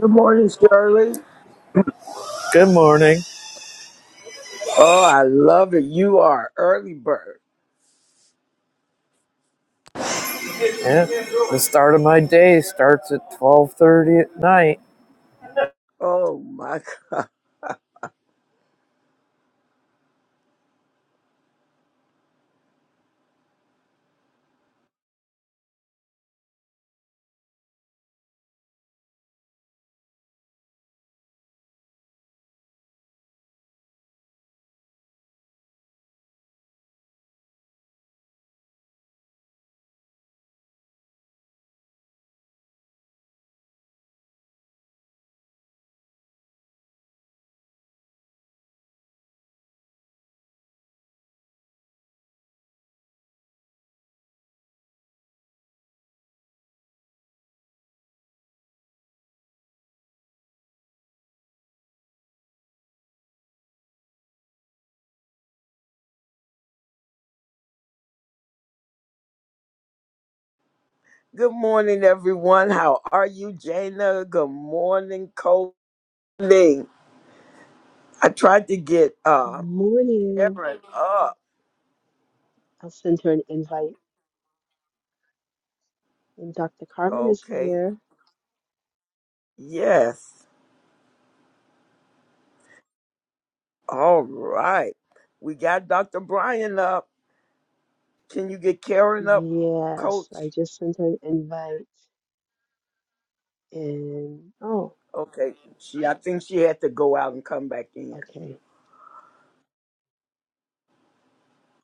Good morning, Shirley. Good morning. Oh, I love it. You are early bird. Yeah, the start of my day starts at twelve thirty at night. Oh my. g- Good morning, everyone. How are you, Jana? Good morning, Coley. I tried to get Good uh morning. Aaron up. I'll send her an invite. And Dr. Carmen is Okay. here. Yes. All right. We got Dr. Brian up. Can you get Karen up, Yes, I Coach? just sent her an invite. And oh, Okay. She. I think she had to go out and come back in. okay.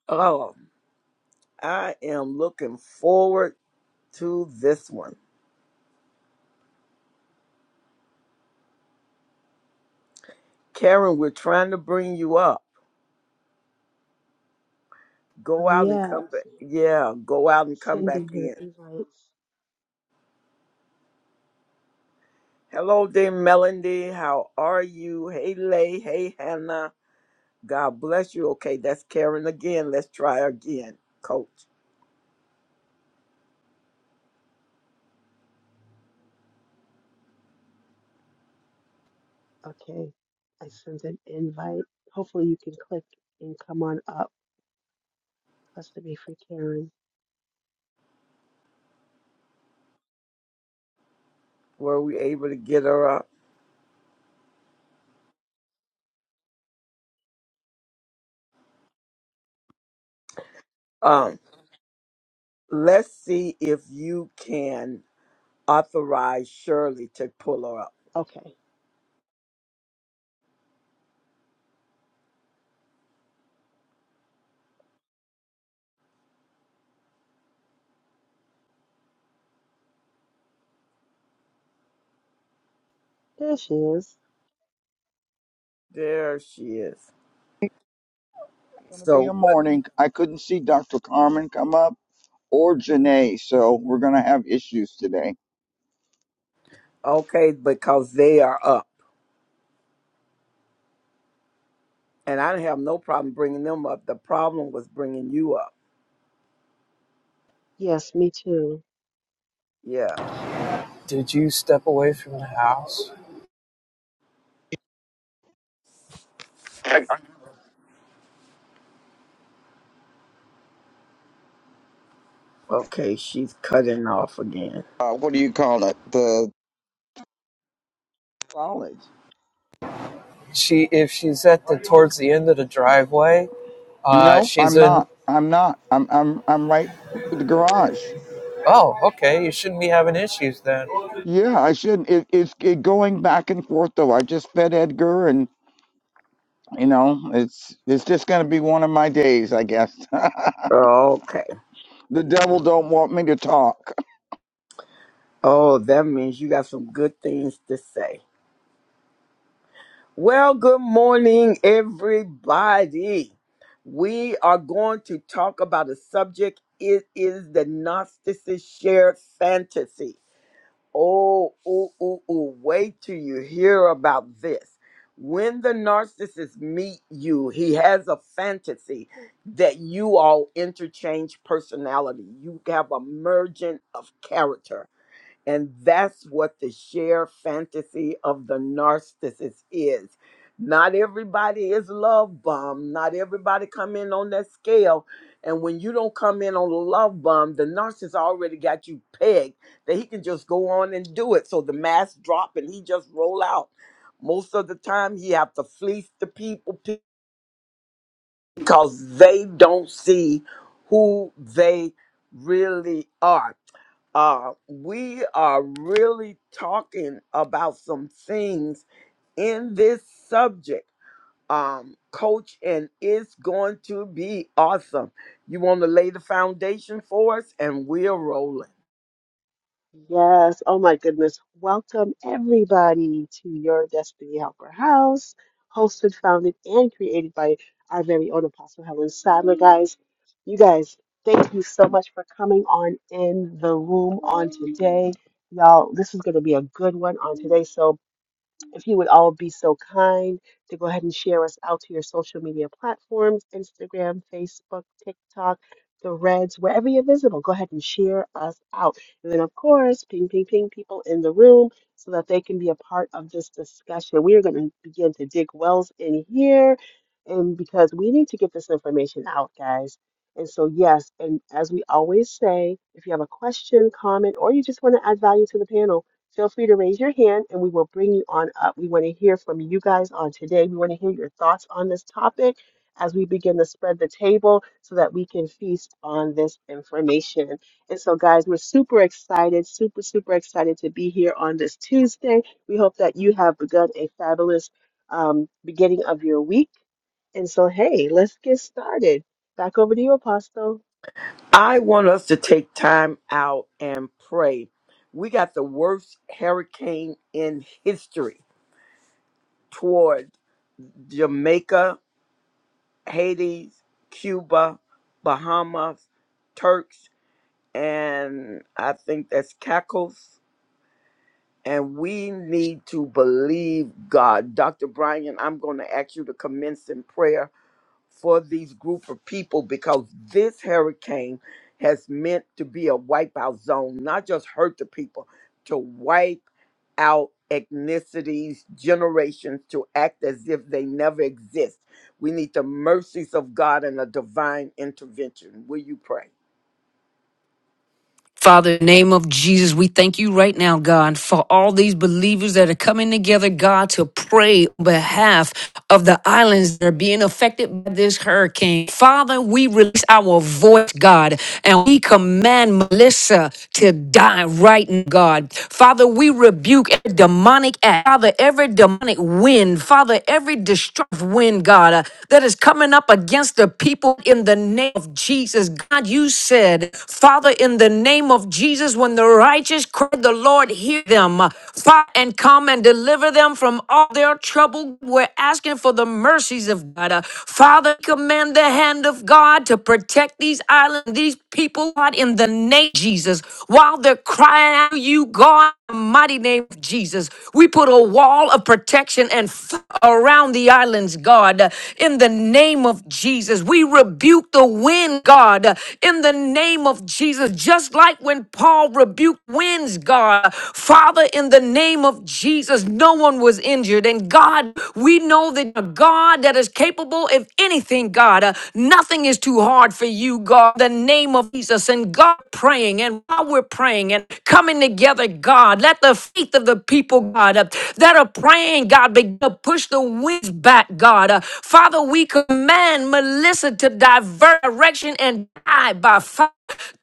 Oh, I am looking forward to this one. Karen, we're trying to bring you up. Go out and come Yes, back. Yeah, go out and come back sending her in. invites. Hello there, Melody. How are you? Hey, Lay. Hey, Hannah. God bless you. Okay, that's Karen again. Let's try again, Coach. Okay, I sent an invite. Hopefully, you can click and come on up. Has to be for Karen. Were we able to get her up? Um, let's see if you can authorize Shirley to pull her up. Okay, there she is. There she is. going to be a So what? morning. I couldn't see Dr. Carmen come up or Janae, so we're going to have issues today. Okay, because they are up. and I didn't have no problem bringing them up. The problem was bringing you up. Yes, me too. Yeah. Did you step away from the house? Okay, she's cutting off again. Uh, what do you call it? The College. She, if she's at the towards the end of the driveway, uh, no, she's I'm in. not. I'm not. I'm I'm I'm right in the garage. Oh, okay. You shouldn't be having issues then. Yeah, I shouldn't. It, it's it going back and forth though. I just fed Edgar, and you know, it's it's just going to be one of my days, I guess. Okay. the devil don't want me to talk Oh, that means you got some good things to say. Well, good morning, everybody. We are going to talk about a subject. It is the Gnostics' shared fantasy. Oh, ooh, ooh, ooh. Wait till you hear about this. When the narcissist meet you, he has a fantasy that you all interchange personality. You have a merging of character. And that's what the share fantasy of the narcissist is. Not everybody is love bomb. Not everybody come in on that scale. And when you don't come in on the love bomb, the narcissist already got you pegged that he can just go on and do it. So the mask drop and he just roll out. Most of the time he have to fleece the people pe- because they don't see who they really are uh, we are really talking about some things in this subject, um, coach, and it's going to be awesome. You want to lay the foundation for us, and we're rolling. Yes. Oh my goodness. Welcome everybody to your Destiny Helper House, hosted, founded, and created by our very own Apostle Helen Sadler. Guys, you guys, thank you so much for coming on in the room on today. Y'all, this is going to be a good one on today. So if you would all be so kind to go ahead and share us out to your social media platforms Instagram, Facebook, TikTok, the Reds, wherever you're visible, go ahead and share us out. And then, of course, ping, ping, ping people in the room so that they can be a part of this discussion. We are going to begin to dig wells in here, and because we need to get this information out, guys. And so, yes, and as we always say, if you have a question, comment, or you just want to add value to the panel, Feel free to raise your hand and we will bring you on up. We want to hear from you guys on today. We want to hear your thoughts on this topic as we begin to spread the table so that we can feast on this information. And so, guys, we're super excited, super, super excited to be here on this Tuesday. We hope that you have begun a fabulous um, beginning of your week. And so, hey, let's get started. Back over to you, Apostle. I want us to take time out and pray. We got the worst hurricane in history toward Jamaica, Haiti, Cuba, Bahamas, Turks, and I think that's Cackles. And we need to believe God. Dr. Brian, I'm going to ask you to commence in prayer for these group of people because this hurricane has meant to be a wipeout zone, not just hurt the people, to wipe out ethnicities, generations, to act as if they never exist. We need the mercies of God and a divine intervention. Will you pray? Father, in the name of Jesus, we thank you right now, God, for all these believers that are coming together, God, to pray on behalf of the islands that are being affected by this hurricane. Father, we release our voice, God, and we command Melissa to die right now, God. Father, we rebuke every demonic act, Father, every demonic wind, Father, every destructive wind, God, uh, that is coming up against the people in the name of Jesus. God, you said, Father, in the name of Jesus, when the righteous righteous cry, the Lord hear them. Fight and come and deliver them from all their trouble. We're asking for the mercies of God. Uh, Father, command the hand of God to protect these islands, these people, God, in the name of Jesus. While they're crying out, to you, God the mighty name of Jesus. We put a wall of protection and f- around the islands, God, in the name of Jesus. We rebuke the wind, God, in the name of Jesus. Just like when Paul rebuked winds, God, Father, in the name of Jesus, no one was injured. And God, we know that a God that is capable of anything, God, uh, nothing is too hard for you, God, in the name of Jesus. And God, praying and while we're praying and coming together, God, let the faith of the people, God, uh, that are praying, God, begin to push the winds back, God. Uh, Father, we command Melissa to divert direction and die by fire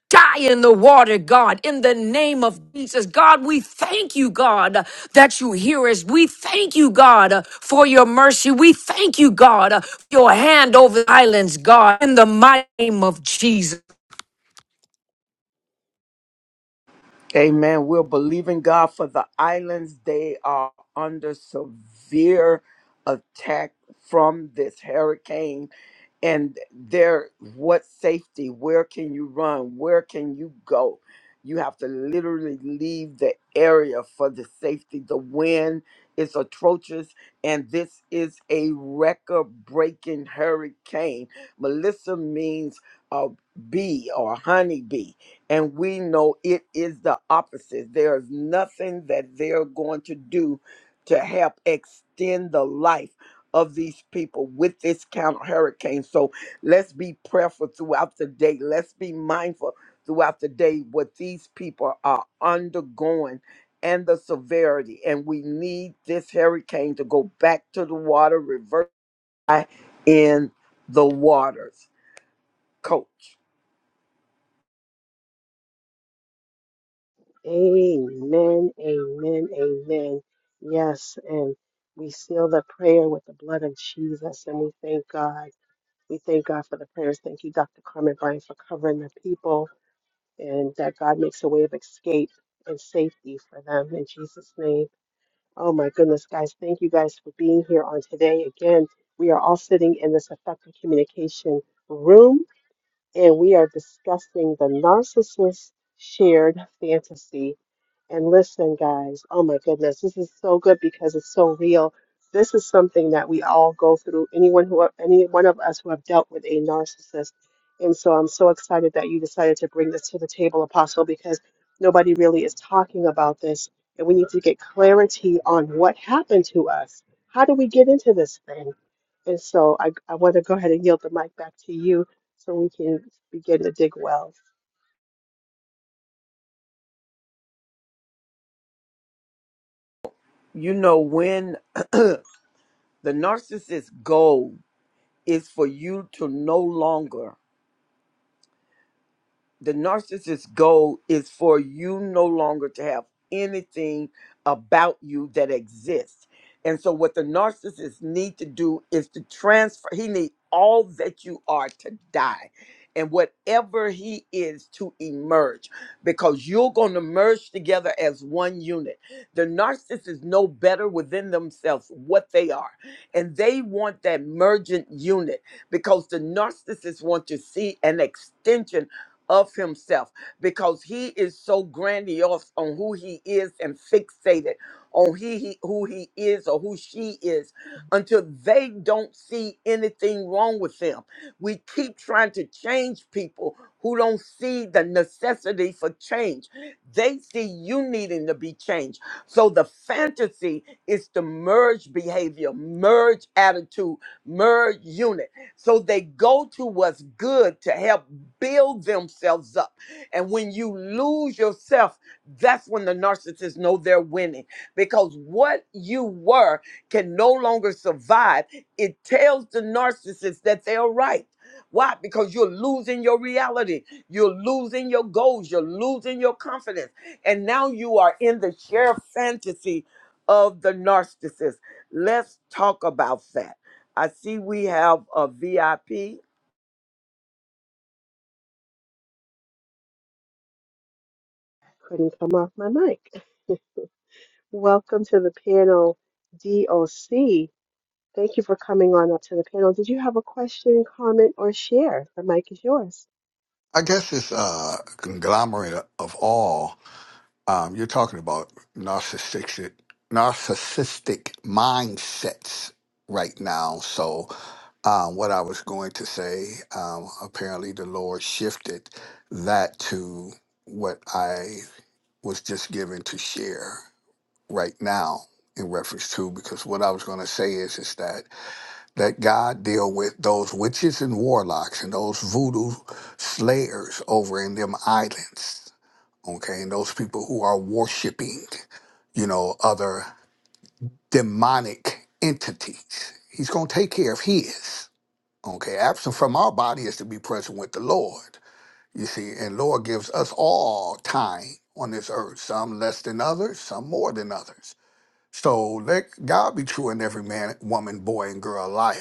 die in the water, God, in the name of Jesus. God, we thank you, God, uh, that you hear us. We thank you, God, uh, for your mercy. We thank you, God, uh, for your hand over the islands, God, in the mighty name of Jesus. Amen. We're believing God for the islands. They are under severe attack from this hurricane. And there, what safety? Where can you run? Where can you go? You have to literally leave the area for the safety. The wind is atrocious, and this is a record breaking hurricane. Melissa means a bee or a honeybee and we know it is the opposite. There is nothing that they're going to do to help extend the life of these people with this counter hurricane. So let's be prayerful throughout the day. Let's be mindful throughout the day what these people are undergoing and the severity. And we need this hurricane to go back to the water, reverse in the waters. Coach, Amen, amen, amen. Yes, and we seal the prayer with the blood of Jesus, and we thank God. We thank God for the prayers. Thank you, Dr. Carmen Bryan, for covering the people, and that God makes a way of escape and safety for them in Jesus' name. Oh my goodness, guys, thank you guys for being here on today. Again, we are all sitting in this effective communication room and we are discussing the narcissist shared fantasy. And listen, guys, oh my goodness, this is so good because it's so real. This is something that we all go through. Anyone who, any one of us who have dealt with a narcissist, and so I'm so excited that you decided to bring this to the table, Apostle, because nobody really is talking about this, and we need to get clarity on what happened to us. How do we get into this thing? And so I, I want to go ahead and yield the mic back to you so we can begin to dig wells. you know when. The narcissist's goal is for you to no longer the narcissist's goal is for you no longer to have anything about you that exists and so what the narcissist need to do is to transfer he need all that you are to die and whatever he is to emerge because you're going to merge together as one unit the narcissists know better within themselves what they are and they want that mergent unit because the narcissists want to see an extension of himself because he is so grandiose on who he is and fixated on he, he who he is or who she is until they don't see anything wrong with them. We keep trying to change people who don't see the necessity for change. They see you needing to be changed. So the fantasy is to merge behavior, merge attitude, merge unit. So they go to what's good to help build themselves up. And when you lose yourself, that's when the narcissists know they're winning because what you were can no longer survive. It tells the narcissist that they're right. Why? Because you're losing your reality. You're losing your goals. You're losing your confidence. And now you are in the sheer fantasy of the narcissist. Let's talk about that I see we have a VIP, Couldn't come off my mic. Welcome to the panel, DOC. Thank you for coming on up to the panel. Did you have a question, comment, or share? The mic is yours. I guess it's a conglomerate of all. Um, you're talking about narcissistic narcissistic mindsets right now. So, um, what I was going to say, um, apparently the Lord shifted that to what I was just given to share right now in reference to because what I was going to say is is that let God deal with those witches and warlocks and those voodoo slayers over in them islands, okay, and those people who are worshiping, you know, other demonic entities. He's going to take care of his, okay. Absent from our body is to be present with the Lord, you see, and Lord gives us all time on this earth, some less than others, some more than others so let God be true and every man, woman, boy, and girl a liar.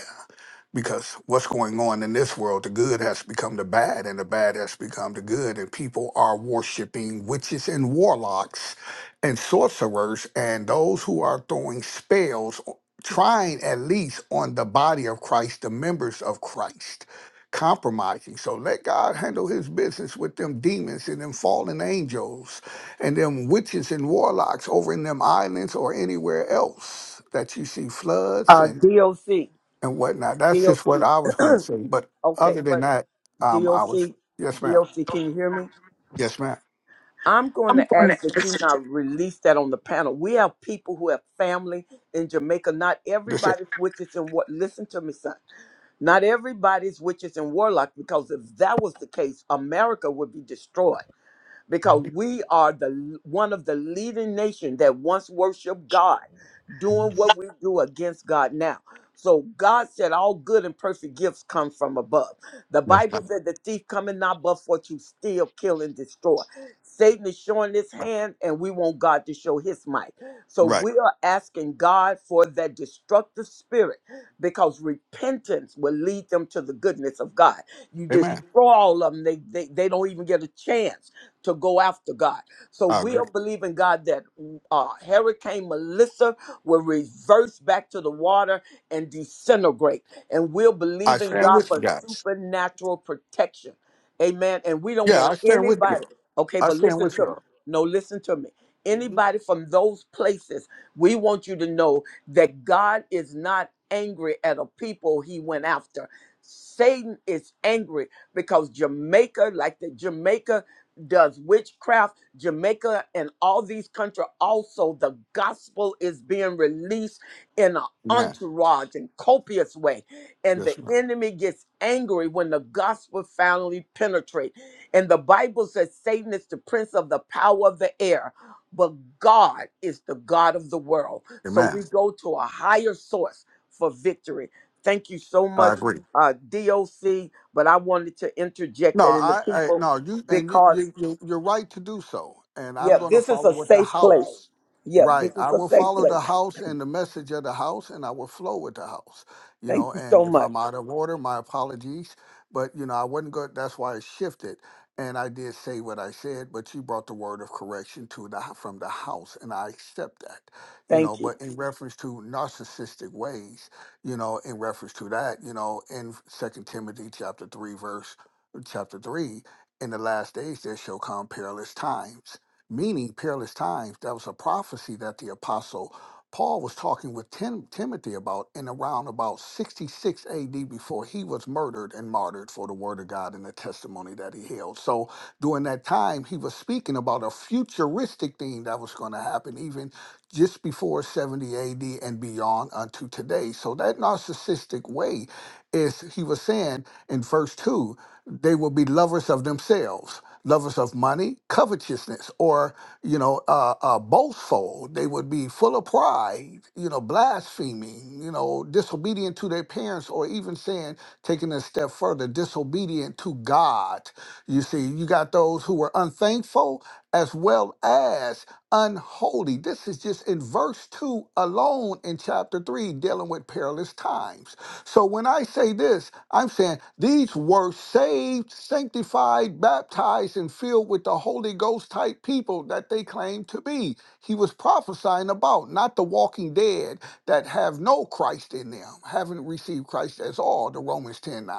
Because what's going on in this world, the good has become the bad, and the bad has become the good, and people are worshiping witches and warlocks and sorcerers and those who are throwing spells, o- trying at least on the body of Christ, the members of Christ, compromising. So let God handle his business with them demons and them fallen angels and them witches and warlocks over in them islands or anywhere else that you see floods uh, and DOC, and whatnot. That's DOC. just what I was going to say. But Okay, other than but that, um, I was DOC, yes, ma'am. DOC, can you hear me? Yes, ma'am. I'm going I'm to going to ask that ask. you not release that on the panel. We have people who have family in Jamaica. Not That's it. everybody's witches and what. Listen to me, son. Not everybody's witches and warlock. Because if that was the case, America would be destroyed. because we are the one of the leading nation that once worshiped God, doing what we do against God now. So God said, "All good and perfect gifts come from above." The Bible ma'am. said, "The thief cometh not but for to steal, kill, and destroy." Satan is showing his hand, and we want God to show His might. So Right. we are asking God for that destructive spirit, because repentance will lead them to the goodness of God. You Amen. destroy all of them; they they, they don't even get a chance to go after God. So I we'll agree. believe in God that uh, Hurricane Melissa will reverse back to the water and disintegrate. And we'll I believe in stand God with you for guys. supernatural protection. Amen. And we don't Yeah, I want stand with you. anybody, okay, I but stand listen with to you. me. all No, listen to me. Mhm. Anybody from those places, we want you to know that God is not angry at a people he went after. Satan is angry because Jamaica, like the Jamaica does witchcraft, Jamaica, and all these countries also. The gospel is being released in an Amen. entourage and copious way. And the Yes, ma'am. enemy gets angry when the gospel finally penetrates. And the Bible says Satan is the prince of the power of the air. But God is the God of the world. So Amen. we go to a higher source for victory. Thank you so I much, agree. uh, DOC. But I wanted to interject No, that in the I, I people no you and you, because you you- you're right to do so, and I'm yeah, going to this is follow a what the safe place. house. Yeah, Right, this is I a will safe follow place. the house and the message of the house, and I will flow with the house. You Thank know, you so and if much. I'm out of order, my apologies, but you know I wasn't good. That's why it shifted, and I did say what I said, but you brought the word of correction to the from the house, and I accept that. You know, Thank you. but in reference to narcissistic ways, you know, in reference to that, you know, in Second Timothy chapter three verse chapter 3 in the last days there shall come perilous times meaning perilous times that was a prophecy that the apostle paul was talking with Tim- timothy about in around about 66 ad before he was murdered and martyred for the word of god and the testimony that he held so during that time he was speaking about a futuristic thing that was going to happen even just before 70 ad and beyond unto today so that narcissistic way is he was saying in verse 2 they will be lovers of themselves lovers of money covetousness or you know uh, uh, boastful they would be full of pride you know blaspheming you know disobedient to their parents or even saying taking it a step further disobedient to god you see you got those who were unthankful as well as unholy this is just in verse 2 alone in chapter 3 dealing with perilous times so when I say this, I'm saying these were saved, sanctified, baptized, and filled with the Holy Ghost type people that they claim to be. He was prophesying about, not the walking dead that have no Christ in them, haven't received Christ as all, the Romans 10 9.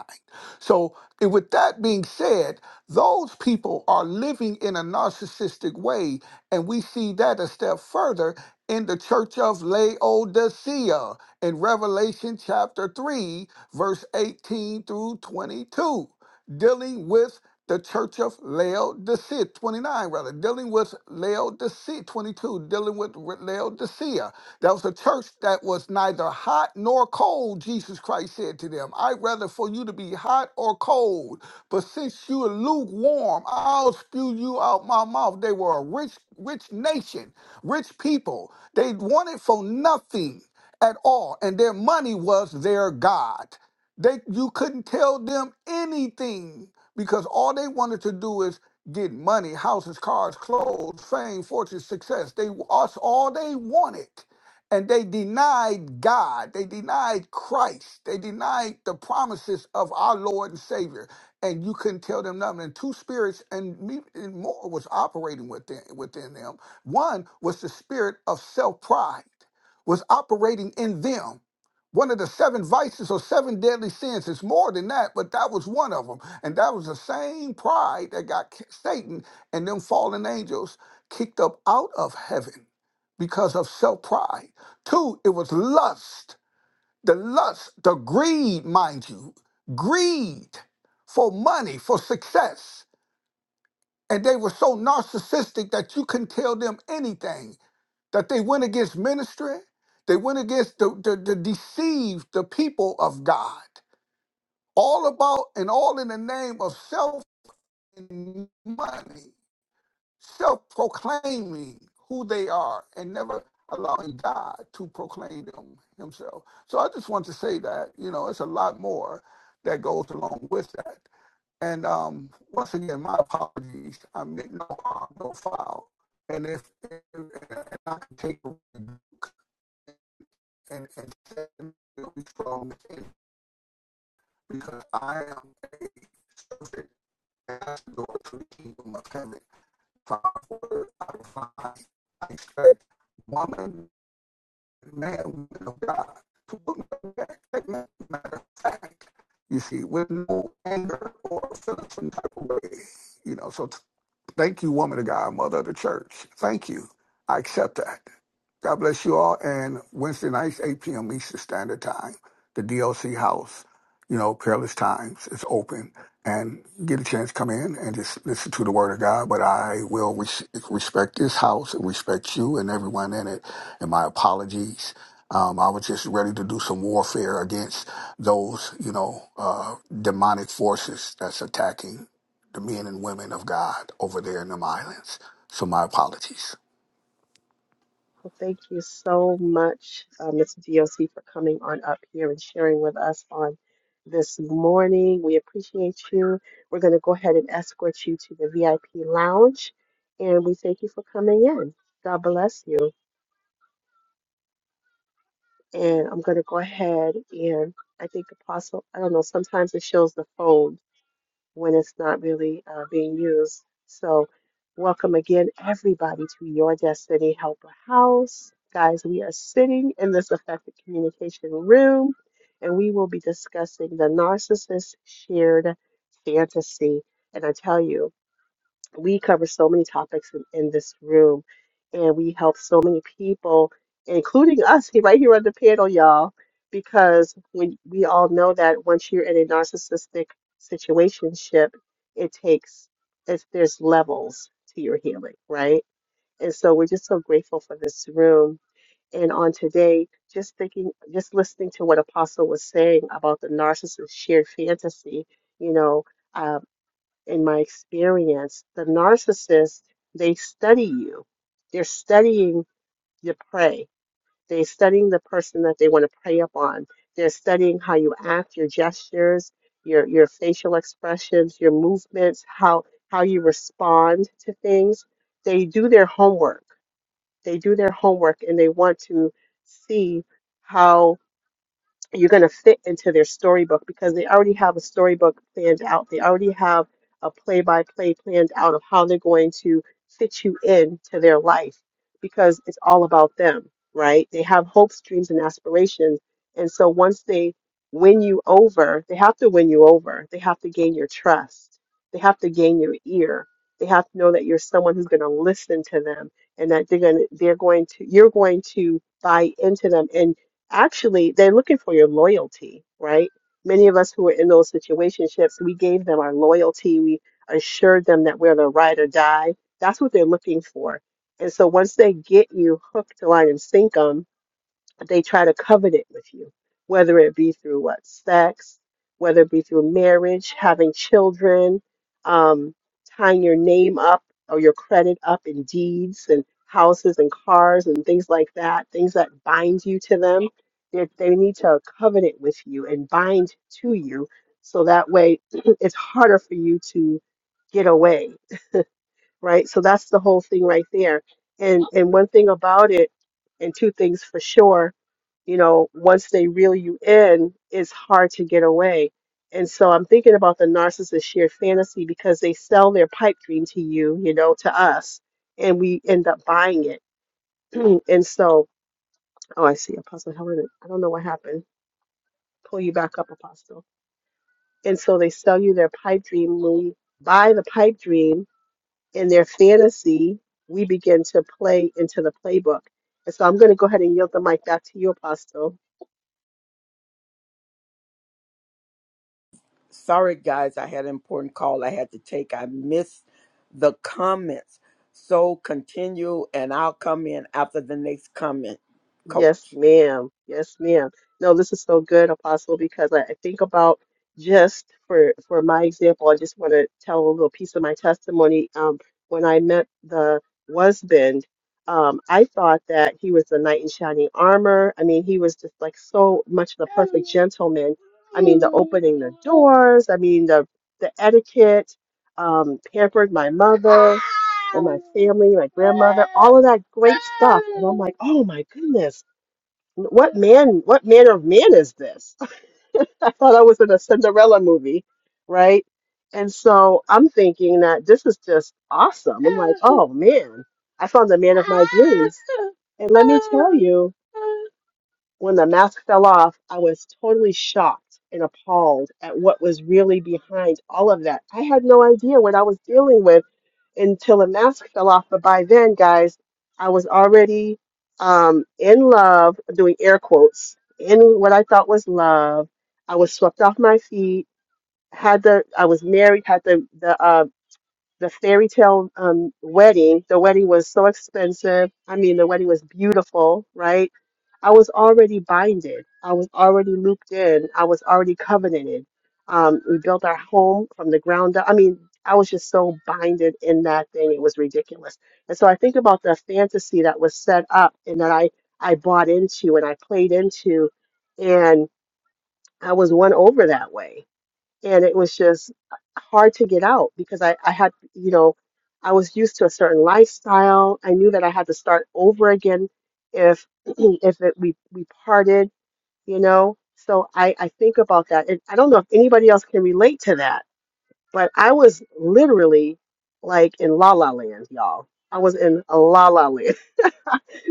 So and with that being said, those people are living in a narcissistic way, and we see that a step further in the church of Laodicea in Revelation chapter 3, verse 18 through 22, dealing with the church of Laodicea, 29 rather, dealing with Laodicea, 22, dealing with Re- Laodicea. That was a church that was neither hot nor cold, Jesus Christ said to them. I'd rather for you to be hot or cold, but since you are lukewarm, I'll spew you out my mouth. They were a rich, rich nation, rich people. They wanted for nothing at all, and their money was their god. They you couldn't tell them anything because all they wanted to do is get money, houses, cars, clothes, fame, fortune, success. They us all they wanted. And they denied God. They denied Christ. They denied the promises of our Lord and Savior. And you couldn't tell them nothing. And two spirits and, me, and more was operating within within them. One was the spirit of self pride was operating in them. One of the seven vices or seven deadly sins. It's more than that, but that was one of them. And that was the same pride that got K- Satan and them fallen angels kicked up out of heaven because of self pride. Two, it was lust. The lust, the greed, mind you, greed for money, for success. And they were so narcissistic that you couldn't tell them anything that they went against ministry. They went against the, the, the deceived the people of God. All about and all in the name of self and money, self proclaiming who they are and never allowing God to proclaim them himself. So I just want to say that, you know, it's a lot more that goes along with that. And um, once again, my apologies. I meant no harm, no foul. And if, and I can take and, and set me strong faith because I am a servant and I should go to the kingdom of heaven. Father, I find I expect woman, man, woman of God to look back. matter of fact, you see, with no anger or feeling some type of way, you know. So Thank you, woman of God, mother of the church. Thank you. I accept that. God bless you all. And Wednesday nights, 8 p.m. Eastern Standard Time, the DLC house, you know, Perilous Times is open. And get a chance to come in and just listen to the word of God. But I will res- respect this house and respect you and everyone in it. And my apologies. Um, I was just ready to do some warfare against those, you know, uh, demonic forces that's attacking the men and women of God over there in them islands. So my apologies. Well, thank you so much, uh, Mr. DOC, for coming on up here and sharing with us on this morning. We appreciate you. We're going to go ahead and escort you to the VIP lounge, and we thank you for coming in. God bless you. and I'm going to go ahead and I think Apostle, I don't know, sometimes it shows the phone when it's not really uh, being used. So, welcome again, everybody, to your Destiny Helper House. Guys, we are sitting in this effective communication room and we will be discussing the narcissist shared fantasy. And I tell you, we cover so many topics in, in this room and we help so many people including us here- right here on the panel y'all because when we all know that once you're in a narcissistic situationship it takes it's, there's levels to your healing right and so we're just so grateful for this room and on today just thinking just listening to what apostle was saying about the narcissist shared fantasy you know uh, in my experience, the narcissist, they study you. They're studying your prey. They're studying the person that they want to prey upon. They're studying how you act, your gestures, your your facial expressions, your movements, how how you respond to things. They do their homework. They do their homework and they want to see how you're going to fit into their storybook because they already have a storybook planned out. They already have a play by play planned out of how they're going to fit you into their life because it's all about them, right? They have hopes, dreams, and aspirations. And so once they win you over, they have to win you over. They have to gain your trust. They have to gain your ear. They have to know that you're someone who's going to listen to them and that they're going to, they're going to, you're going to buy into them. And actually they're looking for your loyalty, right? Many of us who were in those situationships, we gave them our loyalty. We assured them that we're the ride or die. That's what they're looking for. And so once they get you hooked, line, and sinkum, they try to covenant with you, whether it be through what sex, whether it be through marriage, having children, um, tying your name up or your credit up in deeds and houses and cars and things like that, things that bind you to them. They, they need to covenant with you and bind to you so that way it's harder for you to get away right? So that's the whole thing right there. And and one thing about it, and two things for sure, you know, once they reel you in, it's hard to get away. And so I'm thinking about the narcissist shared fantasy because they sell their pipe dream to you, you know, to us, and we end up buying it. and so, oh, I see, Apostle Helen. I don't know what happened. Pull you back up, Apostle. And so they sell you their pipe dream. When we buy the pipe dream, in their fantasy, we begin to play into the playbook. And so I'm going to go ahead and yield the mic back to you, Apostle. Sorry, guys, I had an important call I had to take. I missed the comments. So continue, and I'll come in after the next comment, Yes, coach. ma'am. Yes, ma'am. No, this is so good, Apostle, because I, I think about just for for my example, I just want to tell a little piece of my testimony. Um, when I met the husband, um, I thought that he was the knight in shining armor. I mean, he was just like so much the perfect gentleman. I mean, the opening the doors. I mean, the the etiquette um, pampered my mother and my family, my grandmother, all of that great stuff. And I'm like, oh my goodness, what man, what manner of man is this? I thought I was in a Cinderella movie, right? And so I'm thinking that this is just awesome. I'm like, oh man, I found the man of my dreams. And let me tell you, When the mask fell off, I was totally shocked and appalled at what was really behind all of that. I had no idea what I was dealing with until the mask fell off. But by then, guys, I was already um, in love, doing air quotes, in what I thought was love. I was swept off my feet. Had the I was married. Had the the uh, the fairy tale um, wedding. The wedding was so expensive. I mean, the wedding was beautiful, right? I was already binded. I was already looped in. I was already covenanted. Um, we built our home from the ground up. I mean, I was just so binded in that thing. It was ridiculous. And so I think about the fantasy that was set up and that I, I bought into and I played into. And I was won over that way and it was just hard to get out because I, I had, you know, I was used to a certain lifestyle. I knew that I had to start over again if if it, we we parted, you know. So I, I think about that. And I don't know if anybody else can relate to that, but I was literally like in la la land, y'all. I was in a la la land.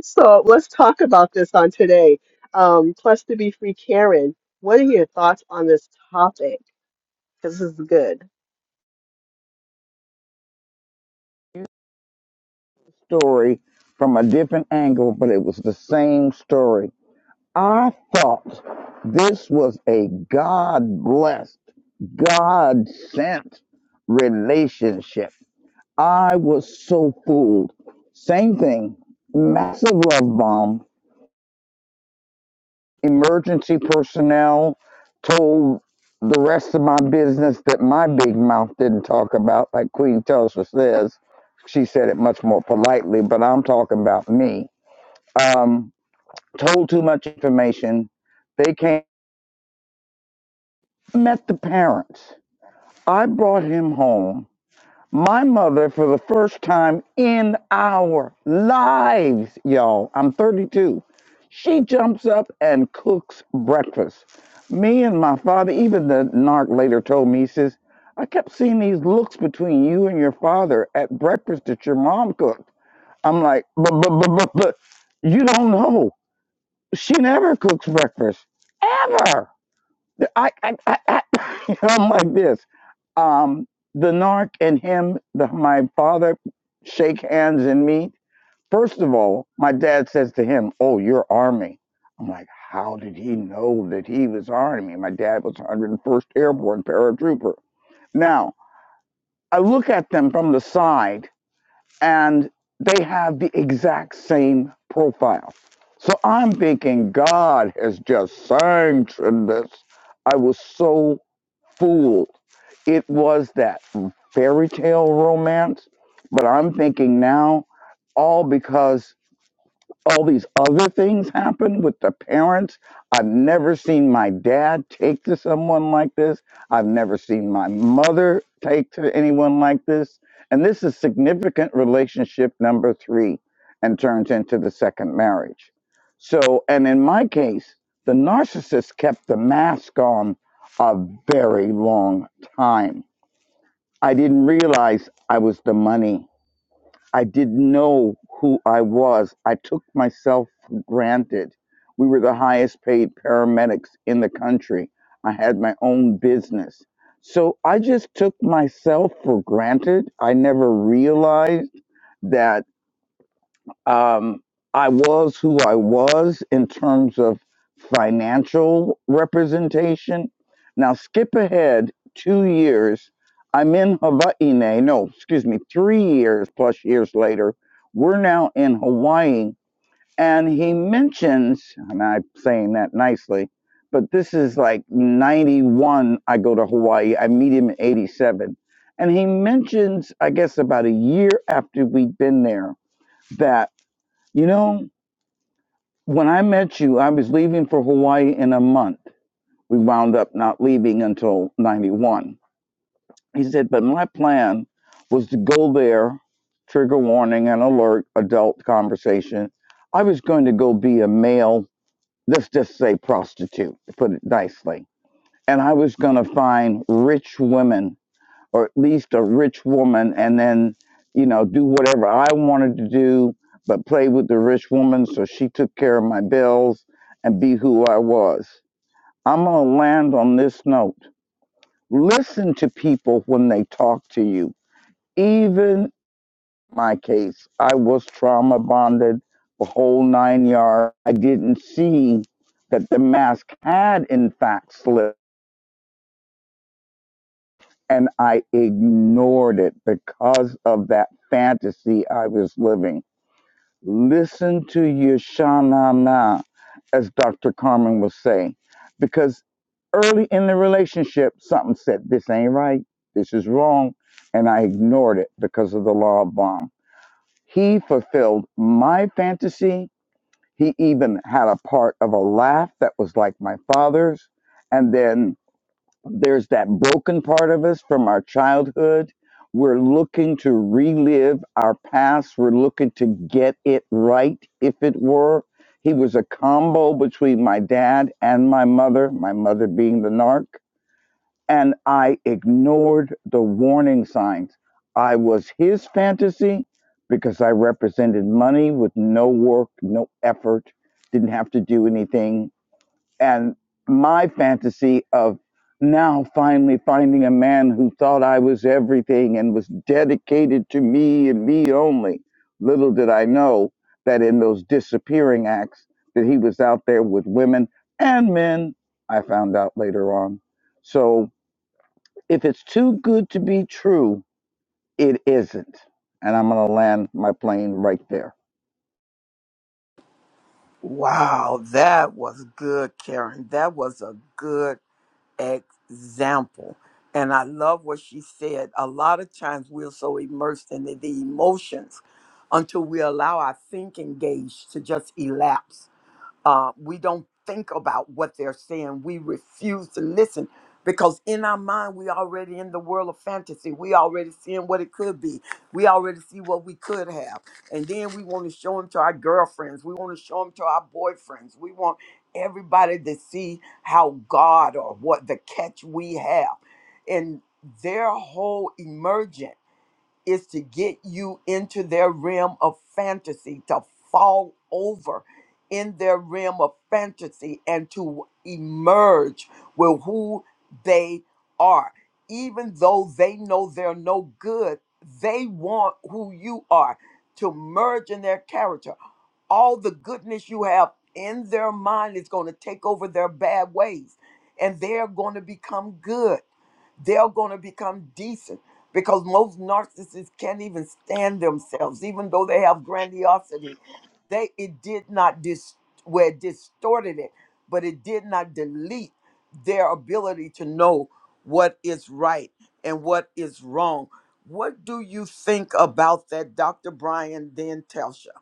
So let's talk about this on today. Um, plus to be free, Karen, what are your thoughts on this topic? Because this is good. story from a different angle, but it was the same story. I thought this was a God blessed, God sent relationship. I was so fooled. Same thing, massive love bomb. Emergency personnel told the rest of my business that my big mouth didn't talk about, like Queen Tulsa says. She said it much more politely, but I'm talking about me. Um, told too much information. They came. met the parents. I brought him home. My mother, for the first time in our lives, y'all, I'm 32. She jumps up and cooks breakfast. Me and my father, even the narc later told me, he says, I kept seeing these looks between you and your father at breakfast that your mom cooked. I'm like, but, but, but, but, but, you don't know. She never cooks breakfast, ever. I, I, I, I you know, I'm like this. Um, the narc and him, the, my father, shake hands and meet. First of all, my dad says to him, "Oh, you're Army." I'm like, how did he know that he was Army? My dad was 101st Airborne paratrooper. Now I look at them from the side, and they have the exact same profile. So I'm thinking God has just sanctioned this. I was so fooled. It was that fairy tale romance, but I'm thinking now all because all these other things happen with the parents. I've never seen my dad take to someone like this. I've never seen my mother take to anyone like this. And this is significant relationship number three and turns into the second marriage. So, and in my case, the narcissist kept the mask on a very long time. I didn't realize I was the money. I didn't know who I was. I took myself for granted. We were the highest paid paramedics in the country. I had my own business. So I just took myself for granted. I never realized that um, I was who I was in terms of financial representation. Now, skip ahead two years. I'm in Hawaii now. No, excuse me, three years plus years later. We're now in Hawaii. And he mentions, and I'm saying that nicely, but this is like 91. I go to Hawaii. I meet him in 87. And he mentions, I guess, about a year after we'd been there, that. You know, when I met you, I was leaving for Hawaii in a month. We wound up not leaving until 91. He said, but my plan was to go there, trigger warning and alert, adult conversation. I was going to go be a male, let's just say prostitute, to put it nicely. And I was going to find rich women or at least a rich woman and then you know do whatever i wanted to do but play with the rich woman so she took care of my bills and be who i was i'm going to land on this note listen to people when they talk to you even my case i was trauma bonded the whole nine yards. i didn't see that the mask had in fact slipped and I ignored it because of that fantasy I was living. Listen to your sha-na-na, as Dr. Carmen will say, because early in the relationship, something said, This ain't right, this is wrong, and I ignored it because of the law of bomb. He fulfilled my fantasy. He even had a part of a laugh that was like my father's. And then there's that broken part of us from our childhood. We're looking to relive our past. We're looking to get it right, if it were. He was a combo between my dad and my mother, my mother being the narc. And I ignored the warning signs. I was his fantasy because I represented money with no work, no effort, didn't have to do anything and my fantasy of now finally finding a man who thought I was everything and was dedicated to me and me only. Little did I know that in those disappearing acts that he was out there with women and men, I found out later on. So if it's too good to be true, it isn't. And I'm going to land my plane right there. Wow, that was good, Karen. That was a good example. And I love what she said. A lot of times we're so immersed in the, the emotions until we allow our thinking gauge to just elapse uh, we don't think about what they're saying. We refuse to listen because in our mind, we already in the world of fantasy. We already seeing what it could be. We already see what we could have. And then we want to show them to our girlfriends. We want to show them to our boyfriends. We want everybody to see how God or what the catch we have. And their whole emergent is to get you into their realm of fantasy, to fall over in their realm of fantasy and to emerge with who they are. Even though they know they're no good, they want who you are to merge in their character. All the goodness you have in their mind is going to take over their bad ways, and they're going to become good they're going to become decent because most narcissists can't even stand themselves, even though they have grandiosity. They it did not dis where it distorted it, but it did not delete their ability to know what is right and what is wrong. What do you think about that, Dr. Brian Dan Telsha?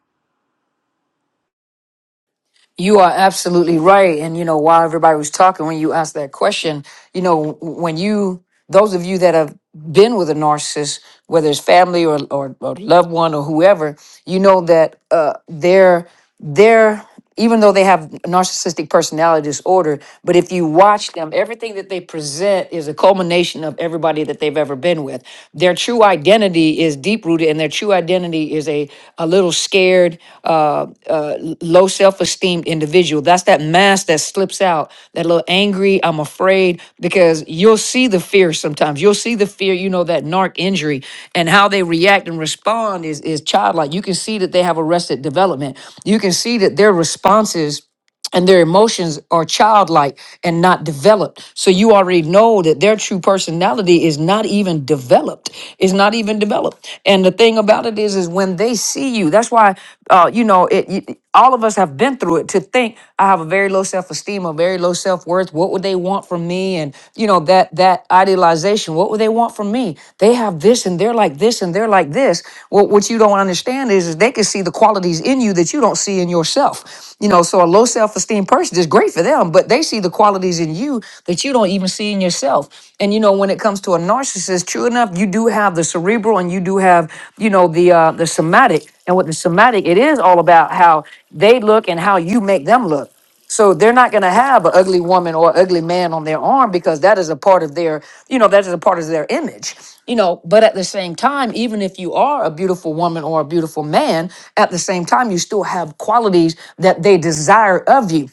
You are absolutely right. And you know, while everybody was talking, when you asked that question, you know, when you, those of you that have been with a narcissist, whether it's family or, or, or loved one or whoever, you know that uh, they're, they're, even though they have narcissistic personality disorder, but if you watch them, everything that they present is a culmination of everybody that they've ever been with. Their true identity is deep rooted, and their true identity is a a little scared, uh, uh, low self esteem individual. That's that mask that slips out, that little angry, I'm afraid, because you'll see the fear sometimes. You'll see the fear, you know, that narc injury and how they react and respond is, is childlike. You can see that they have arrested development. You can see that their responses and their emotions are childlike and not developed. So you already know that their true personality is not even developed. It's not even developed. And the thing about it is, is when they see you, that's why, uh, you know, it. You, all of us have been through it to think I have a very low self-esteem, a very low self-worth. What would they want from me? And you know that that idealization. What would they want from me? They have this and they're like this and they're like this. Well, what you don't understand is, is they can see the qualities in you that you don't see in yourself. You know, so a low self-esteem person is great for them, but they see the qualities in you that you don't even see in yourself. And you know, when it comes to a narcissist, true enough, you do have the cerebral and you do have, you know, the uh the somatic. And with the somatic, it is all about how they look and how you make them look. So they're not going to have an ugly woman or ugly man on their arm because that is a part of their, you know, that is a part of their image, you know. But at the same time, even if you are a beautiful woman or a beautiful man, at the same time, you still have qualities that they desire of you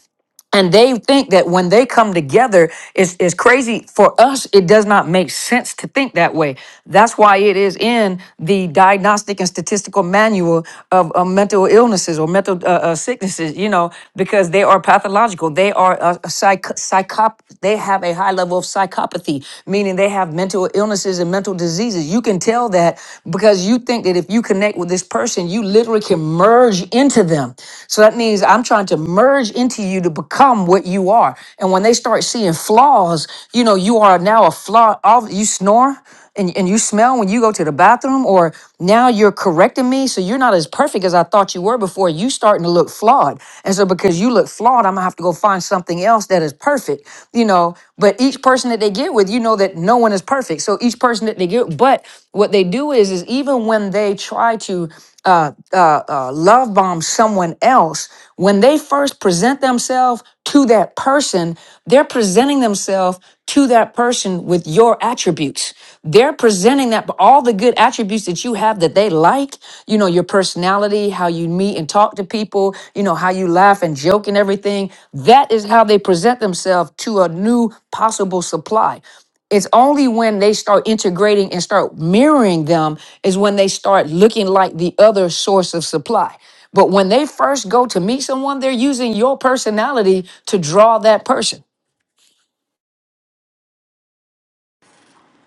and they think that when they come together it's, it's crazy for us it does not make sense to think that way that's why it is in the diagnostic and statistical manual of uh, mental illnesses or mental uh, uh, sicknesses you know because they are pathological they are uh, a psych- psychop they have a high level of psychopathy meaning they have mental illnesses and mental diseases you can tell that because you think that if you connect with this person, you literally can merge into them. So that means I'm trying to merge into you to become what you are. And when they start seeing flaws, you know, you are now a flaw. All you snore and, and you smell when you go to the bathroom, or now you're correcting me. So you're not as perfect as I thought you were before. You starting to look flawed. And so because you look flawed, I'm gonna have to go find something else everything else that is perfect, you know. But each person that they get with, you know that no one is perfect. So each person that they get, but what they do is, is even when they try to uh, uh, uh, love bomb someone else, when they first present themselves to that person, they're presenting themselves to that person with your attributes. They're presenting that all the good attributes that you have that they like, you know, your personality, how you meet and talk to people, you know, how you laugh and joke and everything. That is how they present themselves to a new possible supply. It's only when they start integrating and start mirroring them is when they start looking like the other source of supply. But when they first go to meet someone, they're using your personality to draw that person.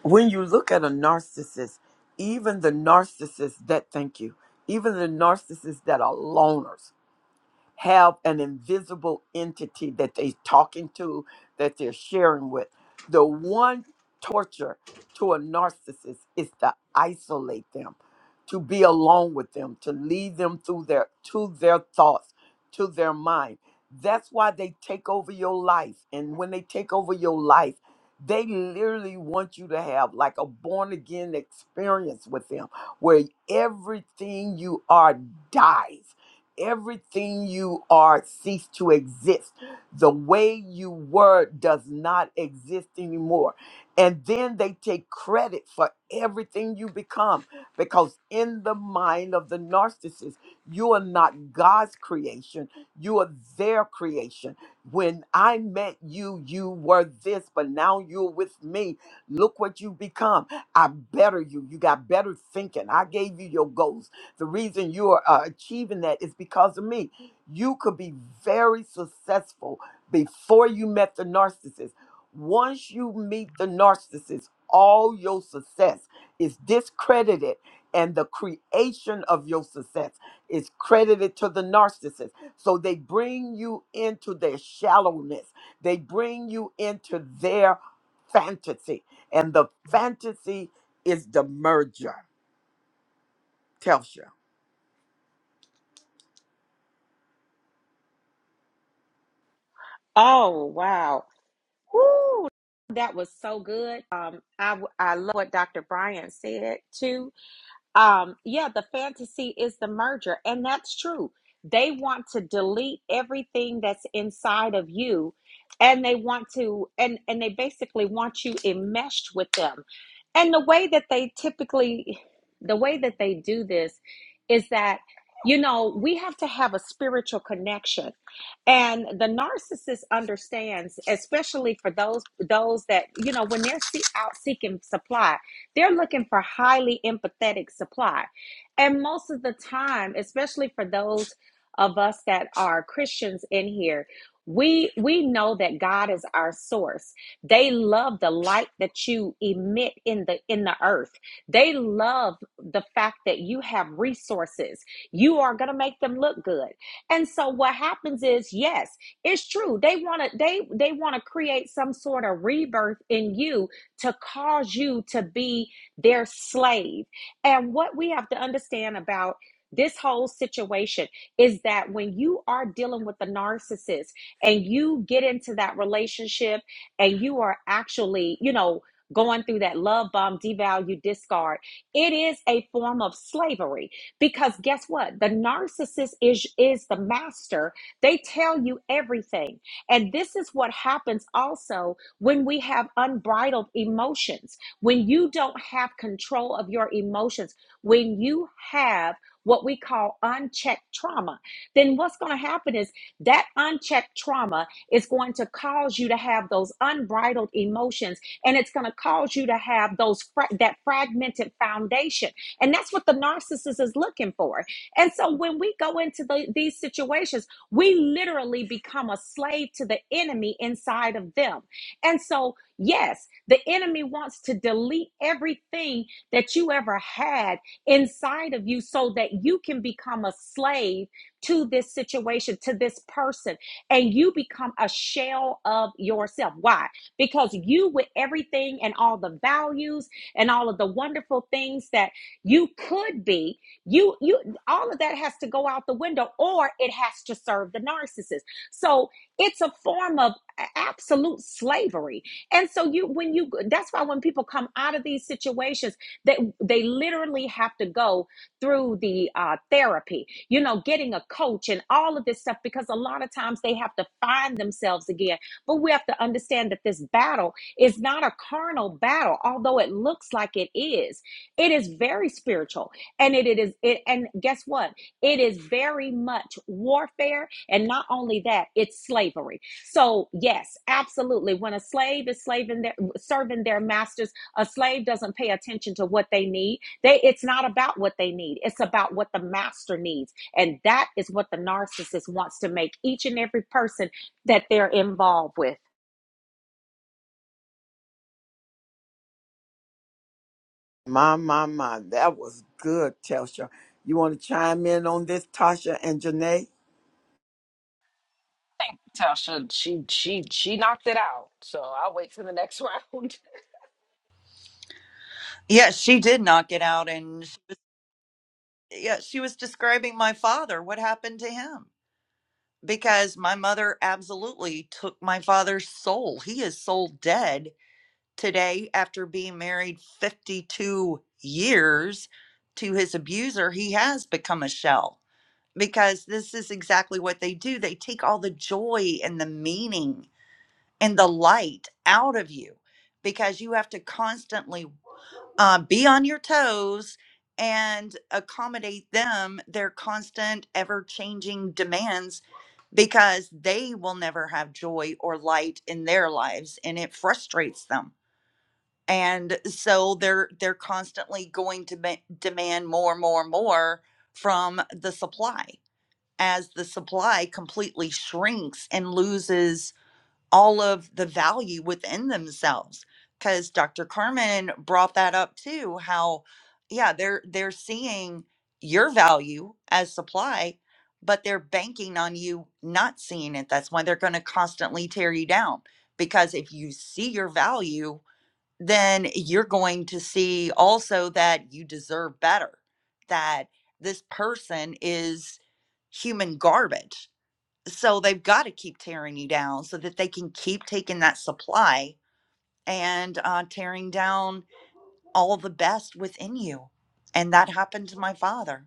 When you look at a narcissist, even the narcissists that thank you, even the narcissists that are loners, have an invisible entity that they're talking to, that they're sharing with. The one torture to a narcissist is to isolate them, to be alone with them, to lead them through their to their thoughts, to their mind. That's why they take over your life. And when they take over your life, they literally want you to have like a born again experience with them where everything you are dies everything you are ceased to exist. The way you were does not exist anymore. And then they take credit for everything you become because, in the mind of the narcissist, you are not God's creation, you are their creation. When I met you, you were this, but now you're with me. Look what you become. I better you. You got better thinking. I gave you your goals. The reason you are uh, achieving that is because of me. You could be very successful before you met the narcissist. Once you meet the narcissist, all your success is discredited, and the creation of your success is credited to the narcissist. So they bring you into their shallowness, they bring you into their fantasy, and the fantasy is the merger. Tells you. Oh, wow. Woo, that was so good. Um, I, w- I love what Dr. Brian said too um yeah the fantasy is the merger and that's true they want to delete everything that's inside of you and they want to and and they basically want you enmeshed with them and the way that they typically the way that they do this is that you know we have to have a spiritual connection and the narcissist understands especially for those those that you know when they're see, out seeking supply they're looking for highly empathetic supply. And most of the time, especially for those of us that are Christians in here, we we know that God is our source. They love the light that you emit in the in the earth. They love the fact that you have resources. You are going to make them look good. And so what happens is, yes, it's true. They want to they they want to create some sort of rebirth in you to cause you to be their slave. And what we have to understand about this whole situation is that when you are dealing with the narcissist and you get into that relationship and you are actually, you know, going through that love bomb, devalue, discard, it is a form of slavery because guess what? The narcissist is is the master. They tell you everything. And this is what happens also when we have unbridled emotions, when you don't have control of your emotions, when you have what we call unchecked trauma, then what's going to happen is that unchecked trauma is going to cause you to have those unbridled emotions and it's going to cause you to have those fra- that fragmented foundation. And that's what the narcissist is looking for. And so when we go into the, these situations, we literally become a slave to the enemy inside of them. And so, yes, the enemy wants to delete everything that you ever had inside of you so that you can become a slave to this situation, to this person, and you become a shell of yourself. Why? Because you, with everything and all the values and all of the wonderful things that you could be, you, you, all of that has to go out the window or it has to serve the narcissist. So it's a form of absolute slavery. And so you when you that's why when people come out of these situations, that they they literally have to go through the uh, therapy, you know, getting a coach and all of this stuff because a lot of times they have to find themselves again. But we have to understand that this battle is not a carnal battle, although it looks like it is. It is very spiritual, and it, it is. It, and guess what? It is very much warfare, and not only that, it's slavery so, yes, absolutely. When a slave is slaving their, serving their masters, a slave doesn't pay attention to what they need. They it's not about what they need. It's about what the master needs. And that is what the narcissist wants to make each and every person that they're involved with. My, my, my. That was good, Telsha. You want to chime in on this, Tasha and Janae? think Tasha she she she knocked it out. So I'll wait for the next round. Yeah, she did knock it out, and she was, yeah, she was describing my father. What happened to him? Because my mother absolutely took my father's soul. He is soul dead today after being married 52 years to his abuser. He has become a shell because this is exactly what they do. They take all the joy and the meaning and the light out of you because you have to constantly uh, be on your toes and accommodate them their constant ever changing demands because they will never have joy or light in their lives and it frustrates them and so they're they're constantly going to be- demand more more more from the supply as the supply completely shrinks and loses all of the value within themselves because dr carmen brought that up too how yeah they're they're seeing your value as supply but they're banking on you not seeing it that's why they're going to constantly tear you down because if you see your value then you're going to see also that you deserve better that this person is human garbage so they've got to keep tearing you down so that they can keep taking that supply and uh, tearing down all the best within you and that happened to my father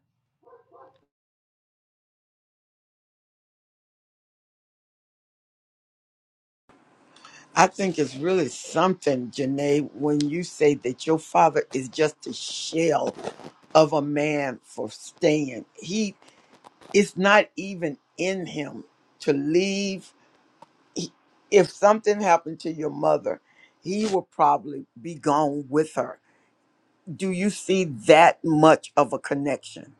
I think it's really something, Janae, when you say that your father is just a shell of a man for staying. He it's not even in him to leave. If something happened to your mother, he will probably be gone with her. Do you see that much of a connection?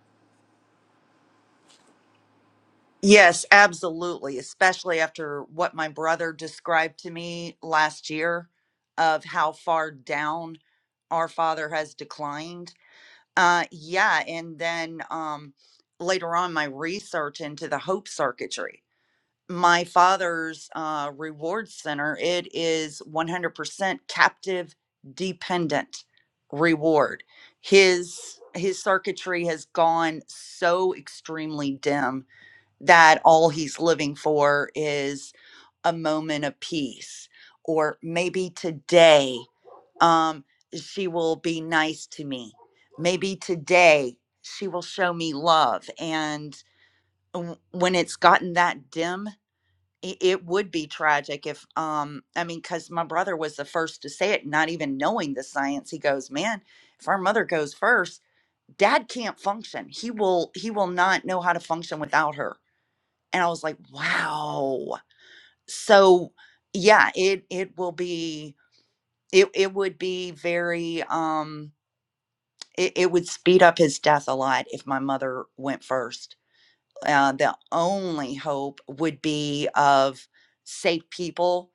yes absolutely especially after what my brother described to me last year of how far down our father has declined uh yeah and then um later on my research into the hope circuitry my father's uh, reward center, it is 100% captive dependent reward. His his circuitry has gone so extremely dim that all he's living for is a moment of peace, or maybe today um, she will be nice to me. Maybe today she will show me love. And w- when it's gotten that dim, it it would be tragic if um i mean because my brother was the first to say it not even knowing the science he goes man if our mother goes first dad can't function he will he will not know how to function without her and i was like wow so yeah it it will be it, it would be very um it, it would speed up his death a lot if my mother went first Uh, the only hope would be of safe people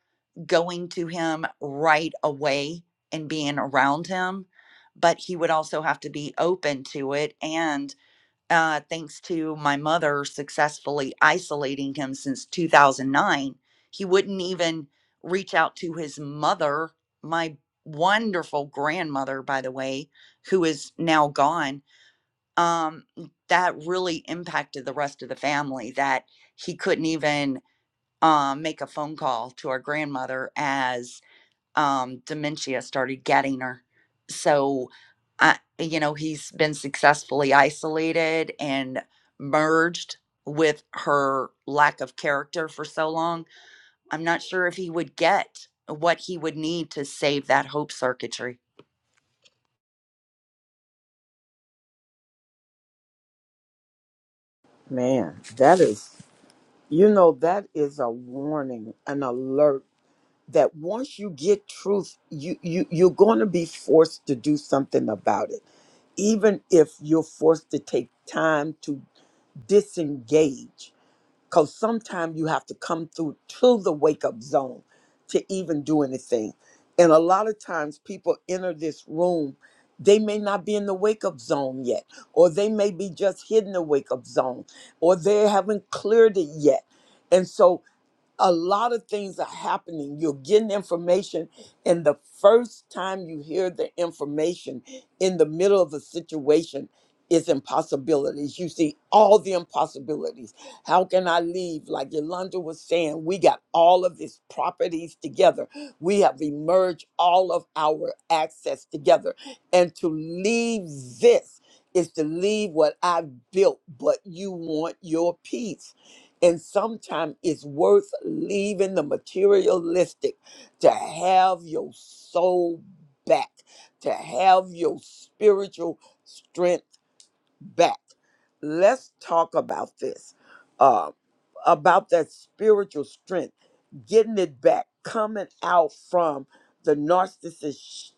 going to him right away and being around him. But he would also have to be open to it. And uh, thanks to my mother successfully isolating him since 2009, he wouldn't even reach out to his mother, my wonderful grandmother, by the way, who is now gone um, that really impacted the rest of the family that he couldn't even um, make a phone call to our grandmother as um, dementia started getting her. So, I, you know, he's been successfully isolated and merged with her lack of character for so long. I'm not sure if he would get what he would need to save that hope circuitry. Man, that is You know, that is a warning, an alert that once you get truth, you, you you're going to be forced to do something about it. Even if you're forced to take time to disengage, because sometimes you have to come through to the wake up zone to even do anything. And a lot of times people enter this room, they may not be in the wake up zone yet, or they may be just hitting the wake up zone, or they haven't cleared it yet. And so a lot of things are happening. You're getting information, and the first time you hear the information in the middle of a situation is impossibilities. You see all the impossibilities. How can I leave? Like Yolanda was saying, we got all of these properties together. We have emerged all of our access together. And to leave this is to leave what I've built, but you want your peace and sometimes it's worth leaving the materialistic to have your soul back, to have your spiritual strength back. Let's talk about this, uh, about that spiritual strength, getting it back, coming out from the narcissist sh-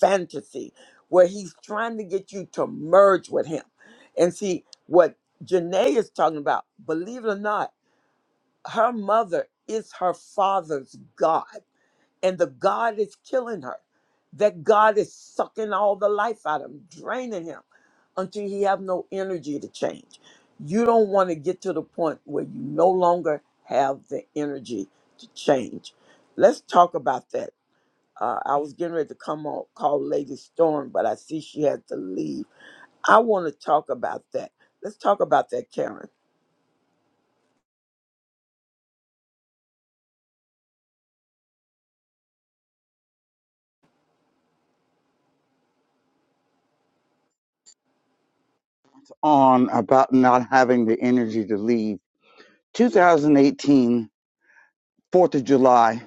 fantasy where he's trying to get you to merge with him. And see, what Janae is talking about, believe it or not, her mother is her father's God, and the God is killing her. That God is sucking all the life out of him, draining him until he have no energy to change. You don't want to get to the point where you no longer have the energy to change. Let's talk about that. Uh, I was getting ready to come on call Lady Storm, but I see she had to leave. I want to talk about that. Let's talk about that, Karen On about not having the energy to leave. 2018, 4th of July.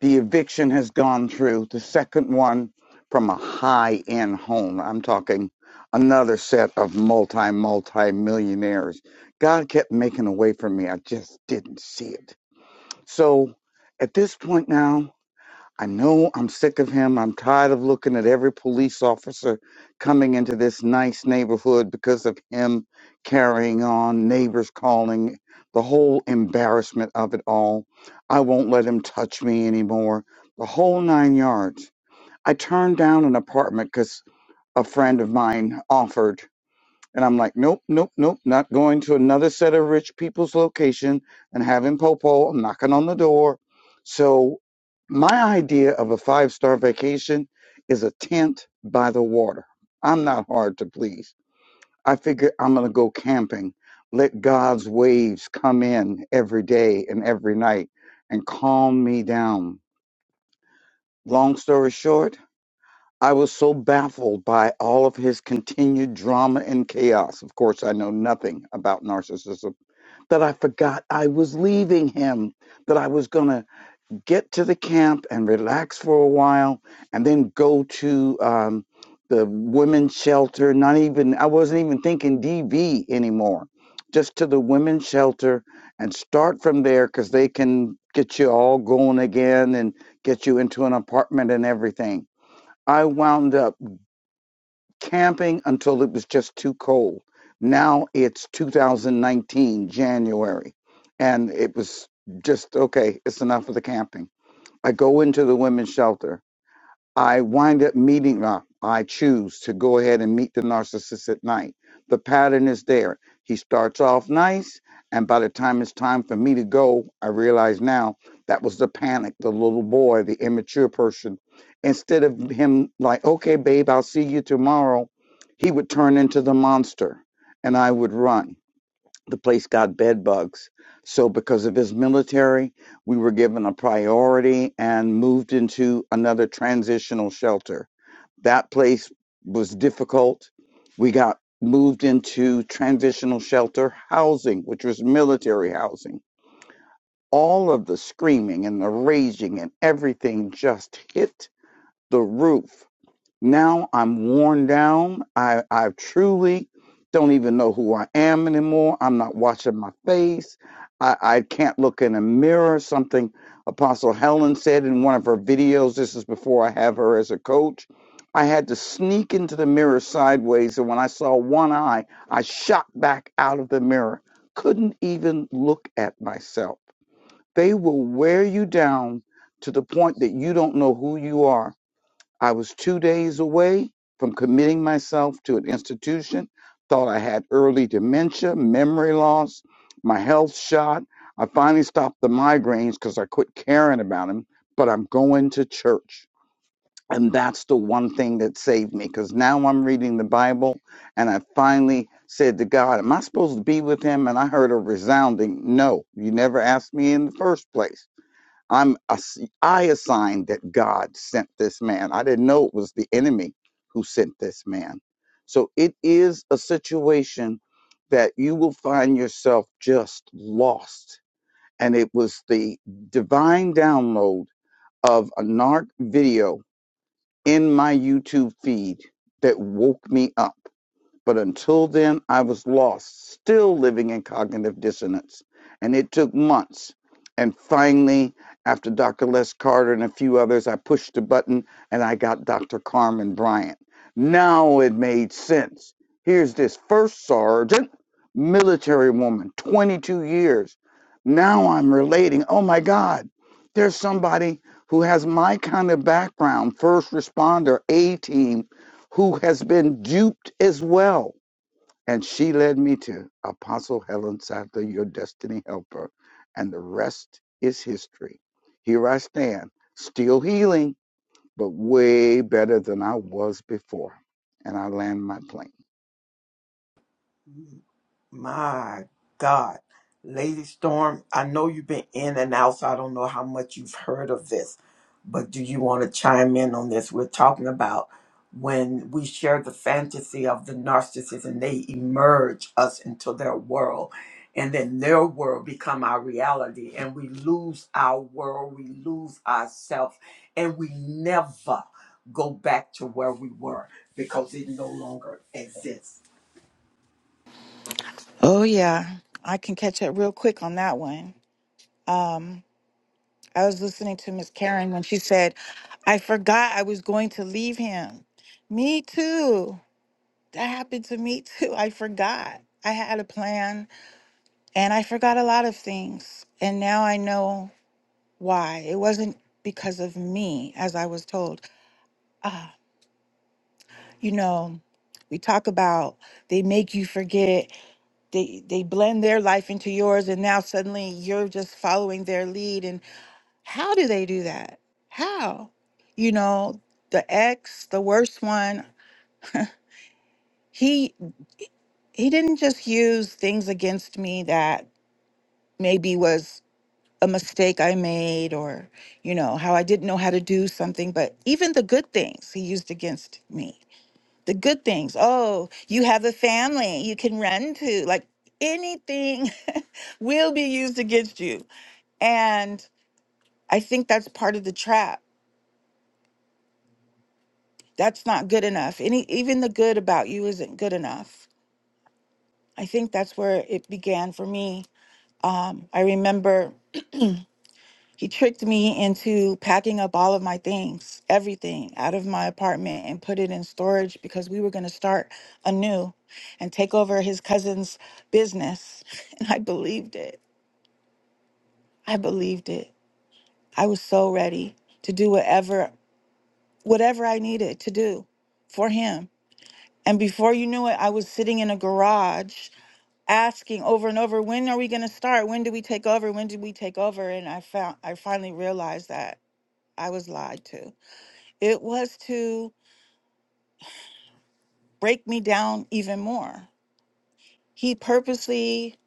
The eviction has gone through. The second one from a high end home. I'm talking another set of multi, multi millionaires. God kept making a way for me. I just didn't see it. So at this point now, I know I'm sick of him. I'm tired of looking at every police officer coming into this nice neighborhood because of him carrying on, neighbors calling, the whole embarrassment of it all. I won't let him touch me anymore. The whole nine yards. I turned down an apartment because a friend of mine offered. And I'm like, nope, nope, nope, not going to another set of rich people's location and having Popo. I'm knocking on the door. So, my idea of a five star vacation is a tent by the water. I'm not hard to please. I figure I'm going to go camping, let God's waves come in every day and every night and calm me down. Long story short, I was so baffled by all of his continued drama and chaos. Of course, I know nothing about narcissism that I forgot I was leaving him, that I was going to get to the camp and relax for a while and then go to um, the women's shelter. Not even, I wasn't even thinking DV anymore, just to the women's shelter and start from there because they can get you all going again and get you into an apartment and everything. I wound up camping until it was just too cold. Now it's 2019, January, and it was just okay, it's enough of the camping. I go into the women's shelter I wind up meeting them. I choose to go ahead and meet the narcissist at night. The pattern is there. He starts off nice, and by the time it's time for me to go, I realize now that was the panic, the little boy, the immature person. Instead of him like, okay, babe, I'll see you tomorrow, he would turn into the monster and I would run the place got bed bugs. So because of his military, we were given a priority and moved into another transitional shelter. That place was difficult. We got moved into transitional shelter housing, which was military housing. All of the screaming and the raging and everything just hit the roof. Now I'm worn down. I, I truly don't even know who I am anymore. I'm not watching my face. I, I can't look in a mirror. Something Apostle Helen said in one of her videos. This is before I have her as a coach. I had to sneak into the mirror sideways, and when I saw one eye, I shot back out of the mirror. Couldn't even look at myself. They will wear you down to the point that you don't know who you are I was two days away from committing myself to an institution, thought I had early dementia, memory loss, my health shot. I finally stopped the migraines because I quit caring about them, but I'm going to church. And that's the one thing that saved me because now I'm reading the Bible and I finally said to God, Am I supposed to be with him? And I heard a resounding no. You never asked me in the first place. I'm ass- I assigned that God sent this man. I didn't know it was the enemy who sent this man. So it is a situation that you will find yourself just lost. And it was the divine download of a narc video in my YouTube feed that woke me up. But until then, I was lost, still living in cognitive dissonance. And it took months. And finally, after Dr. Les Carter and a few others, I pushed the button and I got Dr. Carmen Bryant. Now it made sense. Here's this first sergeant, military woman, 22 years. Now I'm relating. Oh my God, there's somebody who has my kind of background, first responder, A team who has been duped as well. And she led me to Apostle Helen Sadler, your destiny helper. And the rest is history. Here I stand, still healing, but way better than I was before. And I land my plane. My God. Lady Storm, I know you've been in and out, so I don't know how much you've heard of this, but do you want to chime in on this? We're talking about when we share the fantasy of the narcissist and they emerge us into their world and then their world become our reality and we lose our world we lose ourselves and we never go back to where we were because it no longer exists Oh yeah, I can catch up real quick on that one. Um, I was listening to Miss Karen when she said, "I forgot I was going to leave him." Me too. That happened to me too. I forgot. I had a plan and I forgot a lot of things. And now I know why. It wasn't because of me, as I was told. Ah, you know, we talk about they make you forget they they blend their life into yours and now suddenly you're just following their lead and how do they do that how you know the ex the worst one he he didn't just use things against me that maybe was a mistake i made or you know how i didn't know how to do something but even the good things he used against me the good things oh you have a family you can run to like anything will be used against you And I think that's part of the trap. That's not good enough. Any even the good about you isn't good enough. I think that's where it began for me. Um, I remember he tricked me into packing up all of my things, everything out of my apartment and put it in storage because we were going to start anew and take over his cousin's business. And I believed it. I believed it. I was so ready to do whatever whatever I needed to do for him And before you knew it, I was sitting in a garage asking over and over, when are we going to start? When do we take over? When do we take over? And I found I finally realized that I was lied to. It was to break me down even more. He purposely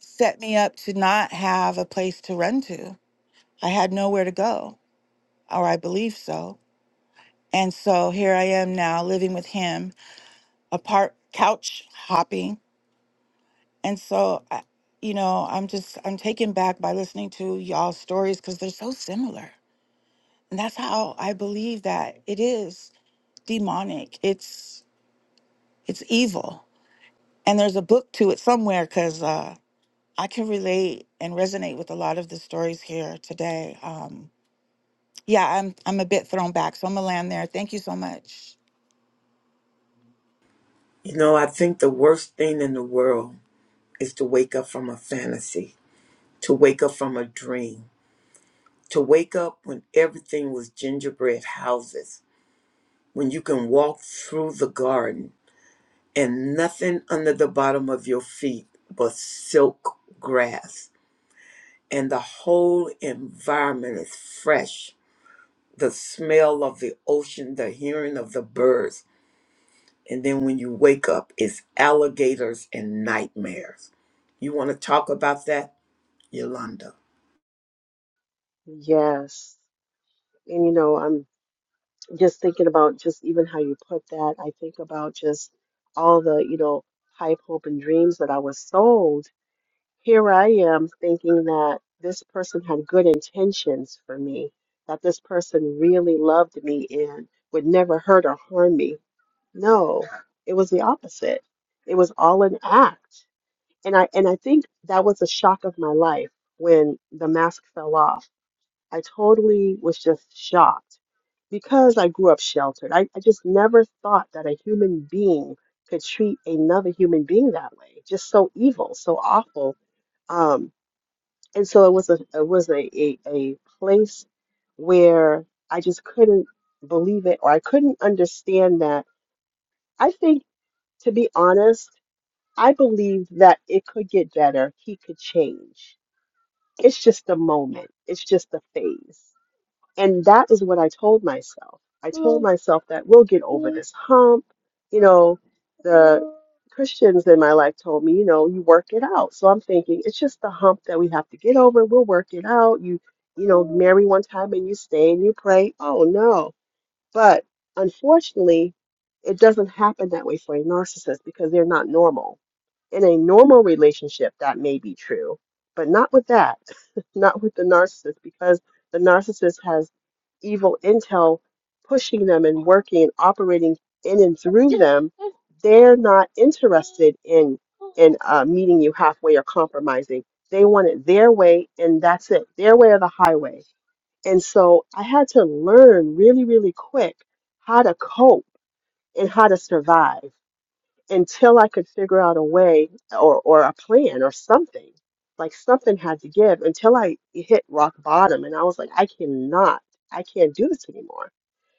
set me up to not have a place to run to. I had nowhere to go, or I believe so. And so here I am now living with him, apart couch hopping And so, I, you know, I'm just I'm taken back by listening to y'all's stories because they're so similar, and that's how I believe that it is demonic. It's it's evil, and there's a book to it somewhere because uh, I can relate and resonate with a lot of the stories here today. Um, yeah, I'm I'm a bit thrown back, so I'm gonna land there. Thank you so much. You know, I think the worst thing in the world is to wake up from a fantasy, to wake up from a dream, to wake up when everything was gingerbread houses, when you can walk through the garden and nothing under the bottom of your feet but silk grass. And the whole environment is fresh. The smell of the ocean, the hearing of the birds, And then when you wake up, it's alligators and nightmares. You want to talk about that, Yolanda? Yes. And you know, I'm just thinking about just even how you put that. I think about just all the, you know, hype, hope, and dreams that I was sold. Here I am thinking that this person had good intentions for me, that this person really loved me and would never hurt or harm me. No, it was the opposite. It was all an act. And I and I think that was a shock of my life when the mask fell off I totally was just shocked because I grew up sheltered. I, I just never thought that a human being could treat another human being that way. Just so evil, so awful. Um, and so it was a it was a, a, a place where I just couldn't believe it or I couldn't understand that. I think to be honest, I believed that it could get better. He could change. It's just a moment. It's just a phase. And that is what I told myself. I told myself that we'll get over this hump. You know, the Christians in my life told me, you know, you work it out. So I'm thinking it's just the hump that we have to get over. We'll work it out. You, you know, marry one time and you stay and you pray. Oh no. But unfortunately, it doesn't happen that way for a narcissist because they're not normal in a normal relationship, that may be true, but not with that, not with the narcissist, because the narcissist has evil intel pushing them and working and operating in and through them. They're not interested in in uh, meeting you halfway or compromising. They want it their way, and that's it, their way or the highway. And so I had to learn really, really quick how to cope and how to survive until I could figure out a way or, or a plan or something, like something had to give until I hit rock bottom and I was like, I cannot, I can't do this anymore.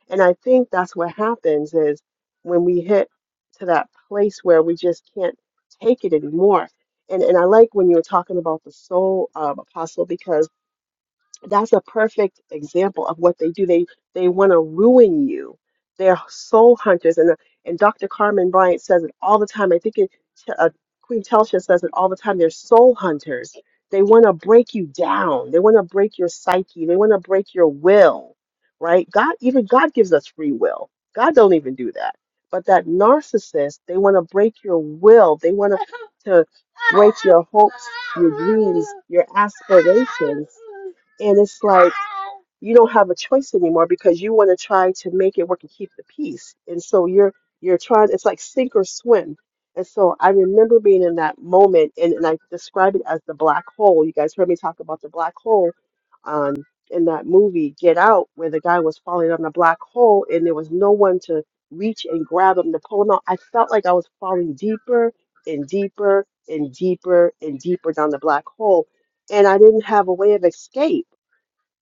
And I think that's what happens is when we hit to that place where we just can't take it anymore. And and I like when you were talking about the soul um, apostle because that's a perfect example of what they do. They they want to ruin you. They're soul hunters, and and Dr. Carmen Bryant says it all the time. I think it, uh, Queen Telsha says it all the time. They're soul hunters. They want to break you down. They want to break your psyche. They want to break your will, right? God even God gives us free will. God don't even do that. But that narcissist, they want to break your will. They want to to break your hopes, your dreams, your aspirations and it's like you don't have a choice anymore because you want to try to make it work and keep the peace. And so you're you're trying it's like sink or swim. And so I remember being in that moment and, and I describe it as the black hole. You guys heard me talk about the black hole um in that movie Get Out where the guy was falling down the black hole and there was no one to reach and grab him to pull him out. I felt like I was falling deeper and deeper and deeper and deeper down the black hole and I didn't have a way of escape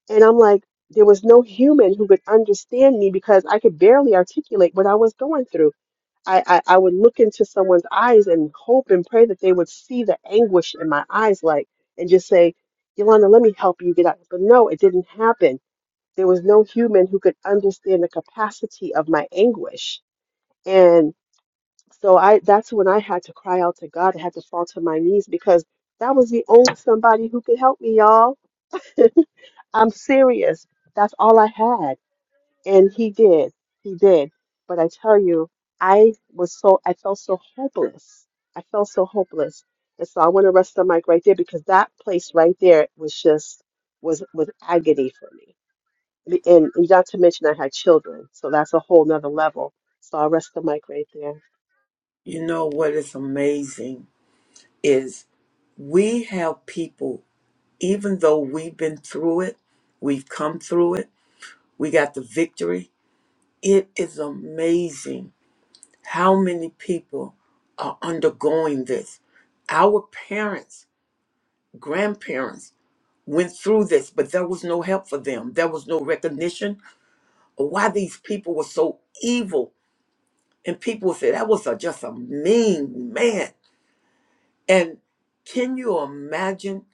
and I'm like, there was no human who could understand me because I could barely articulate what I was going through. I, I, I would look into someone's eyes and hope and pray that they would see the anguish in my eyes, like, and just say, Yolanda, let me help you get out. But no, it didn't happen. There was no human who could understand the capacity of my anguish. And so I that's when I had to cry out to God. I had to fall to my knees because that was the only somebody who could help me, y'all. I'm serious. That's all I had And he did. He did. But I tell you, I was so, I felt so hopeless. I felt so hopeless. And so I want to rest the mic right there because that place right there was just, was, was agony for me. And and not to mention I had children. So that's a whole nother level. So I'll rest the mic right there. You know what is amazing is we have people, even though we've been through it, we've come through it, we got the victory. It is amazing how many people are undergoing this. Our parents, grandparents went through this, but there was no help for them. There was no recognition or why these people were so evil. And people would say that was a, just a mean man. And can you imagine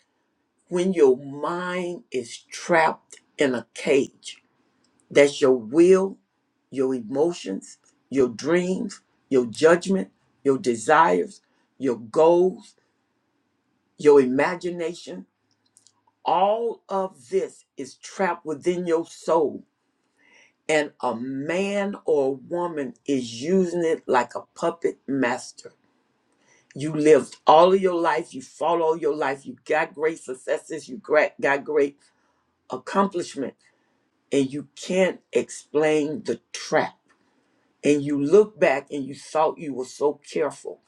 when your mind is trapped in a cage? That's your will, your emotions, your dreams, your judgment, your desires, your goals, your imagination. All of this is trapped within your soul and a man or a woman is using it like a puppet master. You lived all of your life, you fought all your life, you got great successes, you gra- got great accomplishment, and you can't explain the trap. And you look back and you thought you were so careful.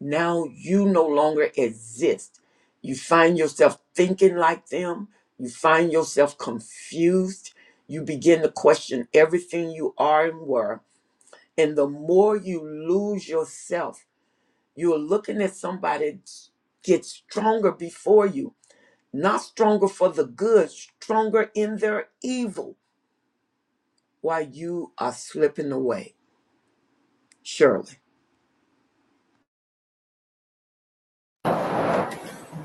Now you no longer exist. You find yourself thinking like them, you find yourself confused, you begin to question everything you are and were And the more you lose yourself, you're looking at somebody get stronger before you, not stronger for the good, stronger in their evil while you are slipping away. Shirley,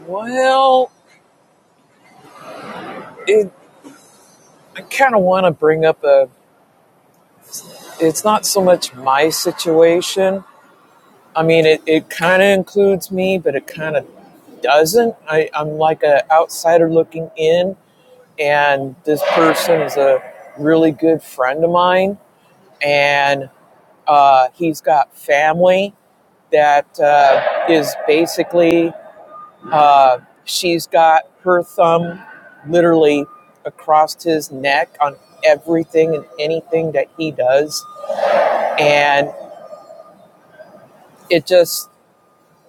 Well, it, I kind of want to bring up a. It's not so much my situation. I mean, it, it kind of includes me, but it kind of doesn't. I, I'm like a outsider looking in and this person is a really good friend of mine, and uh, he's got family that uh, is basically uh, she's got her thumb literally across his neck on everything and anything that he does, and it just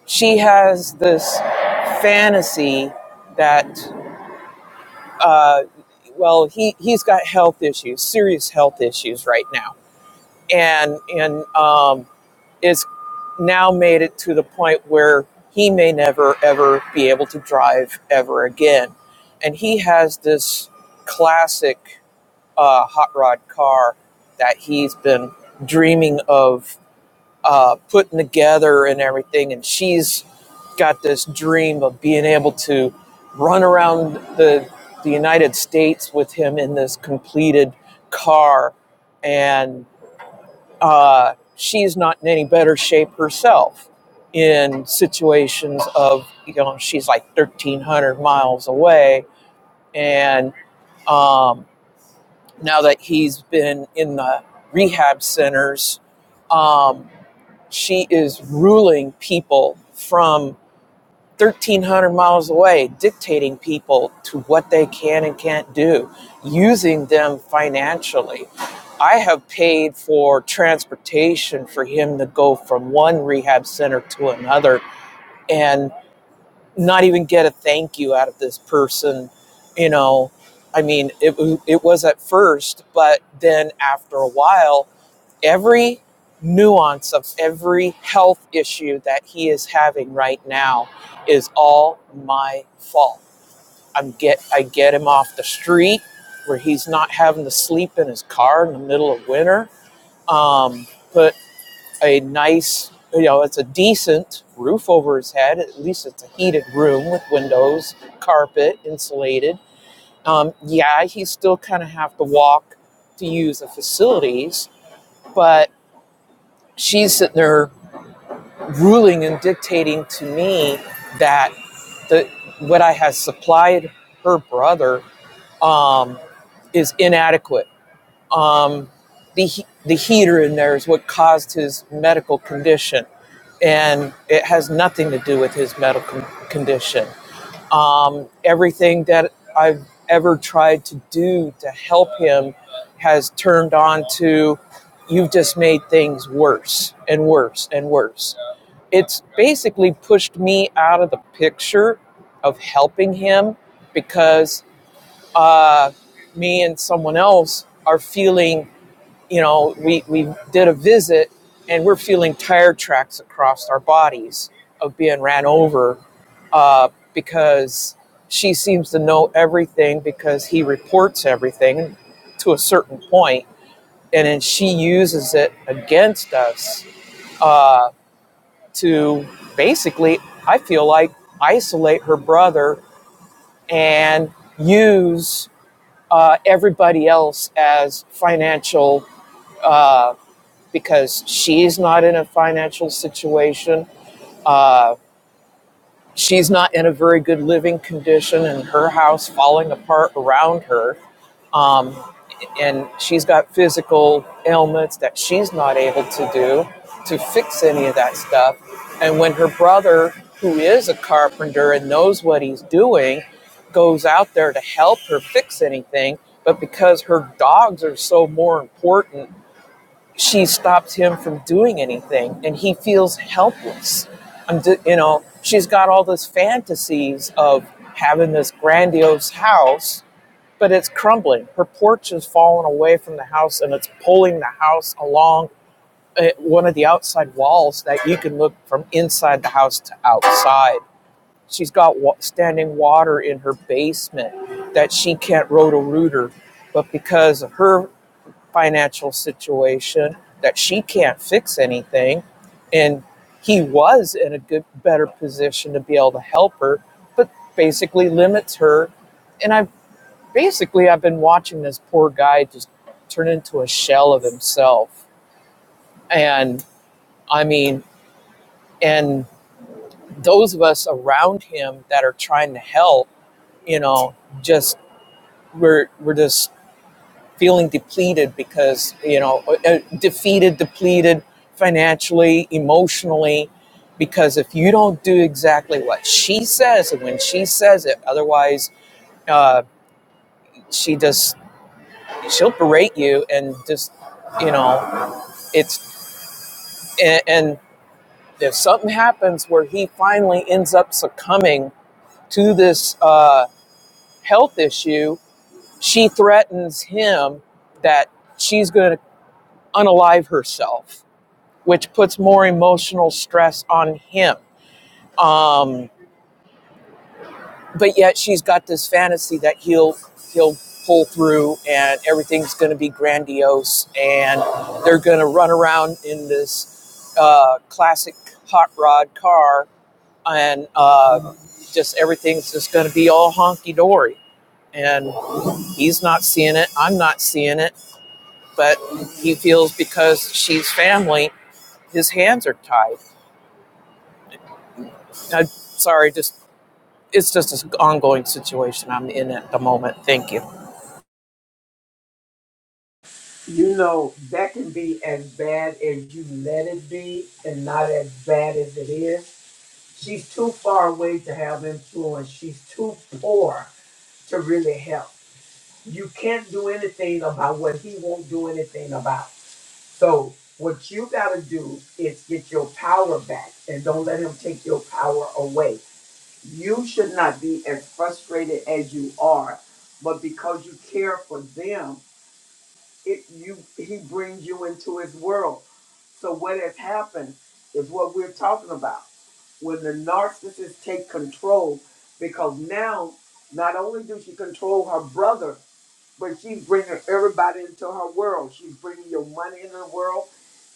she has this fantasy that. Uh, well, he, he's got health issues, serious health issues right now and and um, is now made it to the point where he may never ever be able to drive ever again, and he has this classic uh, hot rod car that he's been dreaming of uh, putting together and everything, and she's got this dream of being able to run around the the United States with him in this completed car uh, she's not in any better shape herself in situations of you know she's like 1300 miles away and um, now that he's been in the rehab centers um, she is ruling people from. 1,300 miles away, dictating people to what they can and can't do, using them financially. I have paid for transportation for him to go from one rehab center to another and not even get a thank you out of this person. You know, I mean, it, it was at first, but then after a while, every nuance of every health issue that he is having right now is all my fault. I'm get I get him off the street where he's not having to sleep in his car in the middle of winter. Um, put a nice, you know, it's a decent roof over his head. At least it's a heated room with windows, carpet, insulated. Um, yeah, he still kind of have to walk to use the facilities, but she's sitting there ruling and dictating to me that the what I have supplied her brother um, is inadequate. Um, the the heater in there is what caused his medical condition, and it has nothing to do with his medical condition. Um, everything that I've ever tried to do to help him has turned on to you've just made things worse and worse and worse it's basically pushed me out of the picture of helping him because uh, me and someone else are feeling, you know, we, we did a visit and we're feeling tire tracks across our bodies of being ran over uh, because she seems to know everything because he reports everything to a certain point and then she uses it against us. Uh, to basically, I feel like, isolate her brother and use uh, everybody else as financial, uh, because she's not in a financial situation. Uh, she's not in a very good living condition, and her house falling apart around her. Um, and she's got physical ailments that she's not able to do to fix any of that stuff. And when her brother, who is a carpenter and knows what he's doing, goes out there to help her fix anything, but because her dogs are so more important, she stops him from doing anything and he feels helpless. I'm d you know, she's got all these fantasies of having this grandiose house but it's crumbling. Her porch has fallen away from the house and it's pulling the house along uh, one of the outside walls that you can look from inside the house to outside. She's got wa- standing water in her basement that she can't roto rooter, but because of her financial situation that she can't fix anything and he was in a good better position to be able to help her but basically limits her And I've basically I've been watching this poor guy just turn into a shell of himself. And I mean, and those of us around him that are trying to help, you know, just we're we're just feeling depleted because, you know, uh, uh, defeated, depleted financially, emotionally because if you don't do exactly what she says and when she says it, otherwise uh, she just she'll berate you and just you know it's and, and if something happens where he finally ends up succumbing to this uh, health issue, she threatens him that she's going to unalive herself, which puts more emotional stress on him. Um, but yet she's got this fantasy that he'll he'll pull through and everything's going to be grandiose and they're going to run around in this uh, classic hot rod car and uh, just everything's just going to be all honky dory. And he's not seeing it. I'm not seeing it. But he feels because she's family, his hands are tied. I'm sorry, just it's just an ongoing situation I'm in at the moment. Thank you. You know, that can be as bad as you let it be and not as bad as it is. She's too far away to have influence. She's too poor to really help. You can't do anything about what he won't do anything about. So what you got to do is get your power back and don't let him take your power away. You should not be as frustrated as you are, but because you care for them, it you he brings you into his world. So what has happened is what we're talking about. When the narcissist take control because now not only do she control her brother, but she's bringing everybody into her world. She's bringing your money into the world.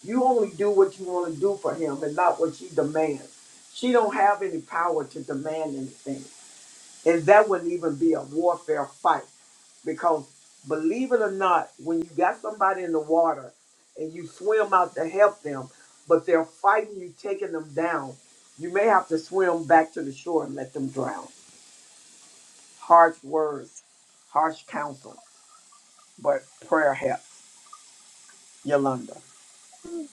You only do what you want to do for him and not what she demands. She don't have any power to demand anything. And that wouldn't even be a warfare fight because believe it or not, when you got somebody in the water and you swim out to help them, but they're fighting you, taking them down, you may have to swim back to the shore and let them drown. Harsh words, harsh counsel, but prayer helps. Yolanda.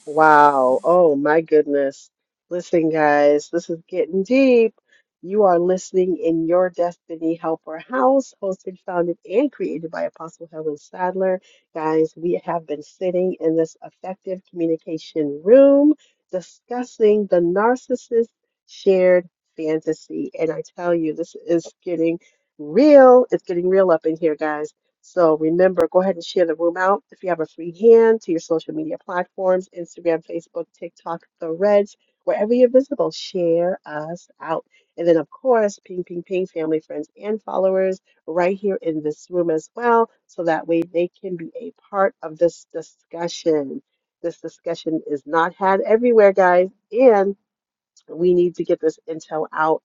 Wow. Oh my goodness. Listen, guys, this is getting deep. You are listening in Your Destiny Helper House, hosted, founded, and created by Apostle Helen Sadler. Guys, we have been sitting in this effective communication room discussing the narcissist shared fantasy. And I tell you, this is getting real. It's getting real up in here, guys. So remember, go ahead and share the room out if you have a free hand to your social media platforms, Instagram, Facebook, TikTok, the Reds, wherever you're visible, share us out. And then, of course, ping, ping, ping, family, friends, and followers right here in this room as well. So that way they can be a part of this discussion. This discussion is not had everywhere, guys. And we need to get this intel out.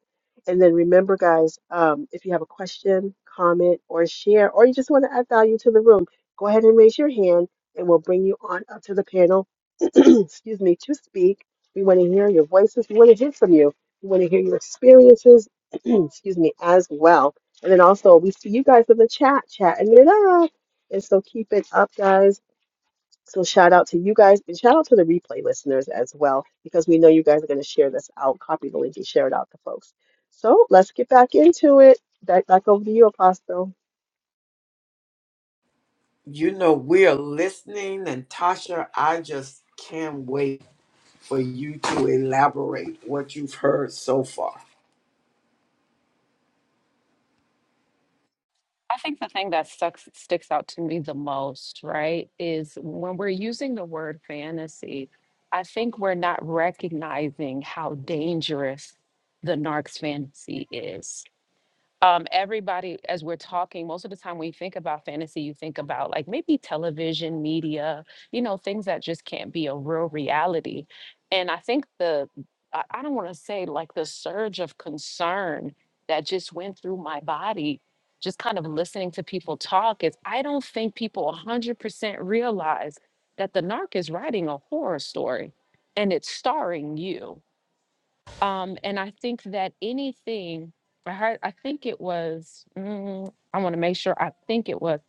And then remember, guys, um, if you have a question, comment, or share, or you just want to add value to the room, go ahead and raise your hand and we'll bring you on up to the panel. Excuse me, to speak. We want to hear your voices. We want to hear from you. We want to hear your experiences. Excuse me, as well. And then also, we see you guys in the chat, chatting it up. And so keep it up, guys. So shout out to you guys and shout out to the replay listeners as well, because we know you guys are going to share this out, copy the link and share it out to folks. So let's get back into it. Back, back over to you, Apostle. You know, we're listening, and Tasha, I just can't wait for you to elaborate what you've heard so far. I think the thing that sucks, sticks out to me the most, right, is when we're using the word fantasy, I think we're not recognizing how dangerous the narc's fantasy is. um, everybody, as we're talking, most of the time when you think about fantasy, you think about like maybe television, media, you know, things that just can't be a real reality. And I think the, I, I don't want to say like the surge of concern that just went through my body, just kind of listening to people talk, is I don't think people 100% realize that the narc is writing a horror story and it's starring you um, and I think that anything, I heard, I think it was, mm, I want to make sure, I think it was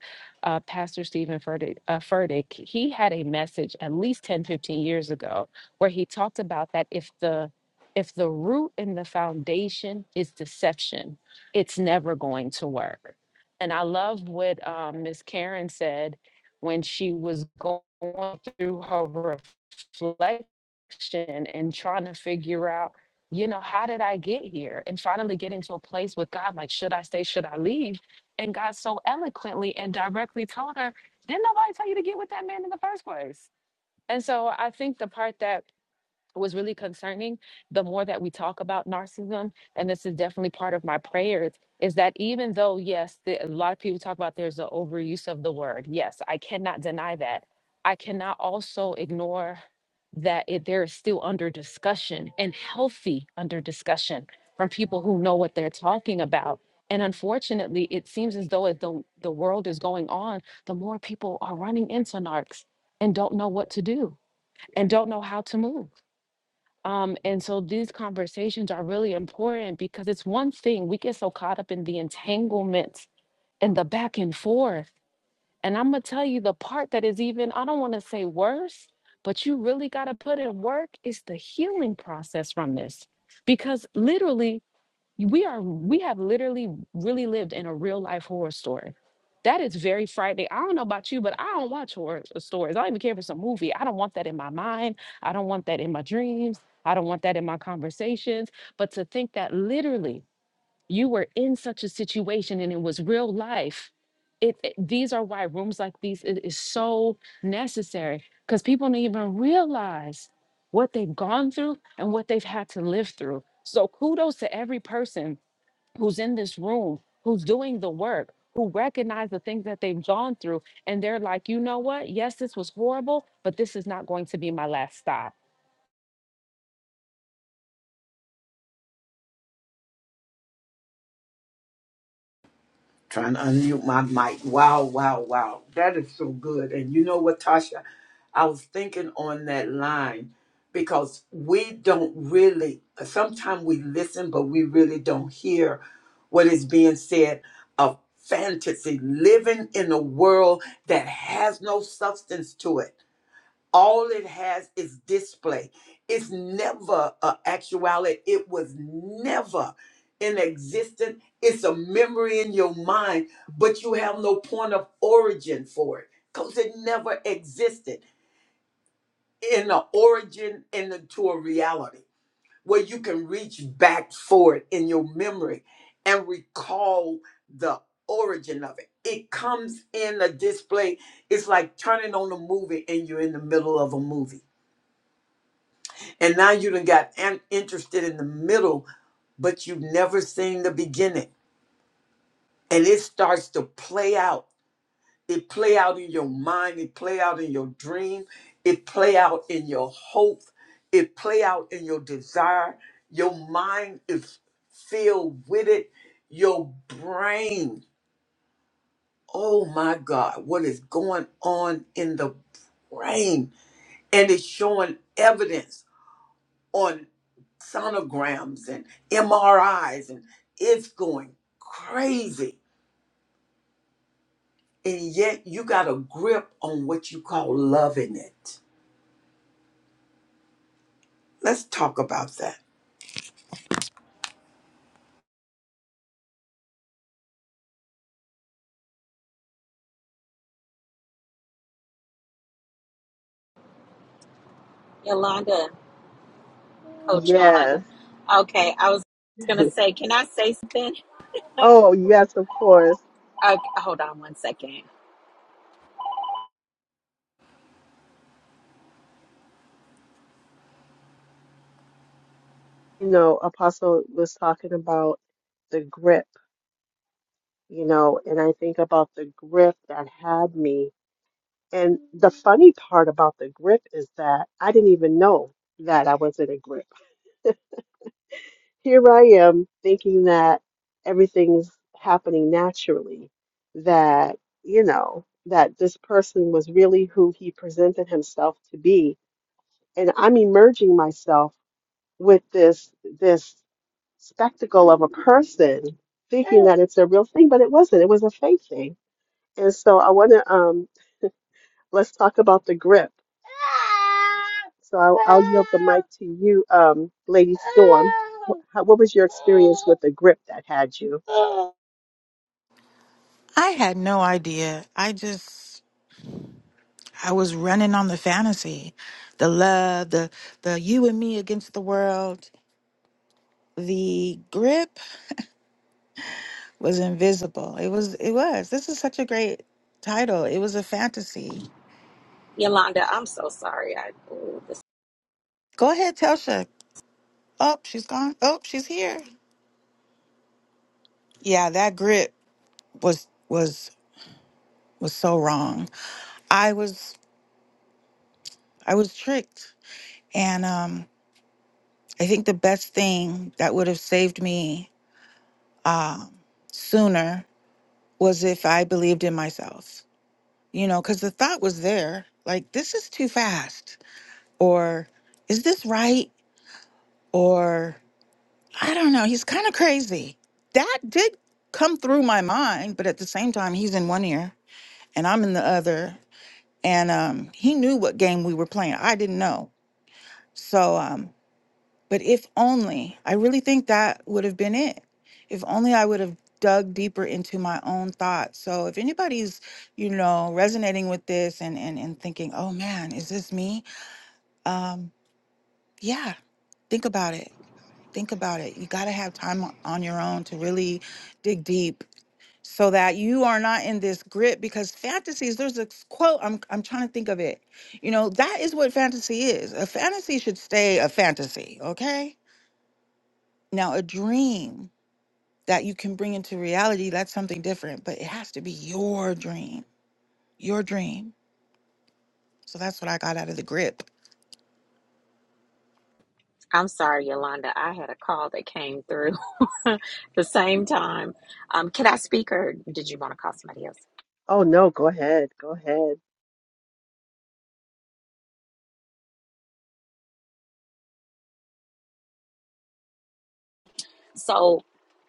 uh, Pastor Stephen Furtick, uh, Furtick. He had a message at least 10, 15 years ago where he talked about that if the if the root and the foundation is deception, it's never going to work. And I love what um, Miss Karen said when she was going through her reflection and trying to figure out you know, how did I get here? And finally getting to a place with God, like, should I stay? Should I leave? And God so eloquently and directly told her, didn't nobody tell you to get with that man in the first place? And so I think the part that was really concerning the more that we talk about narcissism and this is definitely part of my prayers is that even though yes the, a lot of people talk about there's an overuse of the word yes i cannot deny that i cannot also ignore that it, there is still under discussion and healthy under discussion from people who know what they're talking about and unfortunately it seems as though as the, the world is going on the more people are running into narcs and don't know what to do and don't know how to move um, and so these conversations are really important because it's one thing we get so caught up in the entanglements and the back and forth. And I'm gonna tell you the part that is even, I don't want to say worse, but you really got to put in work is the healing process from this. Because literally, we are we have literally really lived in a real life horror story. That is very frightening. I don't know about you, but I don't watch horror uh, stories. I don't even care if it's a movie. I don't want that in my mind. I don't want that in my dreams. I don't want that in my conversations. But to think that literally you were in such a situation and it was real life. It, it- these are why rooms like these i- is so necessary because people don't even realize what they've gone through and what they've had to live through. So kudos to every person who's in this room, who's doing the work, who recognize the things that they've gone through. And they're like, you know what? Yes, this was horrible, but this is not going to be my last stop. Trying to unmute my mic. Wow, wow, wow. That is so good. And you know what, Tasha? I was thinking on that line because we don't really, sometimes we listen, but we really don't hear what is being said of fantasy, living in a world that has no substance to it all it has is display. It's never an actuality. It was never in existence. It's a memory in your mind, but you have no point of origin for it because it never existed in an origin and into a reality where you can reach back for it in your memory and recall the origin of it. It comes in a display. It's like turning on a movie and you're in the middle of a movie And now you done got an- interested in the middle, but you've never seen the beginning. And it starts to play out. It play out in your mind. It play out in your dream. It play out in your hope. It play out in your desire. Your mind is filled with it. Your brain. Oh my God, what is going on in the brain? And it's showing evidence on sonograms and MRIs, and it's going crazy. And yet you got a grip on what you call loving it. Let's talk about that. Yolanda, Coach Yolanda. Yes. Okay, I was gonna say, can I say something? Oh, yes, of course. Uh, hold on one second. You know, Apostle was talking about the grip, you know, and I think about the grip that had me. And the funny part about the grip is that I didn't even know that I was in a grip here I am thinking that everything's happening naturally, that, you know, that this person was really who he presented himself to be. And I'm emerging myself with this this spectacle of a person thinking that it's a real thing, but it wasn't. It was a fake thing. And so I want to um let's talk about the grip. So I'll, I'll yield the mic to you, um, Lady Storm. Wh- how- What was your experience with the grip that had you? I had no idea. I just I was running on the fantasy, the love, the the you and me against the world the grip was invisible. It was it was. This is such a great title. It was a fantasy. Yolanda, I'm so sorry. I, ooh, this, Go ahead, Telsha. Oh, she's gone. Oh, she's here. Yeah, that grip was was was so wrong. I was I was tricked. And um I think the best thing that would have saved me um sooner was if I believed in myself. You know, cuz the thought was there like this is too fast or is this right? or I don't know, he's kind of crazy. That did come through my mind, but at the same time, he's in one ear and I'm in the other. And um, he knew what game we were playing. I didn't know. So, um, but if only, I really think that would have been it. If only I would have dug deeper into my own thoughts. So if anybody's, you know, resonating with this and and, and thinking, oh man, is this me? Um, yeah, think about it think about it. You got to have time o- on your own to really dig deep so that you are not in this grip because fantasies there's a s- quote I'm I'm trying to think of it. You know, that is what fantasy is. A fantasy should stay a fantasy, okay? Now, a dream that you can bring into reality, that's something different, but it has to be your dream. Your dream. So that's what I got out of the grip. I'm sorry, Yolanda. I had a call that came through the same time. Um, can I speak, or did you want to call somebody else? Oh no, go ahead. Go ahead. So,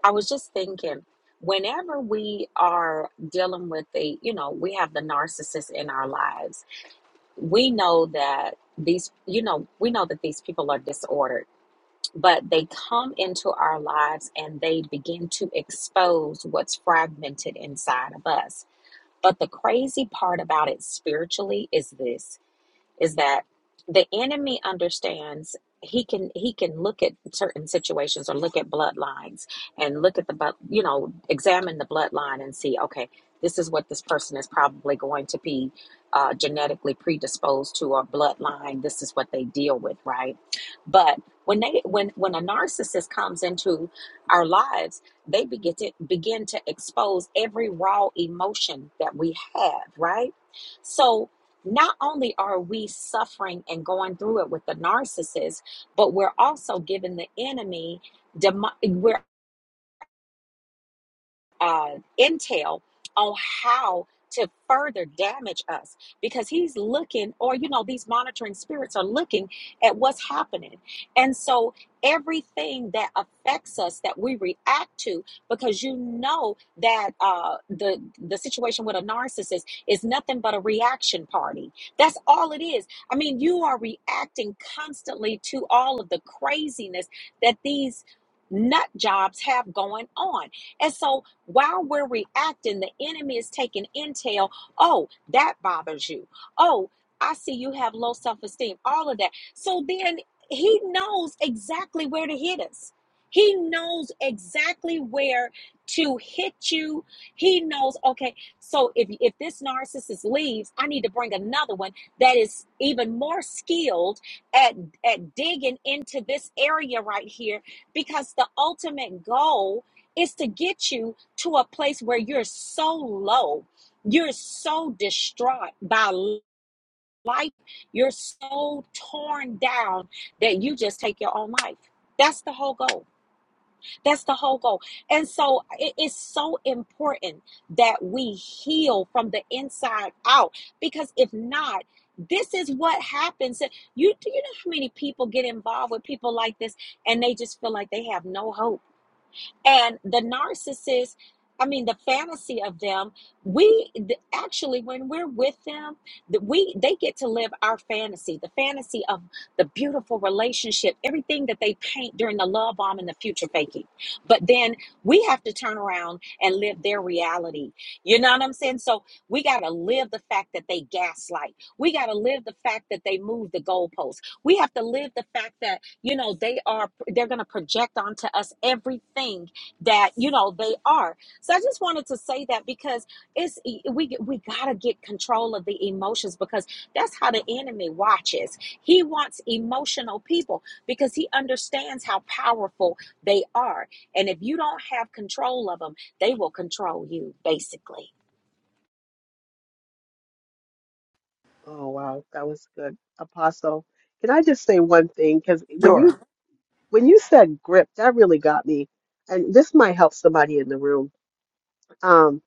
I was just thinking. Whenever we are dealing with the, you know, we have the narcissist in our lives. We know that these, you know, we know that these people are disordered but they come into our lives and they begin to expose what's fragmented inside of us. But the crazy part about it spiritually is this is that the enemy understands he can he can look at certain situations or look at bloodlines and look at the bu- you know examine the bloodline and see okay this is what this person is probably going to be uh, genetically predisposed to or bloodline this is what they deal with right but when they when when a narcissist comes into our lives they begin to begin to expose every raw emotion that we have right so not only are we suffering and going through it with the narcissist, but we're also giving the enemy. We're uh, intel on how to further damage us because he's looking, or you know, these monitoring spirits are looking at what's happening. And so, everything that affects us that we react to, because you know that uh, the the situation with a narcissist is nothing but a reaction party. That's all it is. I mean, you are reacting constantly to all of the craziness that these nut jobs have going on. And so while we're reacting, the enemy is taking intel. Oh, that bothers you. Oh, I see you have low self esteem. All of that. So then he knows exactly where to hit us. He knows exactly where to hit you. He knows, okay, so if, if this narcissist leaves, I need to bring another one that is even more skilled at, at digging into this area right here because the ultimate goal is to get you to a place where you're so low, you're so distraught by life, you're so torn down that you just take your own life. That's the whole goal. That's the whole goal. And so it is so important that we heal from the inside out because if not, this is what happens. You do you know how many people get involved with people like this and they just feel like they have no hope and the narcissist i mean the fantasy of them we th- actually when we're with them th- we they get to live our fantasy the fantasy of the beautiful relationship everything that they paint during the love bomb and the future faking but then we have to turn around and live their reality you know what i'm saying so we got to live the fact that they gaslight we got to live the fact that they move the goalposts we have to live the fact that you know they are they're going to project onto us everything that you know they are so i just wanted to say that because it's e, we we got to get control of the emotions because that's how the enemy watches he wants emotional people because he understands how powerful they are and if you don't have control of them they will control you basically Oh wow, that was good. Apostle, can I just say one thing? Because when you Sure. when you said grip, that really got me. And this might help somebody in the room. Um,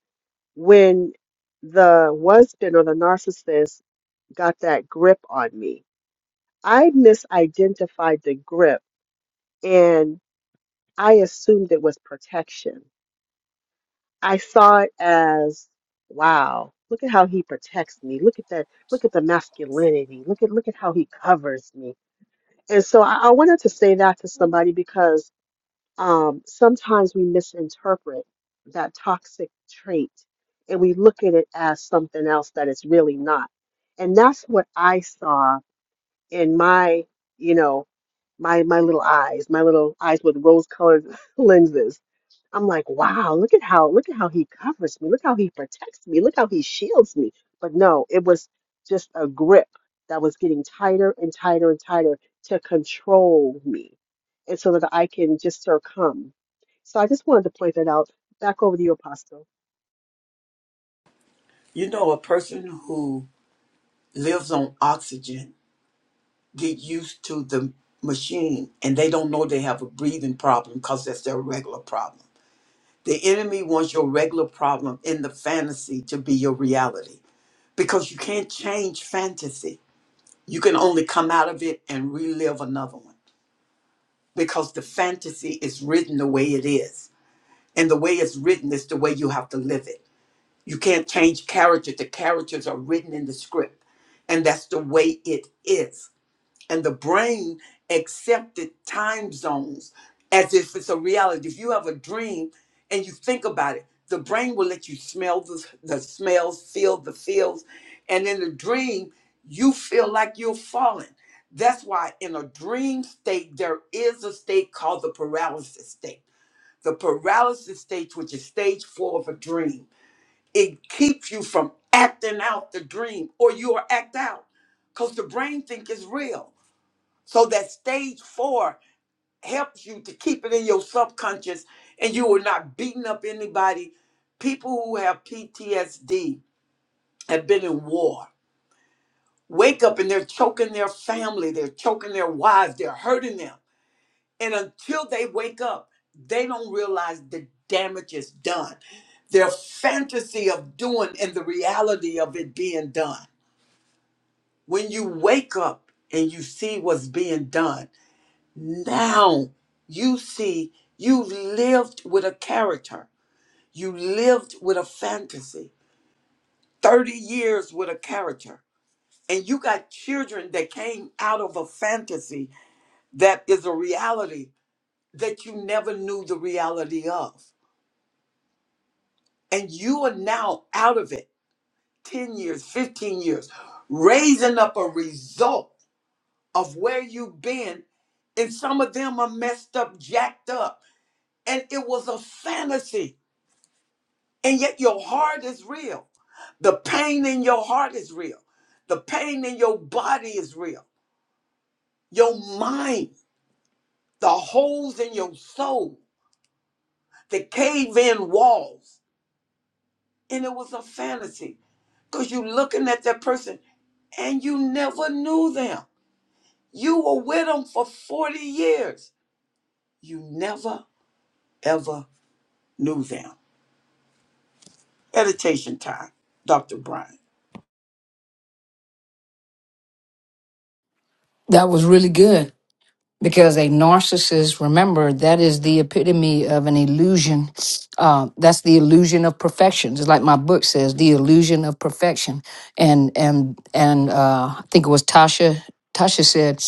when the husband or the narcissist got that grip on me, I misidentified the grip and I assumed it was protection. I saw it as, wow, look at how he protects me. Look at that. Look at the masculinity. Look at look at how he covers me. And so I, I wanted to say that to somebody because um, sometimes we misinterpret that toxic trait and we look at it as something else that it's really not. And that's what I saw in my, you know, my my little eyes, my little eyes with rose-colored lenses I'm like, wow, look at how look at how he covers me. Look how he protects me. Look how he shields me. But no, it was just a grip that was getting tighter and tighter and tighter to control me. And so that I can just succumb. So I just wanted to point that out. Back over to you, Apostle. You know, a person who lives on oxygen get used to the machine and they don't know they have a breathing problem because that's their regular problem. The enemy wants your regular problem in the fantasy to be your reality because you can't change fantasy You can only come out of it and relive another one because the fantasy is written the way it is. And the way it's written is the way you have to live it. You can't change characters. The characters are written in the script, and that's the way it is and the brain accepted time zones as if it's a reality. If you have a dream and you think about it, the brain will let you smell the, the smells, feel the feels, and in the dream, you feel like you're falling. That's why in a dream state, there is a state called the paralysis state. The paralysis state, which is stage four of a dream, it keeps you from acting out the dream or you are act out because the brain think it's real so that stage four helps you to keep it in your subconscious and you are not beating up anybody. People who have PTSD have been in war. Wake up and they're choking their family, they're choking their wives, they're hurting them. And until they wake up, they don't realize the damage is done. Their fantasy of doing and the reality of it being done. When you wake up and you see what's being done, Now you see, you lived with a character. You lived with a fantasy. 30 years with a character. And you got children that came out of a fantasy that is a reality that you never knew the reality of. And you are now out of it 10 years, 15 years, raising up a result of where you've been. And some of them are messed up, jacked up. And it was a fantasy And yet your heart is real. The pain in your heart is real. The pain in your body is real. Your mind, the holes in your soul, the cave in walls. And it was a fantasy because you're looking at that person and you never knew them. You were with them for 40 years. You never, ever knew them. Meditation time, Dr. Brian. That was really good. because a narcissist remember that is the epitome of an illusion uh, that's the illusion of perfection it's like my book says the illusion of perfection and and and uh, i think it was tasha tasha said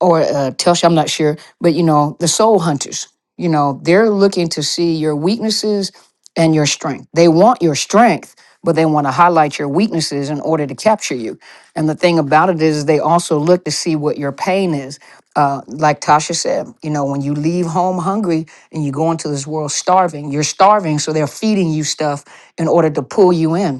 or uh, telsha i'm not sure but you know the soul hunters you know they're looking to see your weaknesses and your strength. They want your strength, but they want to highlight your weaknesses in order to capture you. And the thing about it is, they also look to see what your pain is. Uh, like Tasha said, you know, when you leave home hungry and you go into this world starving, you're starving, so they're feeding you stuff in order to pull you in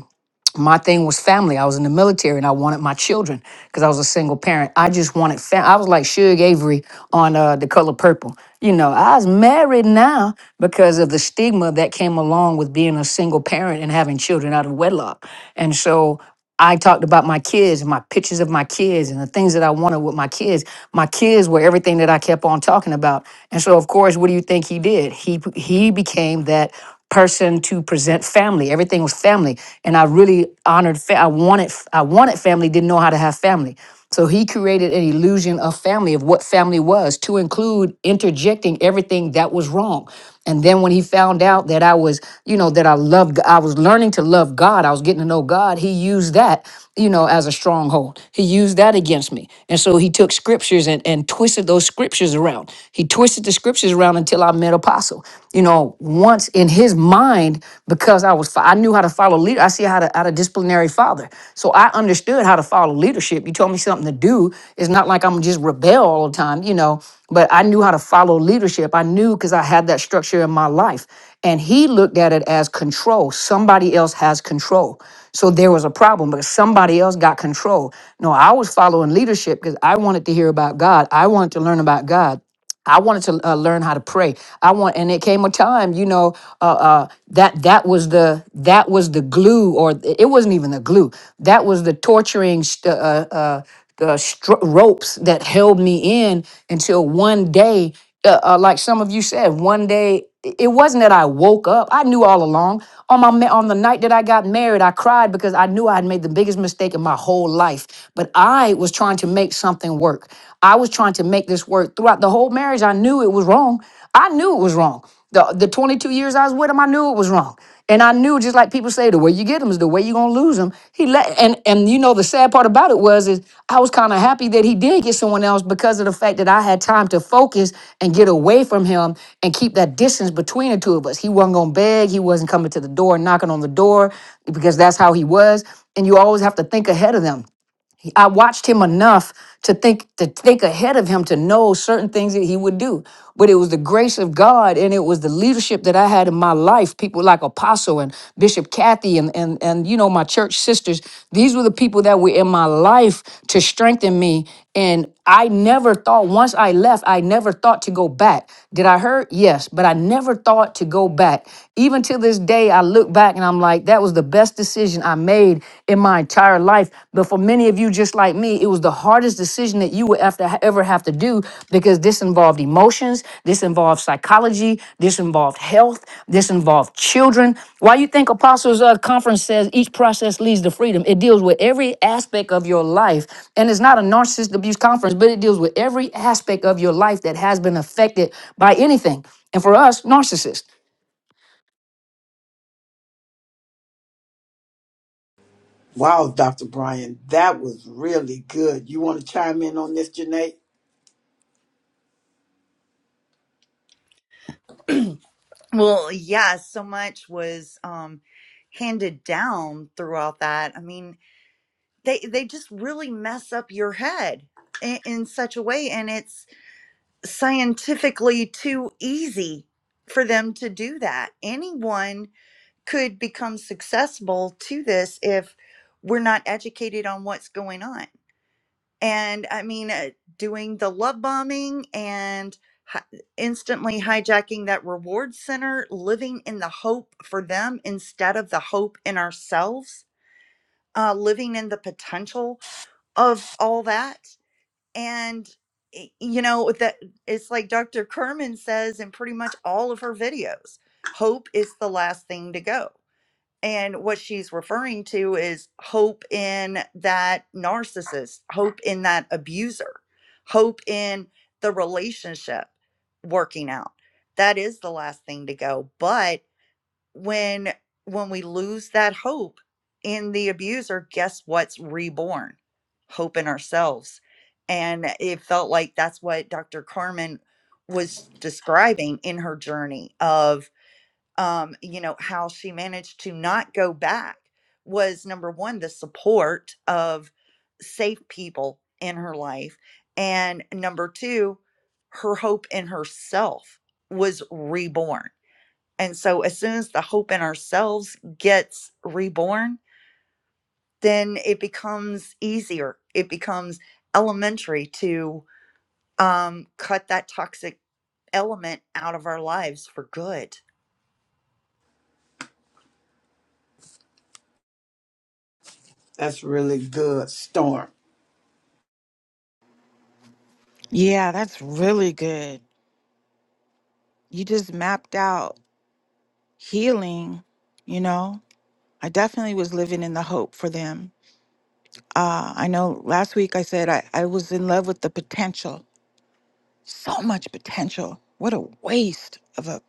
my thing was family. I was in the military and I wanted my children because I was a single parent. I just wanted fam- I was like Suge Avery on uh, The Color Purple. You know, I was married now because of the stigma that came along with being a single parent and having children out of wedlock. And so I talked about my kids, and my pictures of my kids, and the things that I wanted with my kids. My kids were everything that I kept on talking about. And so, of course, what do you think he did? He he became that person to present family. Everything was family, and I really honored. Fa- I wanted I wanted family. Didn't know how to have family. So he created an illusion of family, of what family was, to include interjecting everything that was wrong. And then when he found out that I was, you know, that I loved, I was learning to love God, I was getting to know God, he used that, you know, as a stronghold. He used that against me. And so he took scriptures and, and twisted those scriptures around. He twisted the scriptures around until I met Apostle you know, once in his mind, because I was, I knew how to follow leader. I see how to, how to disciplinary father. So I understood how to follow leadership. You told me something to do. It's not like I'm just rebel all the time, you know, but I knew how to follow leadership. I knew because I had that structure in my life. And he looked at it as control. Somebody else has control. So there was a problem because somebody else got control. No, I was following leadership because I wanted to hear about God. I wanted to learn about God. I wanted to uh, learn how to pray. I want, and it came a time, you know, uh, uh, that that was the that was the glue, or th- it wasn't even the glue. That was the torturing st- uh, uh, uh, stro- ropes that held me in until one day uh, uh, like some of you said, one day i- it wasn't that I woke up. I knew all along. On my ma- on the night that I got married, I cried because I knew I had made the biggest mistake in my whole life. But I was trying to make something work. I was trying to make this work throughout the whole marriage. I knew it was wrong. I knew it was wrong. The the 22 years I was with him, I knew it was wrong. And I knew, just like people say, the way you get them is the way you're gonna lose them. He let and and you know the sad part about it was is I was kind of happy that he did get someone else because of the fact that I had time to focus and get away from him and keep that distance between the two of us. He wasn't gonna beg, he wasn't coming to the door, knocking on the door, because that's how he was. And you always have to think ahead of them I watched him enough to think to think ahead of him to know certain things that he would do. But it was the grace of God and it was the leadership that I had in my life. People like Apostle and Bishop Kathy and and and you know my church sisters. These were the people that were in my life to strengthen me. And I never thought once I left, I never thought to go back. Did I hurt? Yes, but I never thought to go back. Even to this day, I look back back and I'm like, that was the best decision I made in my entire life. But for many of you, just like me, it was the hardest decision that you would have to ever have to do because this involved emotions, this involved psychology, this involved health, this involved children. Why you think Apostles uh, Conference says each process leads to freedom? It deals with every aspect of your life. And it's not a narcissist abuse conference, but it deals with every aspect of your life that has been affected by anything. And for us, narcissists. Wow, Dr. Brian, that was really good. You want to chime in on this, Janae? Well, yeah, so much was um handed down throughout that. I mean, they they just really mess up your head in, in such a way and it's scientifically too easy for them to do that. Anyone could become successful to this if we're not educated on what's going on and I mean, uh, doing the love bombing and hi- instantly hijacking that reward center, living in the hope for them instead of the hope in ourselves, uh, living in the potential of all that. And, y- you know, that it's like Dr. Kerman says in pretty much all of her videos hope is the last thing to go. And what she's referring to is hope in that narcissist, hope in that abuser, hope in the relationship working out. That is the last thing to go. But when when we lose that hope in the abuser, guess what's reborn? Hope in ourselves. And it felt like that's what Dr. Carmen was describing in her journey of um, you know, how she managed to not go back was number one, the support of safe people in her life. And number two, her hope in herself was reborn. And so, as soon as the hope in ourselves gets reborn, then it becomes easier. It becomes elementary to um, cut that toxic element out of our lives for good That's really good, Storm. Yeah, that's really good. You just mapped out healing, you know? I definitely was living in the hope for them. Uh, I know last week I said I, I was in love with the potential, so much potential. What a waste of a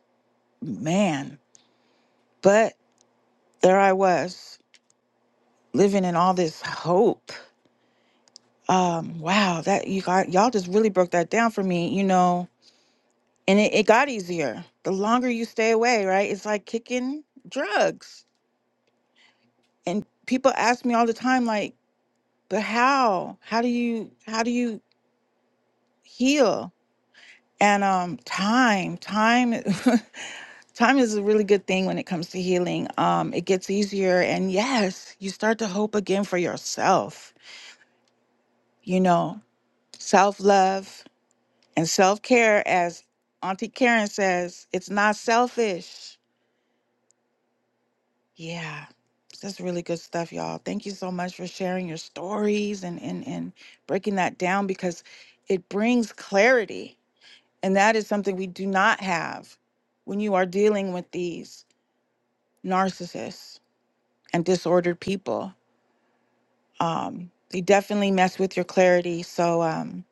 man. But there I was living in all this hope. Um, wow, that you got y'all just really broke that down for me, you know. And it, it got easier the longer you stay away, right? It's like kicking drugs. And people ask me all the time, like, but how? How do you how do you heal? and um time time time is a really good thing when it comes to healing um it gets easier and yes you start to hope again for yourself you know self-love and self-care as auntie karen says it's not selfish yeah that's really good stuff y'all thank you so much for sharing your stories and and, and breaking that down because it brings clarity and that is something we do not have when you are dealing with these narcissists and disordered people. Um, they definitely mess with your clarity. So um,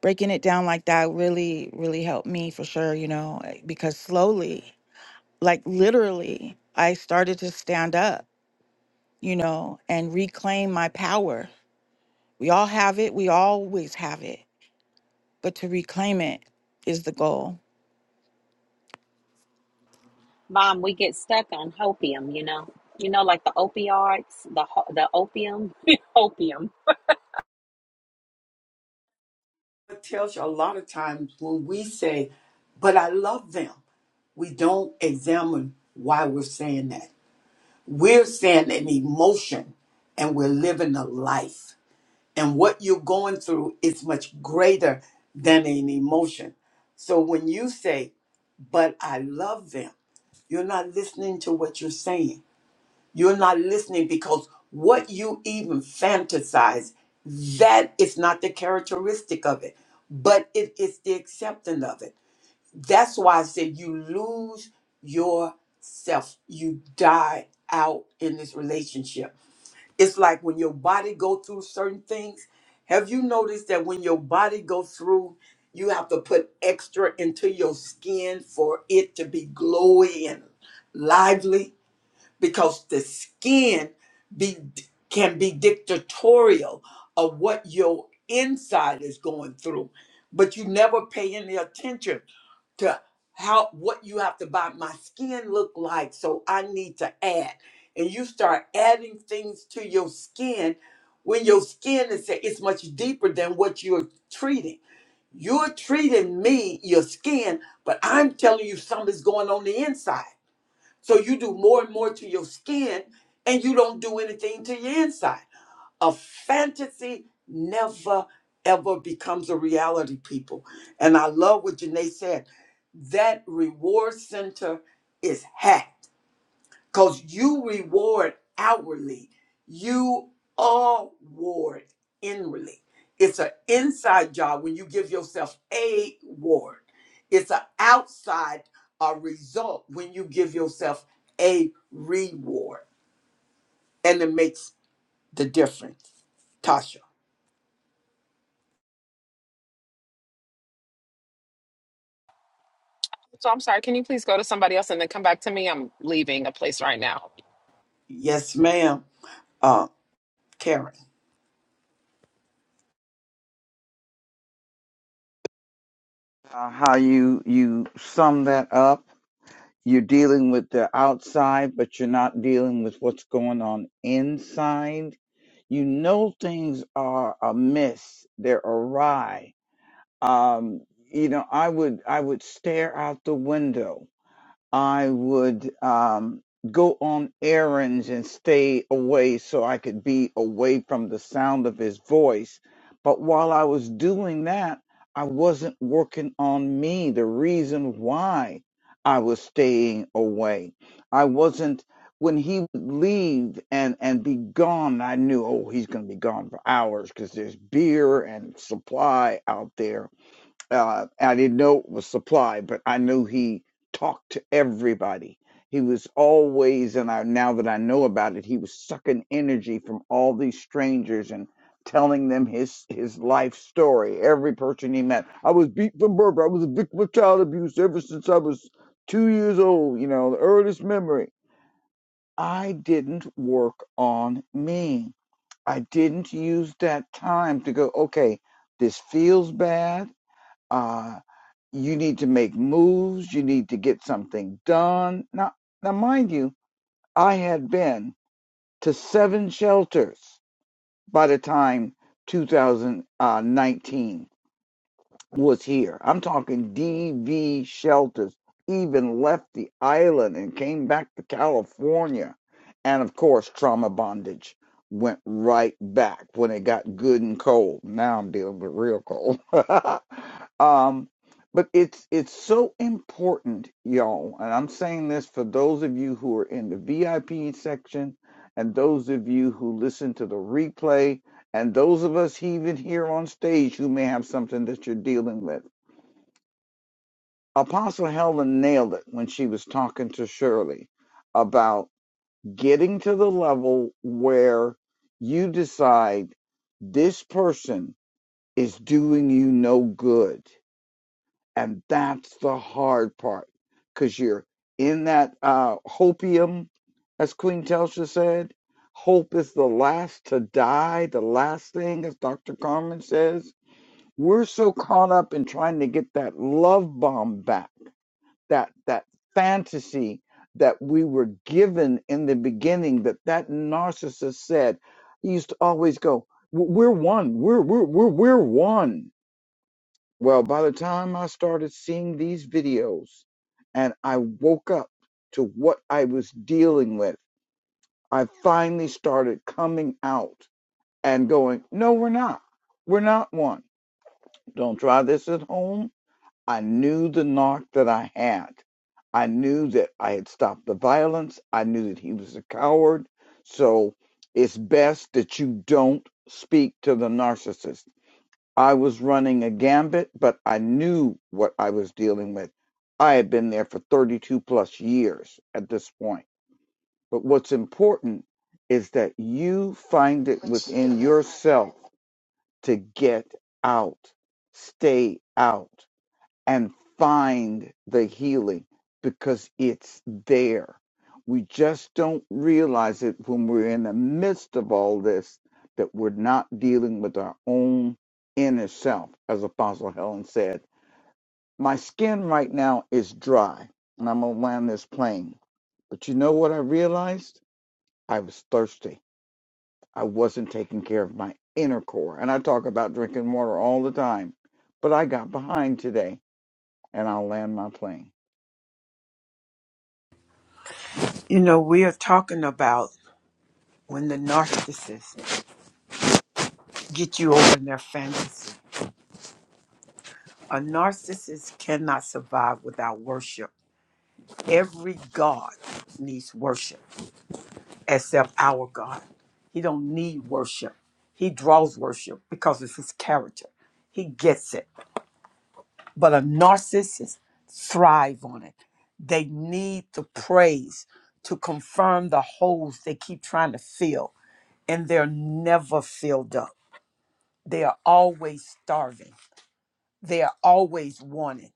breaking it down like that really, really helped me for sure, you know, eh, because slowly, like literally, I started to stand up, you know, and reclaim my power. We all have it, we always have it, but to reclaim it is the goal. mom we get stuck on opium you know you know like the opioids the ho- the opium opium It tells you a lot of times when we say, but I love them, we don't examine why we're saying that. We're saying an emotion and we're living a life. And what you're going through is much greater than an emotion. So when you say, but I love them, you're not listening to what you're saying You're not listening because what you even fantasize, that is not the characteristic of it, but it is the acceptance of it. That's why I said you lose yourself. You die out in this relationship. It's like when your body go through certain things. Have you noticed that when your body goes through, you have to put extra into your skin for it to be glowy and lively? because the skin be can be dictatorial of what your inside is going through but you never pay any attention to how what you have to buy my skin look like so i need to add and you start adding things to your skin when your skin is it's much deeper than what you're treating you're treating me your skin but i'm telling you something's going on the inside so you do more and more to your skin and you don't do anything to your inside. A fantasy never ever becomes a reality, people. And I love what Janae said. That reward center is hacked because you reward outwardly, you award inwardly. It's an inside job when you give yourself a ward. It's an outside uh, result when you give yourself a reward, and it makes the difference. Tasha, So I'm sorry. Can you please go to somebody else and then come back to me? I'm leaving a place right now. yes, ma'am. Uh, Karen, Uh, how you you sum that up? You're dealing with the outside, but you're not dealing with what's going on inside. You know things are amiss, they're awry um, you know, I would I would stare out the window. I would um, go on errands and stay away so I could be away from the sound of his voice. But while I was doing that, I wasn't working on me. The reason why I was staying away, I wasn't. When he would leave and and be gone, I knew, oh, he's going to be gone for hours because there's beer and supply out there uh, I didn't know it was supply, but I knew he talked to everybody. He was always, and I now that I know about it, he was sucking energy from all these strangers and telling them his his life story. Every person he met, I was beat from birth. I was a victim of child abuse ever since I was two years old. You know, the earliest memory. I didn't work on me. I didn't use that time to go. Okay, this feels bad uh, you need to make moves. You need to get something done. Now, now, mind you, I had been to seven shelters by the time 2019 was here. I'm talking DV shelters, even left the island and came back to California. And of course, trauma bondage went right back when it got good and cold. Now I'm dealing with real cold. um, but it's it's so important, y'all. And I'm saying this for those of you who are in the VIP section and those of you who listen to the replay and those of us even here on stage who may have something that you're dealing with. Apostle Helen nailed it when she was talking to Shirley about getting to the level where you decide this person is doing you no good. And that's the hard part because you're in that uh, hopium, as Queen Telsha said. Hope is the last to die, the last thing, as Dr. Carmen says We're so caught up in trying to get that love bomb back, that that fantasy that we were given in the beginning that that narcissist said. He used to always go, "We're one. We're we're we're we're one." Well, by the time I started seeing these videos and I woke up to what I was dealing with, I finally started coming out and going, "No, we're not. We're not one. Don't try this at home I knew the knock that I had. I knew that I had stopped the violence. I knew that he was a coward. So it's best that you don't speak to the narcissist. I was running a gambit, but I knew what I was dealing with. I had been there for 32 plus years at this point. But what's important is that you find it within yourself to get out, stay out and find the healing because it's there. We just don't realize it when we're in the midst of all this that we're not dealing with our own inner self, as Apostle Helen said. My skin right now is dry, and I'm gonna land this plane. But you know what I realized? I was thirsty. I wasn't taking care of my inner core. And I talk about drinking water all the time. But I got behind today, and I'll land my plane. you know we are talking about when the narcissist get you over their fantasy. A narcissist cannot survive without worship Every God needs worship except our God. He don't need worship. He draws worship because it's his character. He gets it. But a narcissist thrive on it. They need the praise to confirm the holes they keep trying to fill, and they're never filled up. They are always starving. They are always wanting.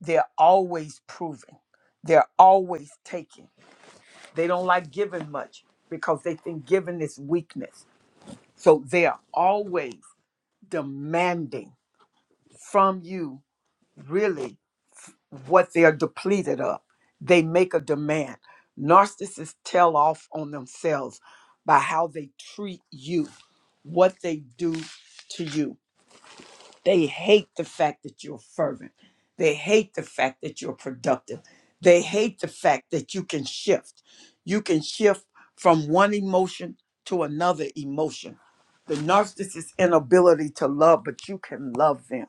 They're always proving. They're always taking. They don't like giving much because they think giving is weakness. So they are always demanding from you really what they are depleted of. They make a demand. Narcissists tell off on themselves by how they treat you, what they do to you. They hate the fact that you're fervent. They hate the fact that you're productive. They hate the fact that you can shift. You can shift from one emotion to another emotion. The narcissist's inability to love, but you can love them.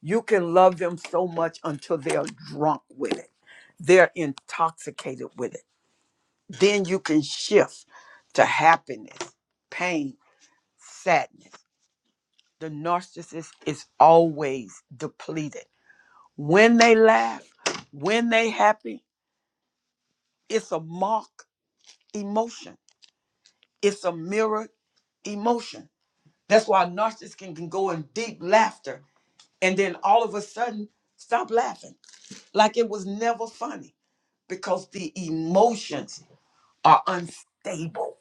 You can love them so much until they're drunk with it, they're intoxicated with it. Then you can shift to happiness, pain, sadness. The narcissist is always depleted When they laugh, when they happy, it's a mark emotion. It's a mirror emotion. That's why narcissists can, can go in deep laughter and then all of a sudden stop laughing. Like it was never funny. Because the emotions are unstable.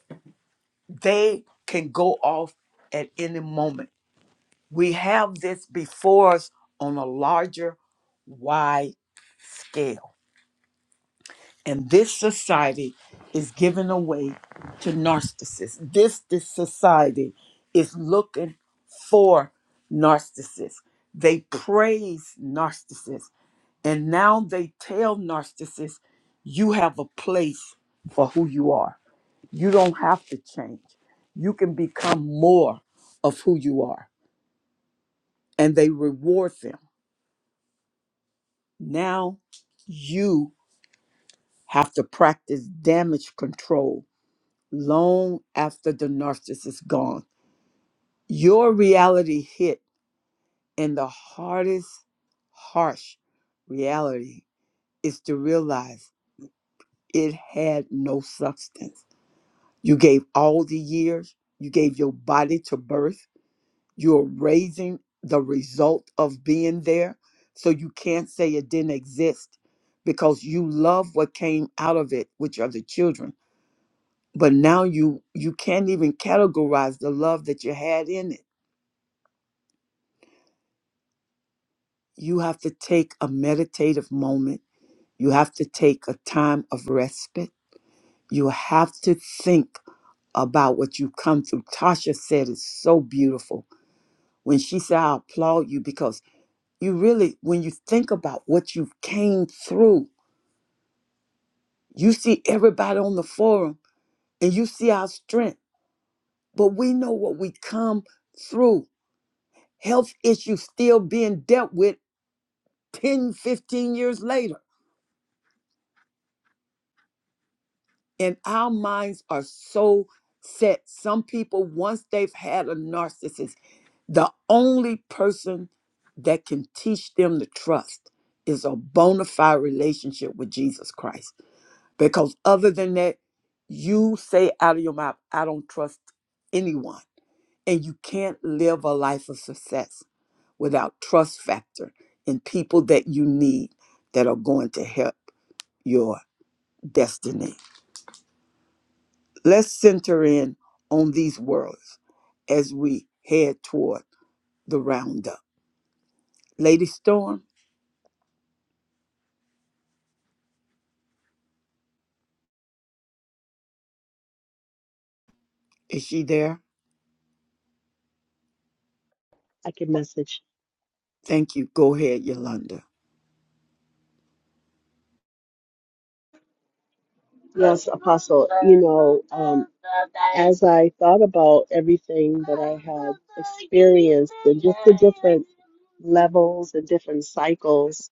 They can go off at any moment. We have this before us on a larger, wide scale And this society is giving away to narcissists. This, this society is looking for narcissists. They praise narcissists. And now they tell narcissists, you have a place for who you are. You don't have to change. You can become more of who you are. And they reward them. Now you have to practice damage control long after the narcissist is gone. Your reality hit, and the hardest, harsh reality is to realize it had no substance. You gave all the years, you gave your body to birth, you're raising the result of being there, so you can't say it didn't exist because you love what came out of it, which are the children. But now you you can't even categorize the love that you had in it you have to take a meditative moment. You have to take a time of respite. You have to think about what you come through. Tasha said it's so beautiful when she said, I applaud you because you really, when you think about what you came through, you see everybody on the forum and you see our strength, but we know what we come through. Health issues still being dealt with 10, 15 years later and our minds are so set. Some people, once they've had a narcissist, the only person that can teach them to trust is a bona fide relationship with Jesus Christ. Because other than that, you say out of your mouth, I don't trust anyone. And you can't live a life of success without trust factor in people that you need that are going to help your destiny. Let's center in on these words as we head toward the roundup. Lady Storm, is she there? I can message. Thank you. Go ahead, Yolanda. Yes, Apostle, you know, um, as I thought about everything that I had experienced and just the different levels and different cycles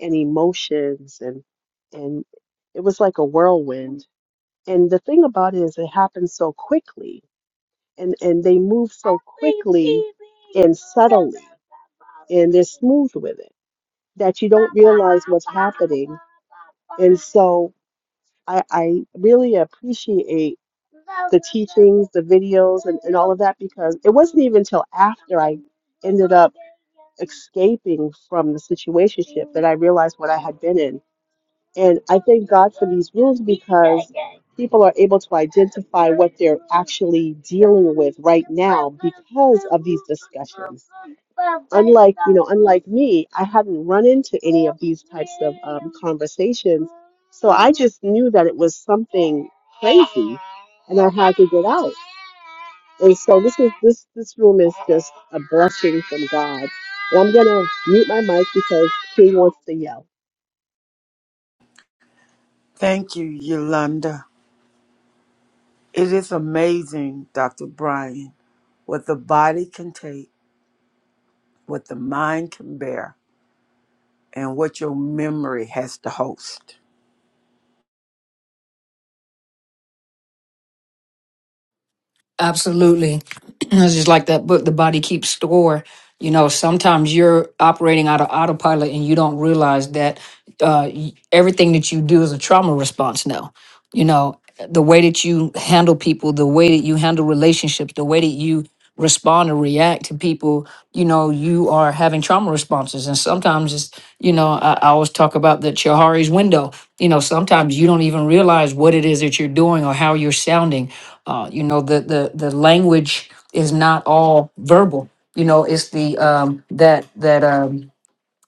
and emotions and and it was like a whirlwind. And the thing about it is it happened so quickly and and they move so quickly and subtly and they're smooth with it that you don't realize what's happening. And so I, I really appreciate the teachings, the videos, and, and all of that because it wasn't even until after I ended up escaping from the situation that I realized what I had been in. And I thank God for these rules because people are able to identify what they're actually dealing with right now because of these discussions. Unlike, you know, unlike me, I hadn't run into any of these types of um, conversations. So I just knew that it was something crazy and I had to get out. And so this is this this room is just a blessing from God. And I'm gonna mute my mic because King wants to yell. Thank you, Yolanda. It is amazing, Dr. Brian, what the body can take, what the mind can bear, and what your memory has to host. Absolutely. It's just like that book, The Body Keeps Score. You know, sometimes you're operating out of autopilot and you don't realize that uh, y- everything that you do is a trauma response now. You know, the way that you handle people, the way that you handle relationships, the way that you respond or react to people, you know, you are having trauma responses. And sometimes it's, you know, I, I always talk about the Chihari's window. You know, sometimes you don't even realize what it is that you're doing or how you're sounding. Uh, you know, the the the language is not all verbal. You know, it's the um that that um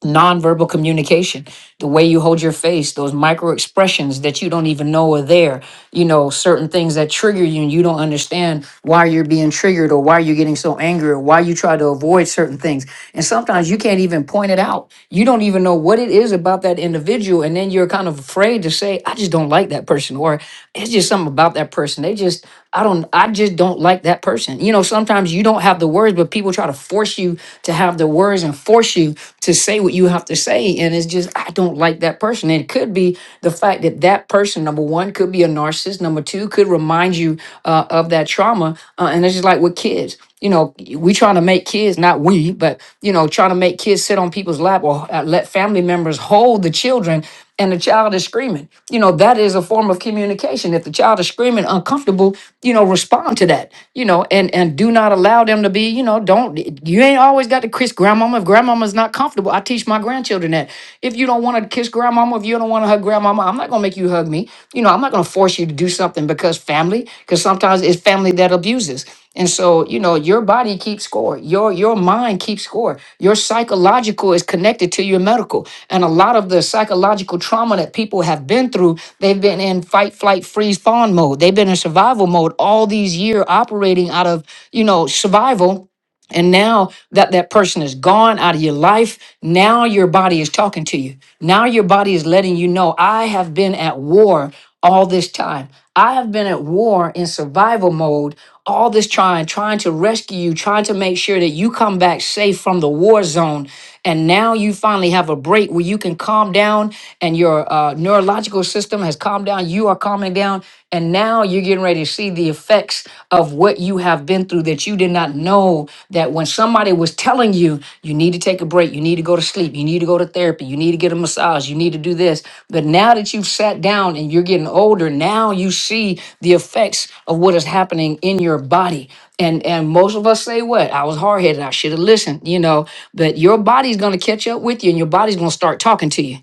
nonverbal communication the way you hold your face those micro expressions that you don't even know are there you know certain things that trigger you and you don't understand why you're being triggered or why you're getting so angry or why you try to avoid certain things and sometimes you can't even point it out you don't even know what it is about that individual and then you're kind of afraid to say i just don't like that person or it's just something about that person they just i don't i just don't like that person you know sometimes you don't have the words but people try to force you to have the words and force you to say what you have to say. And it's just, I don't like that person. And it could be the fact that that person, number one, could be a narcissist. Number two, could remind you uh, of that trauma. Uh, and it's just like with kids, you know, we trying to make kids, not we, but, you know, trying to make kids sit on people's lap or uh, let family members hold the children and the child is screaming. You know, that is a form of communication. If the child is screaming uncomfortable, you know, respond to that, you know, and and do not allow them to be, you know, don't you ain't always got to kiss grandmama if grandmama's not comfortable. I teach my grandchildren that. If you don't want to kiss grandmama, if you don't want to hug grandmama, I'm not gonna make you hug me. You know, I'm not gonna force you to do something because family because sometimes it's family that abuses and so you know your body keeps score your your mind keeps score your psychological is connected to your medical and a lot of the psychological trauma that people have been through they've been in fight flight freeze fawn mode they've been in survival mode all these years operating out of you know survival and now that that person is gone out of your life, now your body is talking to you. Now your body is letting you know, I have been at war all this time. I have been at war in survival mode all this time, trying to rescue you, trying to make sure that you come back safe from the war zone. And now you finally have a break where you can calm down and your uh, neurological system has calmed down. You are calming down. And now now you're getting ready to see the effects of what you have been through that you did not know that when somebody was telling you you need to take a break you need to go to sleep you need to go to therapy you need to get a massage you need to do this but now that you've sat down and you're getting older now you see the effects of what is happening in your body and and most of us say what i was hard-headed i should have listened you know but your body's going to catch up with you and your body's going to start talking to you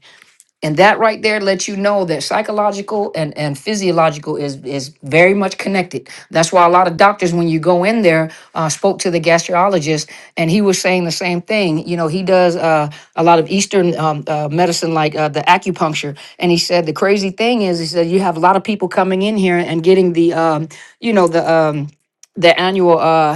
and that right there lets you know that psychological and, and physiological is is very much connected that's why a lot of doctors when you go in there uh, spoke to the gastrologist and he was saying the same thing you know he does uh, a lot of eastern um, uh, medicine like uh, the acupuncture and he said the crazy thing is he said you have a lot of people coming in here and getting the um, you know the um, the annual uh,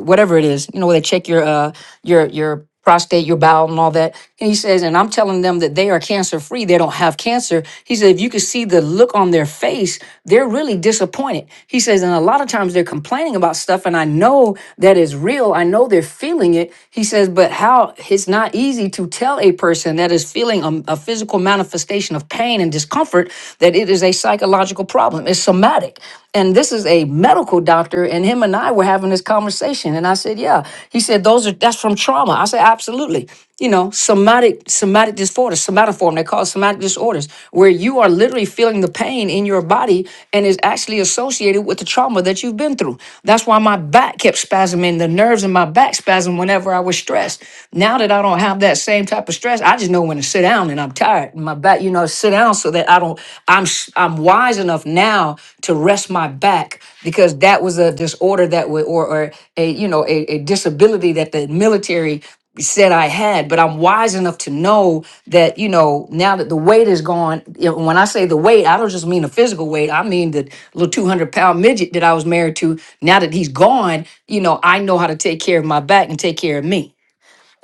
whatever it is, you know, where they check your uh your your prostate, your bowel and all that. And he says, and I'm telling them that they are cancer free, they don't have cancer. He said, if you could see the look on their face, they're really disappointed. He says, and a lot of times they're complaining about stuff, and I know that is real. I know they're feeling it. He says, but how it's not easy to tell a person that is feeling a, a physical manifestation of pain and discomfort that it is a psychological problem. It's somatic. And this is a medical doctor, and him and I were having this conversation. And I said, Yeah. He said, Those are that's from trauma. I said, Absolutely. You know, somatic, somatic disorders, somatoform, they call it somatic disorders, where you are literally feeling the pain in your body and is actually associated with the trauma that you've been through. That's why my back kept spasming, the nerves in my back spasm whenever I was stressed. Now that I don't have that same type of stress, I just know when to sit down and I'm tired. and my back back, you know, sit down so that I don't, I'm, sh- I'm wise enough now to rest my back because that was a disorder that would, or, or a, you know, a, a disability that the military said I had, but I'm wise enough to know that, you know, now that the weight is gone, you know, when I say the weight, I don't just mean the physical weight. I mean the little 200 pound midget that I was married to. Now that he's gone, you know, I know how to take care of my back and take care of me.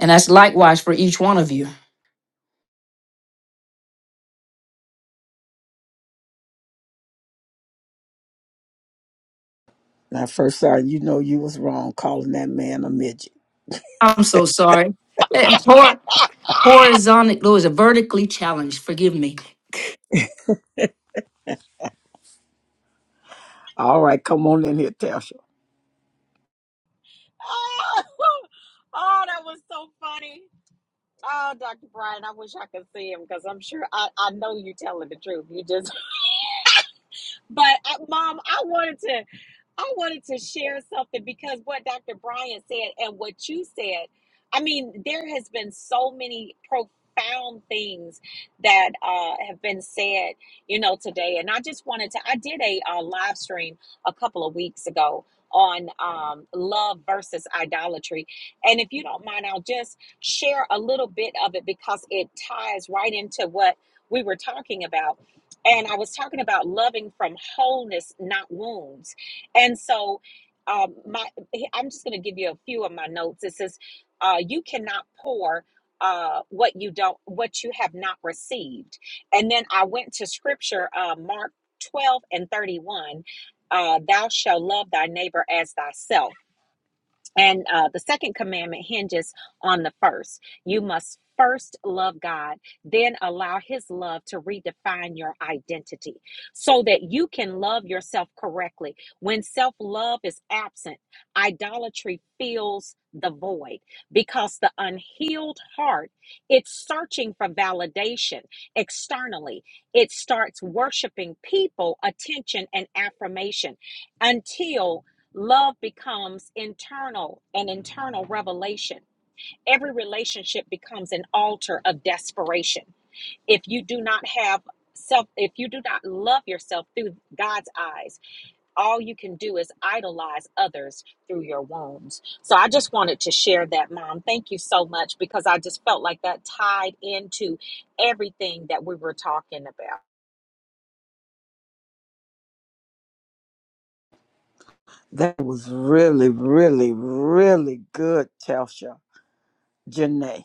And that's likewise for each one of you. Now, first time you know you was wrong calling that man a midget. I'm so sorry. Eh, Hor- horizontal, Lord, a vertically challenged. Forgive me. All right, come on in here, Telsha. oh that was so funny Oh, Dr. Brian, I wish I could see him because I'm sure I, I know you telling the truth. You just, but uh, mom, I wanted to. I wanted to share something because what Dr. Brian said and what you said, I mean, there has been so many profound things that uh, have been said, you know, today. And I just wanted to, I did a uh, live stream a couple of weeks ago on um, love versus idolatry. And if you don't mind, I'll just share a little bit of it because it ties right into what we were talking about. And I was talking about loving from wholeness, not wounds and so, um, my I'm just going to give you a few of my notes. It says, uh, "You cannot pour uh, what you don't, what you have not received." And then I went to Scripture, uh, Mark 12 and 31. Uh, Thou shalt love thy neighbor as thyself and uh, the second commandment hinges on the first. You must first love God, then allow His love to redefine your identity so that you can love yourself correctly. When self love is absent, idolatry fills the void because the unhealed heart it's searching for validation externally it starts worshiping people attention and affirmation until Love becomes internal and internal revelation. Every relationship becomes an altar of desperation. If you do not have self, if you do not love yourself through God's eyes, all you can do is idolize others through your wounds. So I just wanted to share that, Mom. Thank you so much because I just felt like that tied into everything that we were talking about. That was really, really, really good, Telsha. Janae.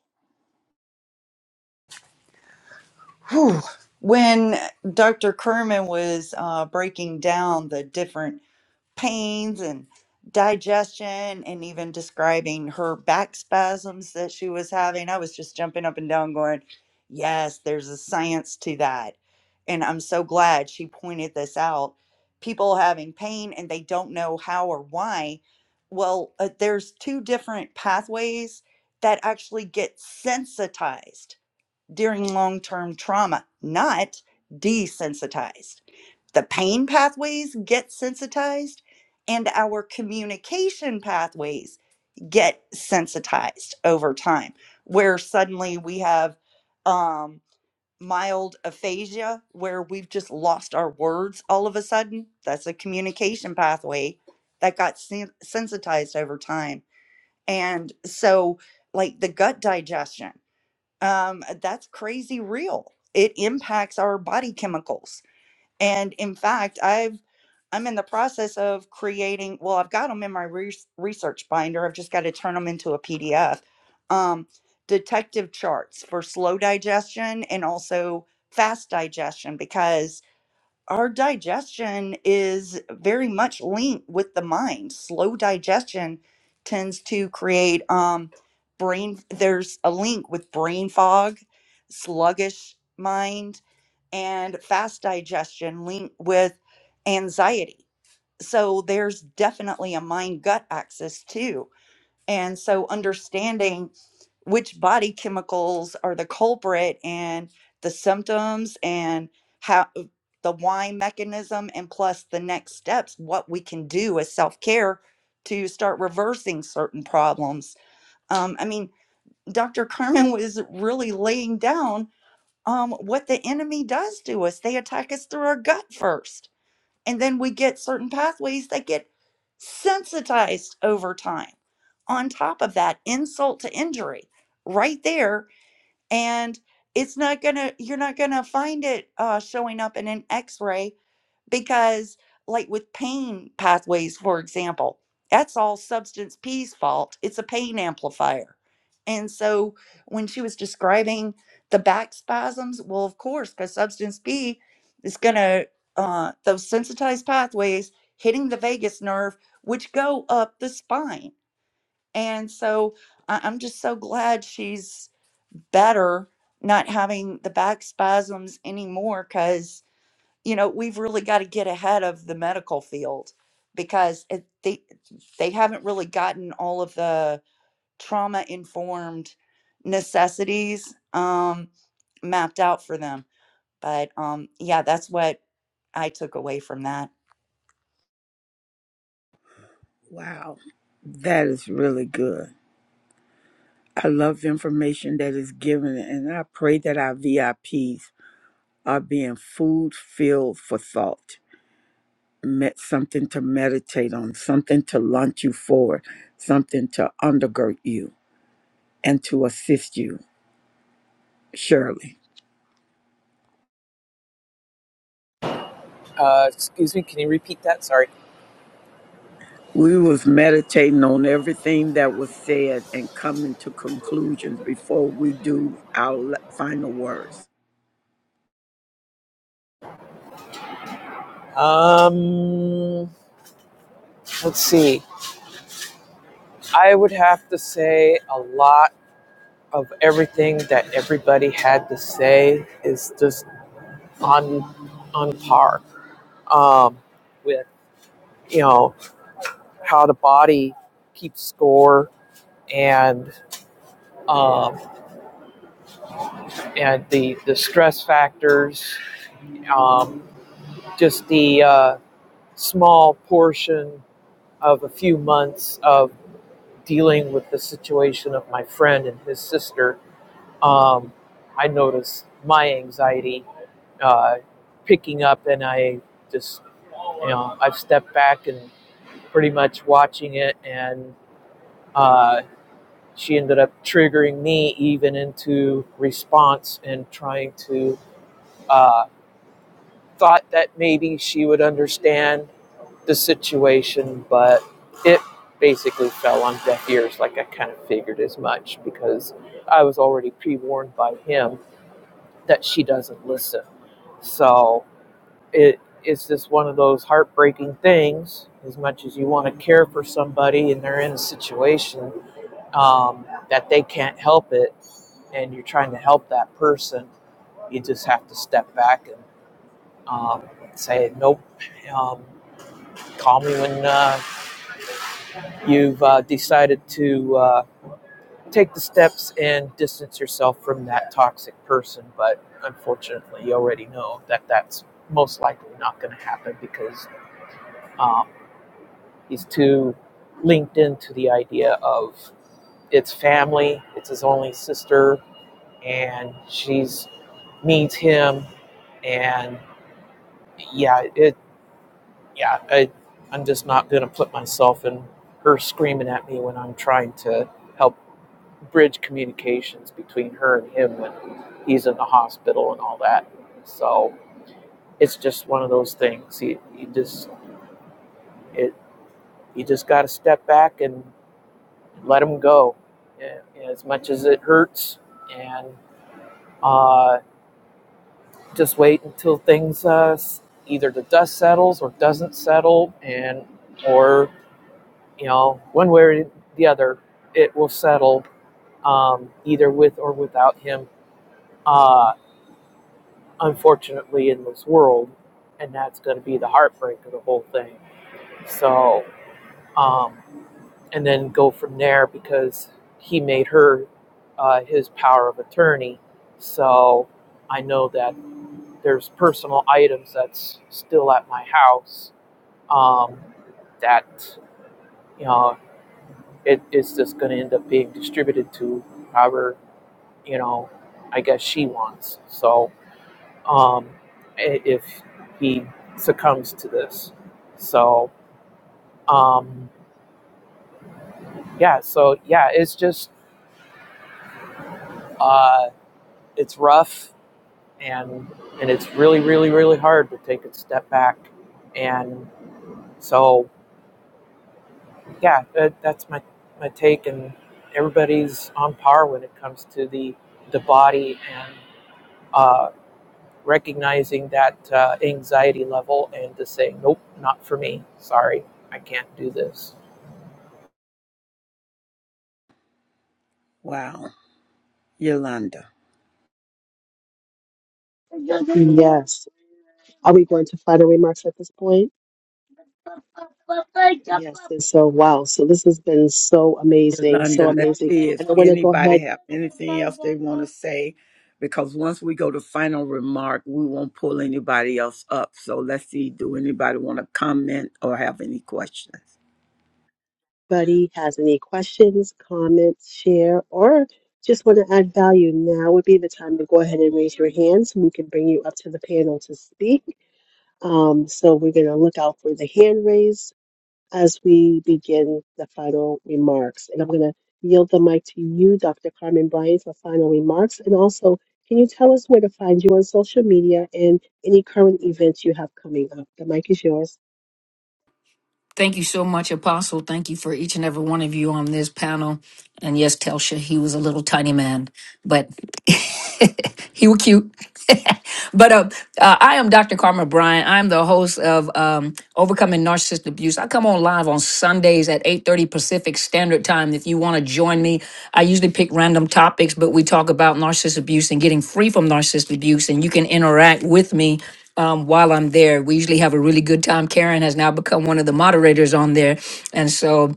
Whew. When Dr. Kerman was uh, breaking down the different pains and digestion, and even describing her back spasms that she was having, I was just jumping up and down, going, Yes, there's a science to that. And I'm so glad she pointed this out. People having pain and they don't know how or why. Well, uh, there's two different pathways that actually get sensitized during long term trauma, not desensitized. The pain pathways get sensitized, and our communication pathways get sensitized over time, where suddenly we have um, mild aphasia, where we've just lost our words all of a sudden. That's a communication pathway that got sen- sensitized over time. And so, like the gut digestion um, that's crazy real. It impacts our body chemicals. And in fact, I've I'm in the process of creating. Well, I've got them in my res- research binder. I've just got to turn them into a PDF. Um, detective charts for slow digestion and also fast digestion because our digestion is very much linked with the mind. Slow digestion tends to create um, brain, there's a link with brain fog, sluggish mind, and fast digestion linked with anxiety. So there's definitely a mind gut axis too. And so understanding which body chemicals are the culprit and the symptoms and how uh, the why mechanism and plus the next steps what we can do as self-care to start reversing certain problems um, i mean dr carmen was really laying down um, what the enemy does to us they attack us through our gut first and then we get certain pathways that get sensitized over time on top of that insult to injury right there and it's not gonna you're not gonna find it uh, showing up in an x-ray because like with pain pathways for example that's all substance p's fault it's a pain amplifier and so when she was describing the back spasms well of course because substance p is gonna uh, those sensitized pathways hitting the vagus nerve which go up the spine and so I- i'm just so glad she's better not having the back spasms anymore because you know we've really got to get ahead of the medical field because it, they they haven't really gotten all of the trauma informed necessities um, mapped out for them but um, yeah, that's what I took away from that. Wow. That is really good. I love the information that is given, and I pray that our VIPs are being food filled for thought, met something to meditate on, something to launch you forward, something to undergird you, and to assist you. Surely, Uh, excuse me. Can you repeat that? Sorry. we was meditating on everything that was said and coming to conclusions before we do our le- final words. Um, let's see. I would have to say a lot of everything that everybody had to say is just on on par. um, with you know how the body keeps score and um, and the the stress factors, um, just the uh, small portion of a few months of dealing with the situation of my friend and his sister, um, I noticed my anxiety uh, picking up, and I just you know I've stepped back and pretty much watching it and. Uh, she ended up triggering me even into response and trying to uh, thought that maybe she would understand the situation but it basically fell on deaf ears like i kind of figured as much because i was already pre-warned by him that she doesn't listen so it's just one of those heartbreaking things as much as you want to care for somebody and they're in a situation um, that they can't help it and you're trying to help that person, you just have to step back and um, say, nope, um, call me when uh, you've uh, decided to uh, take the steps and distance yourself from that toxic person. But unfortunately, you already know that that's most likely not going to happen because um, he's too linked into the idea of it's family, it's his only sister, and she's needs him, and yeah, it, yeah, I, I'm just not going to put myself in her screaming at me when I'm trying to help bridge communications between her and him when he's in the hospital and all that. So it's just one of those things. You, you just, it, you just got to step back and let him go, Yeah, as much as it hurts, and uh, just wait until things uh, either the dust settles or doesn't settle, and or. you know, one way or the other, it will settle um, either with or without him, uh, unfortunately, in this world. And that's going to be the heartbreak of the whole thing. So, um, and then go from there because he made her uh, his power of attorney. So I know that there's personal items that's still at my house um, that, you know, it, it's just going to end up being distributed to however you know, I guess she wants. So, um, i- if he succumbs to this, so um, yeah, so yeah, it's just uh, it's rough and and it's really really really hard to take a step back, and so yeah, that, that's my my take, and everybody's on par when it comes to the the body and. uh, recognizing that uh, anxiety level and just saying, nope, not for me. Sorry, I can't do this. Wow, Yolanda. Are we going to final remarks at this point? Yes, and so wow, so this has been so amazing, so Yolanda, let's amazing. see if And I want to go anybody ahead. have anything else they want to say, because once we go to final remark, we won't pull anybody else up. So let's see, do anybody want to comment or have any questions? Buddy has any questions, comments, share, or just want to add value, now would be the time to go ahead and raise your hand so we can bring you up to the panel to speak. Um, so we're going to look out for the hand raise. as we begin the final remarks. And I'm going to yield the mic to you, Dr. Carmen Bryant, for final remarks. And also, can you tell us where to find you on social media and any current events you have coming up? The mic is yours. Thank you so much, Apostle. Thank you for each and every one of you on this panel. And yes, Telsha, he was a little tiny man. but he was cute. but uh, uh, I am Dr. Karma Bryan. I'm the host of um, Overcoming Narcissist Abuse. I come on live on Sundays at 8:30 Pacific Standard Time. If you want to join me, I usually pick random topics, but we talk about narcissist abuse and getting free from narcissist abuse, and you can interact with me. Um, while I'm there, we usually have a really good time. Karen has now become one of the moderators on there, and so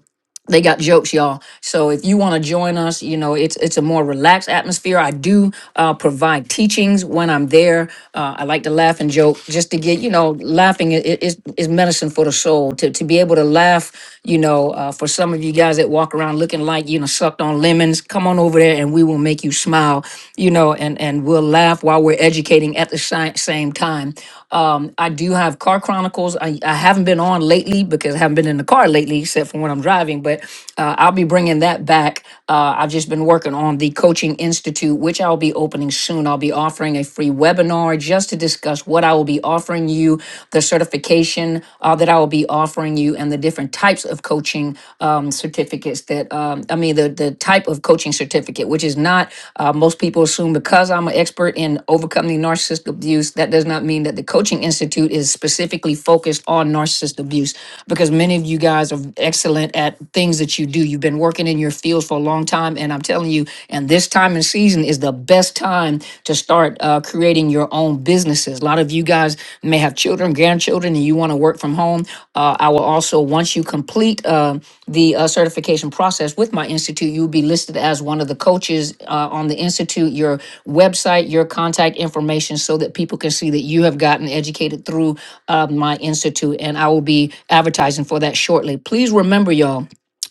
they got jokes y'all so if you want to join us you know it's it's a more relaxed atmosphere i do uh, provide teachings when i'm there uh, i like to laugh and joke just to get you know laughing i- i- is is medicine for the soul to, to be able to laugh you know uh, for some of you guys that walk around looking like you know sucked on lemons come on over there and we will make you smile you know and and we'll laugh while we're educating at the si- same time um, I do have Car Chronicles. I, I haven't been on lately because I haven't been in the car lately, except for when I'm driving. But uh, I'll be bringing that back. Uh, I've just been working on the Coaching Institute, which I'll be opening soon. I'll be offering a free webinar just to discuss what I will be offering you, the certification uh, that I will be offering you, and the different types of coaching um, certificates that that um, I mean the the type of coaching certificate, which is not uh, most people assume because I'm an expert in overcoming narcissistic abuse. That does not mean that the coaching institute is specifically focused on narcissist abuse, because many of you guys are excellent at things that you do. You've been working in your fields for a long time, and I'm telling you, and this time and season is the best time to start uh, creating your own business businesses. A lot of you guys may have children, grandchildren, and you want to work from home. Uh, I will also, once you complete uh, the uh, certification process with my institute, you'll be listed as one of the coaches uh, on the institute. Your website, your contact information, so that people can see that you have gotten educated through uh, my institute. And I will be advertising for that shortly. Please remember, y'all.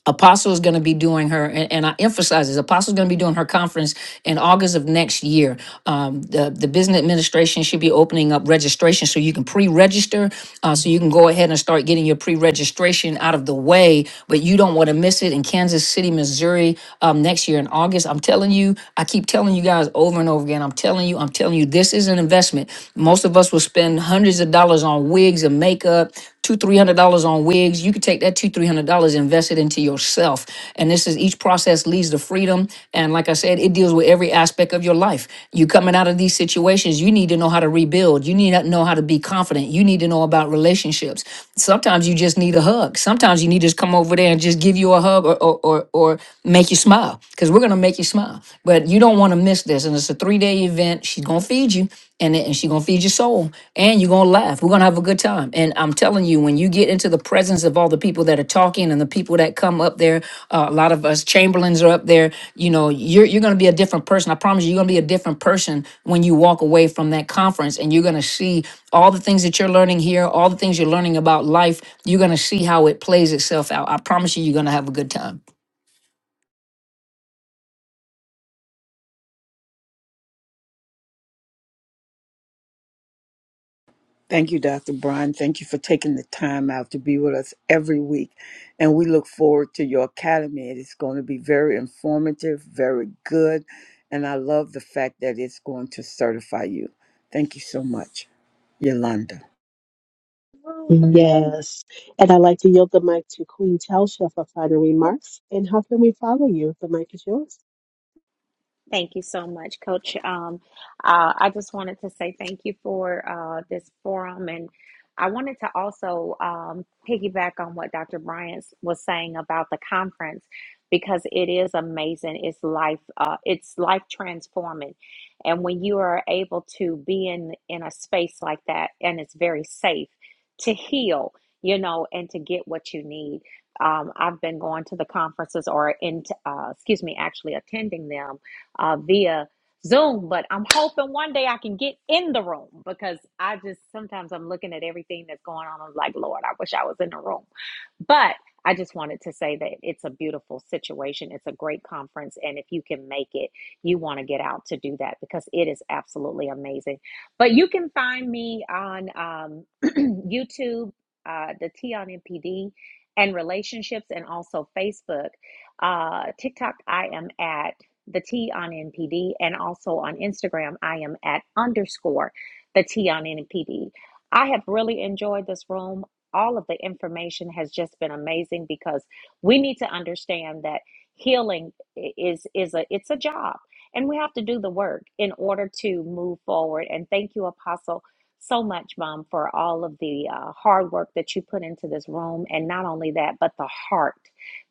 Apostle is going to be doing her, and, and I emphasize this, Apostle is going to be doing her conference in August of next year. Um, the, the business administration should be opening up registration so you can pre-register, uh, so you can go ahead and start getting your pre-registration out of the way, but you don't want to miss it in Kansas City, Missouri um, next year in August. I'm telling you, I keep telling you guys over and over again, I'm telling you, I'm telling you, this is an investment. Most of us will spend hundreds of dollars on wigs and makeup, two three hundred dollars on wigs you could take that two three hundred dollars invest it into yourself and this is each process leads to freedom and like i said it deals with every aspect of your life you coming out of these situations you need to know how to rebuild you need to know how to be confident you need to know about relationships sometimes you just need a hug sometimes you need to just come over there and just give you a hug or or or, or make you smile because we're going to make you smile but you don't want to miss this and it's a three day event she's going to feed you and it, and she gonna feed your soul and you're gonna laugh we're gonna have a good time and i'm telling you when you get into the presence of all the people that are talking and the people that come up there uh, a lot of us chamberlains are up there you know you're you're gonna be a different person i promise you you're gonna be a different person when you walk away from that conference and you're gonna see all the things that you're learning here all the things you're learning about life you're gonna see how it plays itself out i promise you you're gonna have a good time Thank you, Dr. Brian. Thank you for taking the time out to be with us every week. And we look forward to your academy. It is going to be very informative, very good. And I love the fact that it's going to certify you. Thank you so much, Yolanda. Yes. And I'd like to yield the mic to Queen Telsha for final remarks. And how can we follow you? The mic is yours. Thank you so much, Coach. Um, uh, I just wanted to say thank you for uh, this forum, and I wanted to also um, piggyback on what Dr. Bryant was saying about the conference because it is amazing. It's life. Uh, it's life transforming, and when you are able to be in in a space like that, and it's very safe to heal, you know, and to get what you need. Um, I've been going to the conferences, or in, uh, excuse me, actually attending them uh, via Zoom. But I'm hoping one day I can get in the room because I just sometimes I'm looking at everything that's going on. I'm like, Lord, I wish I was in the room. But I just wanted to say that it's a beautiful situation. It's a great conference. And if you can make it, you want to get out to do that because it is absolutely amazing. But you can find me on um, YouTube, uh, the T on MPD, and relationships, and also Facebook. Uh, TikTok, I am at the T on NPD, and also on Instagram, I am at underscore the T on NPD. I have really enjoyed this room. All of the information has just been amazing because we need to understand that healing is is a it's a job and we have to do the work in order to move forward and thank you apostle so much mom for all of the uh, hard work that you put into this room and not only that but the heart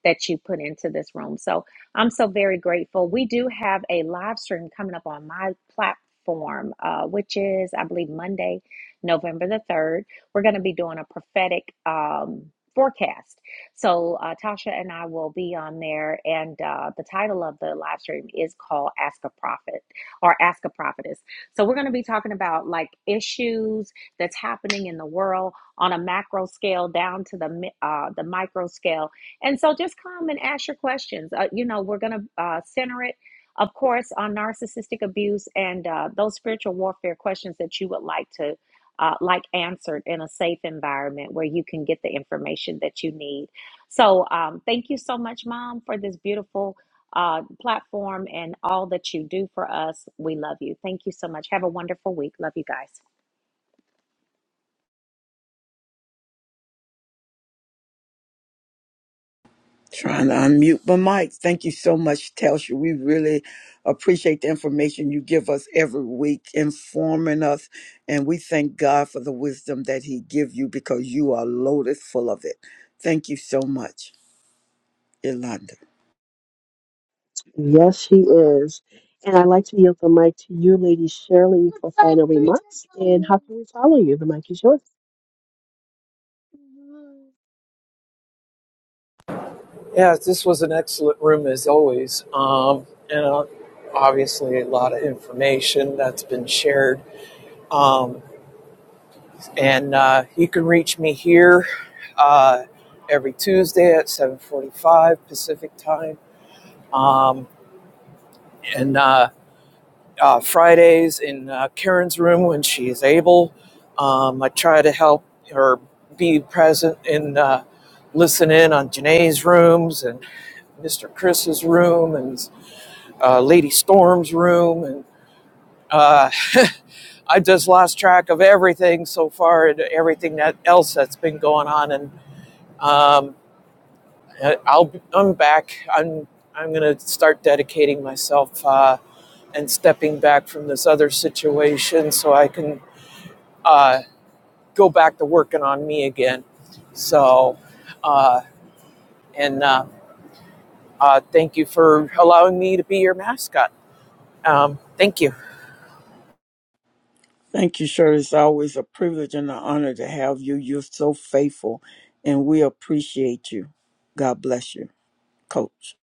that you put into this room. So I'm so very grateful. We do have a live stream coming up on my platform, uh, which is, I believe, Monday, November the 3rd. We're going to be doing a prophetic um, forecast. So, uh, Tasha and I will be on there. And uh, the title of the live stream is called Ask a Prophet or Ask a Prophetess. So, we're going to be talking about like issues that's happening in the world on a macro scale down to the, mi- uh, the micro scale and so just come and ask your questions. Uh, you know, we're going to uh, center it, of course, on narcissistic abuse and uh, those spiritual warfare questions that you would like to. Uh, like answered in a safe environment where you can get the information that you need. So, um, thank you so much, Mom, for this beautiful uh, platform and all that you do for us. We love you. Thank you so much. Have a wonderful week. Love you guys. Trying to unmute my mic. Thank you so much, Telsha. We really appreciate the information you give us every week, informing us, and we thank God for the wisdom that He give you because you are loaded full of it. Thank you so much, Yolanda. Yes, she is. And I'd like to yield the mic to you, Lady Shirley, for final remarks. And how can we follow you? The mic is yours. Yeah, this was an excellent room as always. Um, and uh, obviously, a lot of information that's been shared. Um, and uh, you can reach me here uh, every Tuesday at 7:45 Pacific time. Um, and uh, uh, Fridays in uh, Karen's room when she is able. Um, I try to help her be present and uh, listen in on Janae's rooms and Mr. Chris's room and uh, Lady Storm's room. And uh, I just lost track of everything so far and everything that else that's been going on. And um, I'll I'm back. I'm I'm gonna start dedicating myself. Uh, and stepping back from this other situation so I can uh, go back to working on me again. So, uh, and uh, uh, thank you for allowing me to be your mascot. Um, thank you. Thank you, Shirley. It's always a privilege and an honor to have you. You're so faithful, and we appreciate you. God bless you, Coach.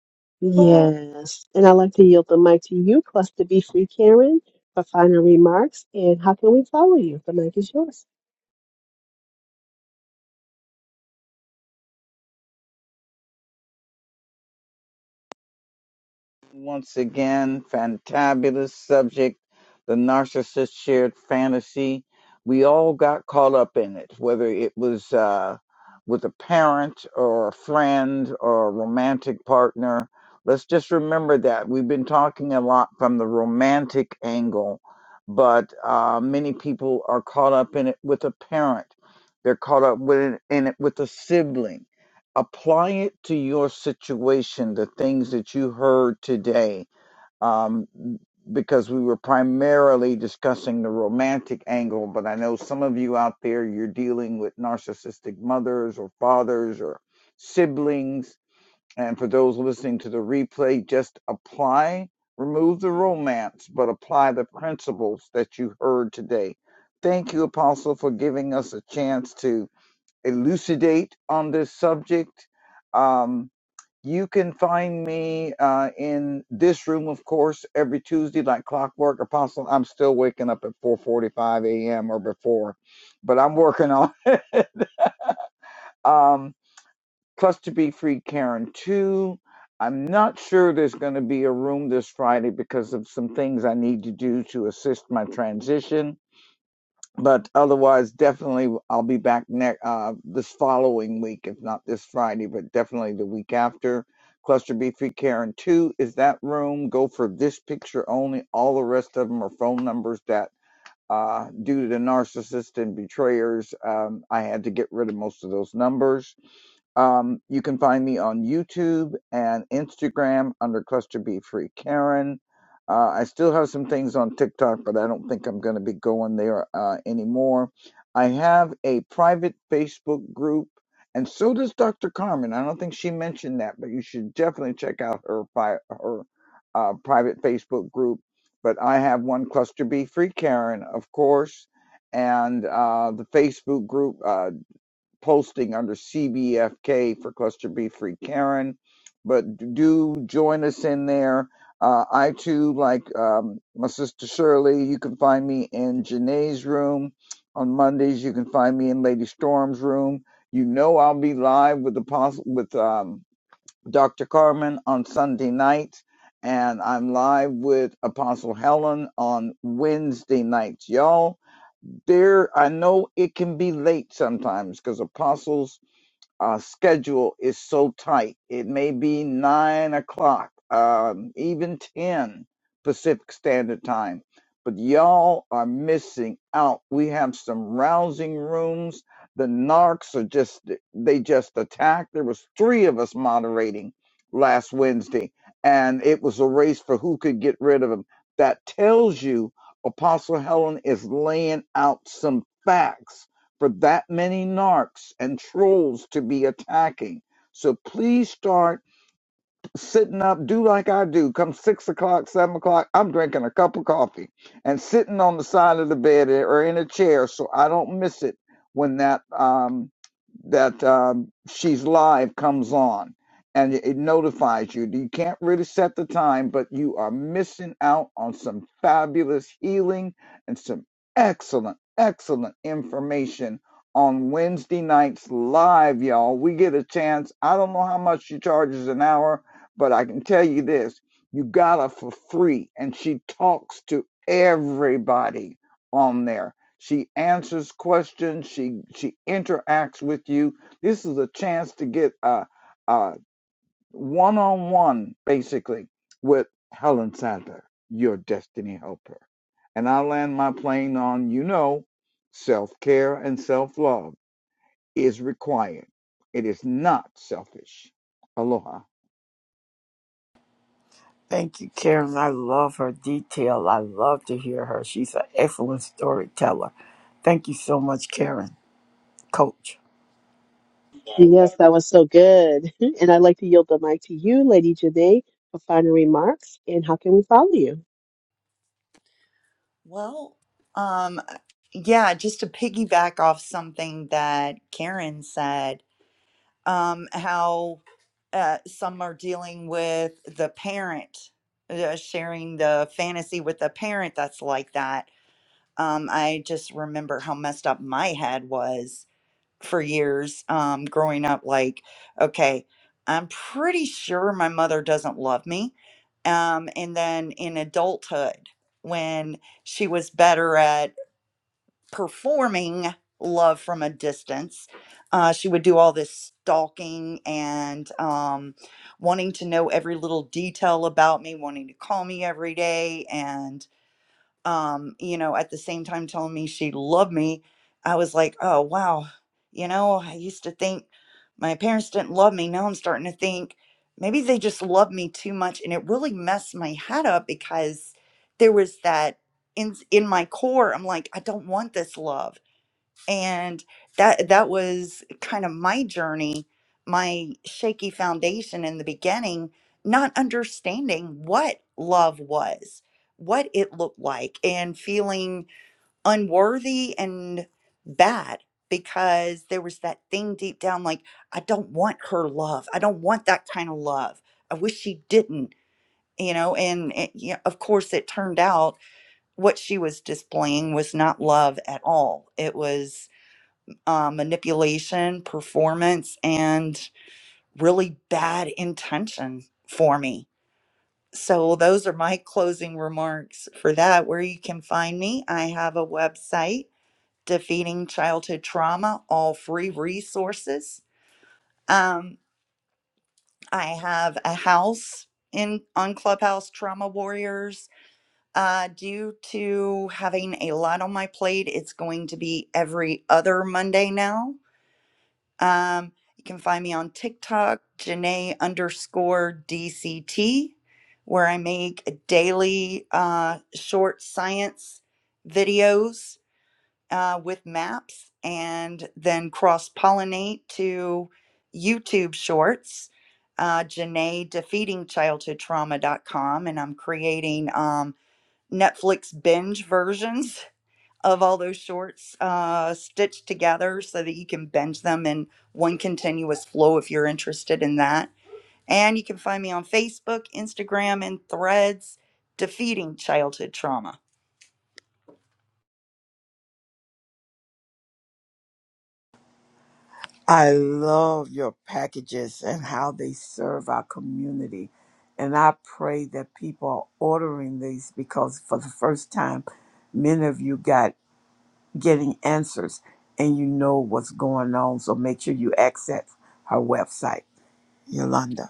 Yes, and I'd like to yield the mic to you, Cluster B free, Karen, for final remarks. And how can we follow you? The mic is yours. Once again, fantabulous subject, the narcissist shared fantasy. We all got caught up in it, whether it was uh, with a parent or a friend or a romantic partner. Let's just remember that. We've been talking a lot from the romantic angle, but uh, many people are caught up in it with a parent. They're caught up with it, in it with a sibling apply it to your situation, the things that you heard today, um, because we were primarily discussing the romantic angle, but I know some of you out there, you're dealing with narcissistic mothers or fathers or siblings. And for those listening to the replay, just apply, remove the romance, but apply the principles that you heard today. Thank you, Apostle, for giving us a chance to elucidate on this subject, um, you can find me uh, in this room, of course, every Tuesday, like clockwork. Apostle, I'm still waking up at 4:45 a.m. or before, but I'm working on. Um, plus, to be free, Karen too. I'm not sure there's going to be a room this Friday because of some things I need to do to assist my transition but otherwise, definitely I'll be back next uh, this following week, if not this Friday, but definitely the week after. Cluster B free Karen two is that room. Go for this picture only. All the rest of them are phone numbers that, uh, due to the narcissist and betrayers, um, I had to get rid of most of those numbers um, you can find me on YouTube and Instagram under Cluster B Free Karen. Uh, I still have some things on TikTok, but I don't think I'm going to be going there uh, anymore. I have a private Facebook group, and so does Dr. Carmen. I don't think she mentioned that, but you should definitely check out her pri- her uh, private Facebook group. But I have one Cluster B Free Karen, of course, and uh, the Facebook group. Uh, posting under CBFK for Cluster B Free Karen. But do join us in there. Uh, I too, like um, my sister Shirley, you can find me in Janae's room. On Mondays, you can find me in Lady Storm's room. You know I'll be live with the pos- with um, Dr. Carmen on Sunday nights, and I'm live with Apostle Helen on Wednesday nights. Y'all, there, I know it can be late sometimes because apostles our schedule is so tight. It may be nine o'clock, um, even 10 Pacific Standard Time, but y'all are missing out. We have some rousing rooms. The narcs are just, they just attacked. There was three of us moderating last Wednesday, and it was a race for who could get rid of them. That tells you Apostle Helen is laying out some facts for that many narcs and trolls to be attacking. So please start sitting up, do like I do. Come six o'clock, seven o'clock, I'm drinking a cup of coffee and sitting on the side of the bed or in a chair so I don't miss it when that um, that um, she's live comes on and it it notifies you. You can't really set the time, but you are missing out on some fabulous healing and some excellent, excellent information on Wednesday nights live, y'all. We get a chance. I don't know how much she charges an hour but I can tell you this you got her for free, and she talks to everybody on there. She answers questions, she, she interacts with you. This is a chance to get a one on one, basically, with Helen Sadler, your destiny helper. And I land my plane on, you know, self care and self love is required. It is not selfish. Aloha. Thank you, Karen. I love her detail. I love to hear her. She's an excellent storyteller. Thank you so much, Karen, coach. Yes, that was so good. And I'd like to yield the mic to you, Lady Janae, for final remarks. And how can we follow you? Well, um, uh, yeah, just to piggyback off something that Karen said, um, how uh, some are dealing with the parent, uh, sharing the fantasy with the parent that's like that. Um, I just remember how messed up my head was for years um, growing up. Like, okay, I'm pretty sure my mother doesn't love me. Um, and then in adulthood, when she was better at performing love from a distance, uh, she would do all this stalking and um, wanting to know every little detail about me, wanting to call me every day. and um, you know, at the same time telling me she loved me, I was like, oh, wow. You know, I used to think my parents didn't love me. Now I'm starting to think maybe they just love me too much. And it really messed my head up because there was that in, in my core. I'm like, I don't want this love and that that was kind of my journey my shaky foundation in the beginning not understanding what love was what it looked like and feeling unworthy and bad because there was that thing deep down like i don't want her love i don't want that kind of love i wish she didn't you know and it, yeah, of course it turned out what she was displaying was not love at all it was uh, manipulation, performance, and really bad intention for me. So, those are my closing remarks for that. Where you can find me, I have a website, Defeating Childhood Trauma, all free resources. Um, I have a house in on Clubhouse Trauma Warriors. Uh, due to having a lot on my plate, it's going to be every other Monday now Um, you can find me on TikTok, Janae underscore DCT, where I make daily uh, short science videos uh, with maps and then cross pollinate to YouTube shorts. Uh, Janae defeating childhood trauma.com, and I'm creating um, Netflix binge versions of all those shorts uh, stitched together so that you can binge them in one continuous flow if you're interested in that. And you can find me on Facebook, Instagram, and threads, Defeating Childhood Trauma. I love your packages and how they serve our community. And I pray that people are ordering these because for the first time, many of you got getting answers and you know what's going on. So make sure you access her website, Yolanda.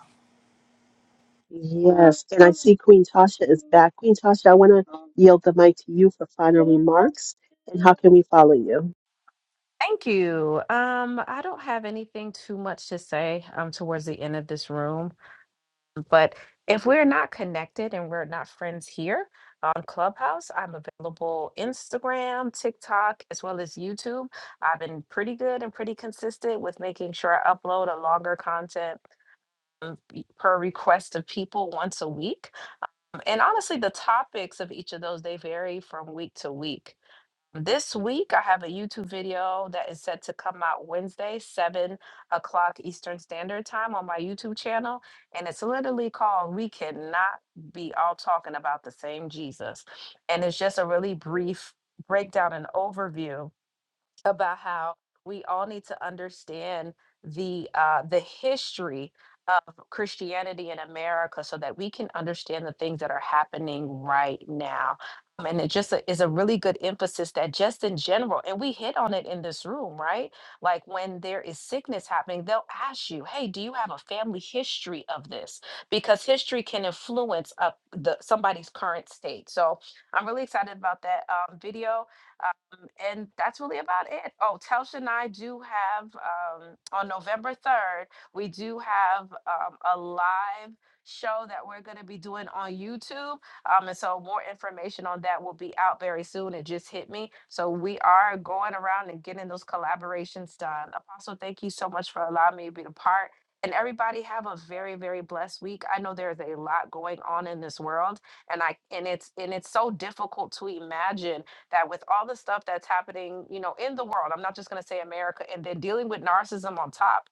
Yes, and I see Queen Tasha is back. Queen Tasha, I want to yield the mic to you for final remarks. And how can we follow you? Thank you. Um, I don't have anything too much to say um towards the end of this room. But if we're not connected and we're not friends here on Clubhouse, I'm available Instagram, TikTok, as well as YouTube. I've been pretty good and pretty consistent with making sure I upload a longer content um, y- per request of people once a week. Um, And honestly, the topics of each of those they vary from week to week. This week, I have a YouTube video that is set to come out Wednesday, 7 o'clock Eastern Standard Time on my YouTube channel. And it's literally called We Cannot Be All Talking About the Same Jesus. And it's just a really brief breakdown and overview about how we all need to understand the uh, the history of Christianity in America so that we can understand the things that are happening right now. Um, And it just a- is a really good emphasis that just in general, and we hit on it in this room, right? Like when there is sickness happening, they'll ask you, "Hey, do you have a family history of this?" Because history can influence up the somebody's current state. So I'm really excited about that um, video and that's really about it. Oh, Telsha and I do have um, on November 3rd, we do have um, a live show that we're going to be doing on YouTube. Um, and so more information on that will be out very soon. It just hit me. So we are going around and getting those collaborations done. Apostle, thank you so much for allowing me to be a part. And everybody have a very, very blessed week. I know there's a lot going on in this world, and I and it's and it's so difficult to imagine that with all the stuff that's happening, you know, in the world, I'm not just going to say America, and then dealing with narcissism on top,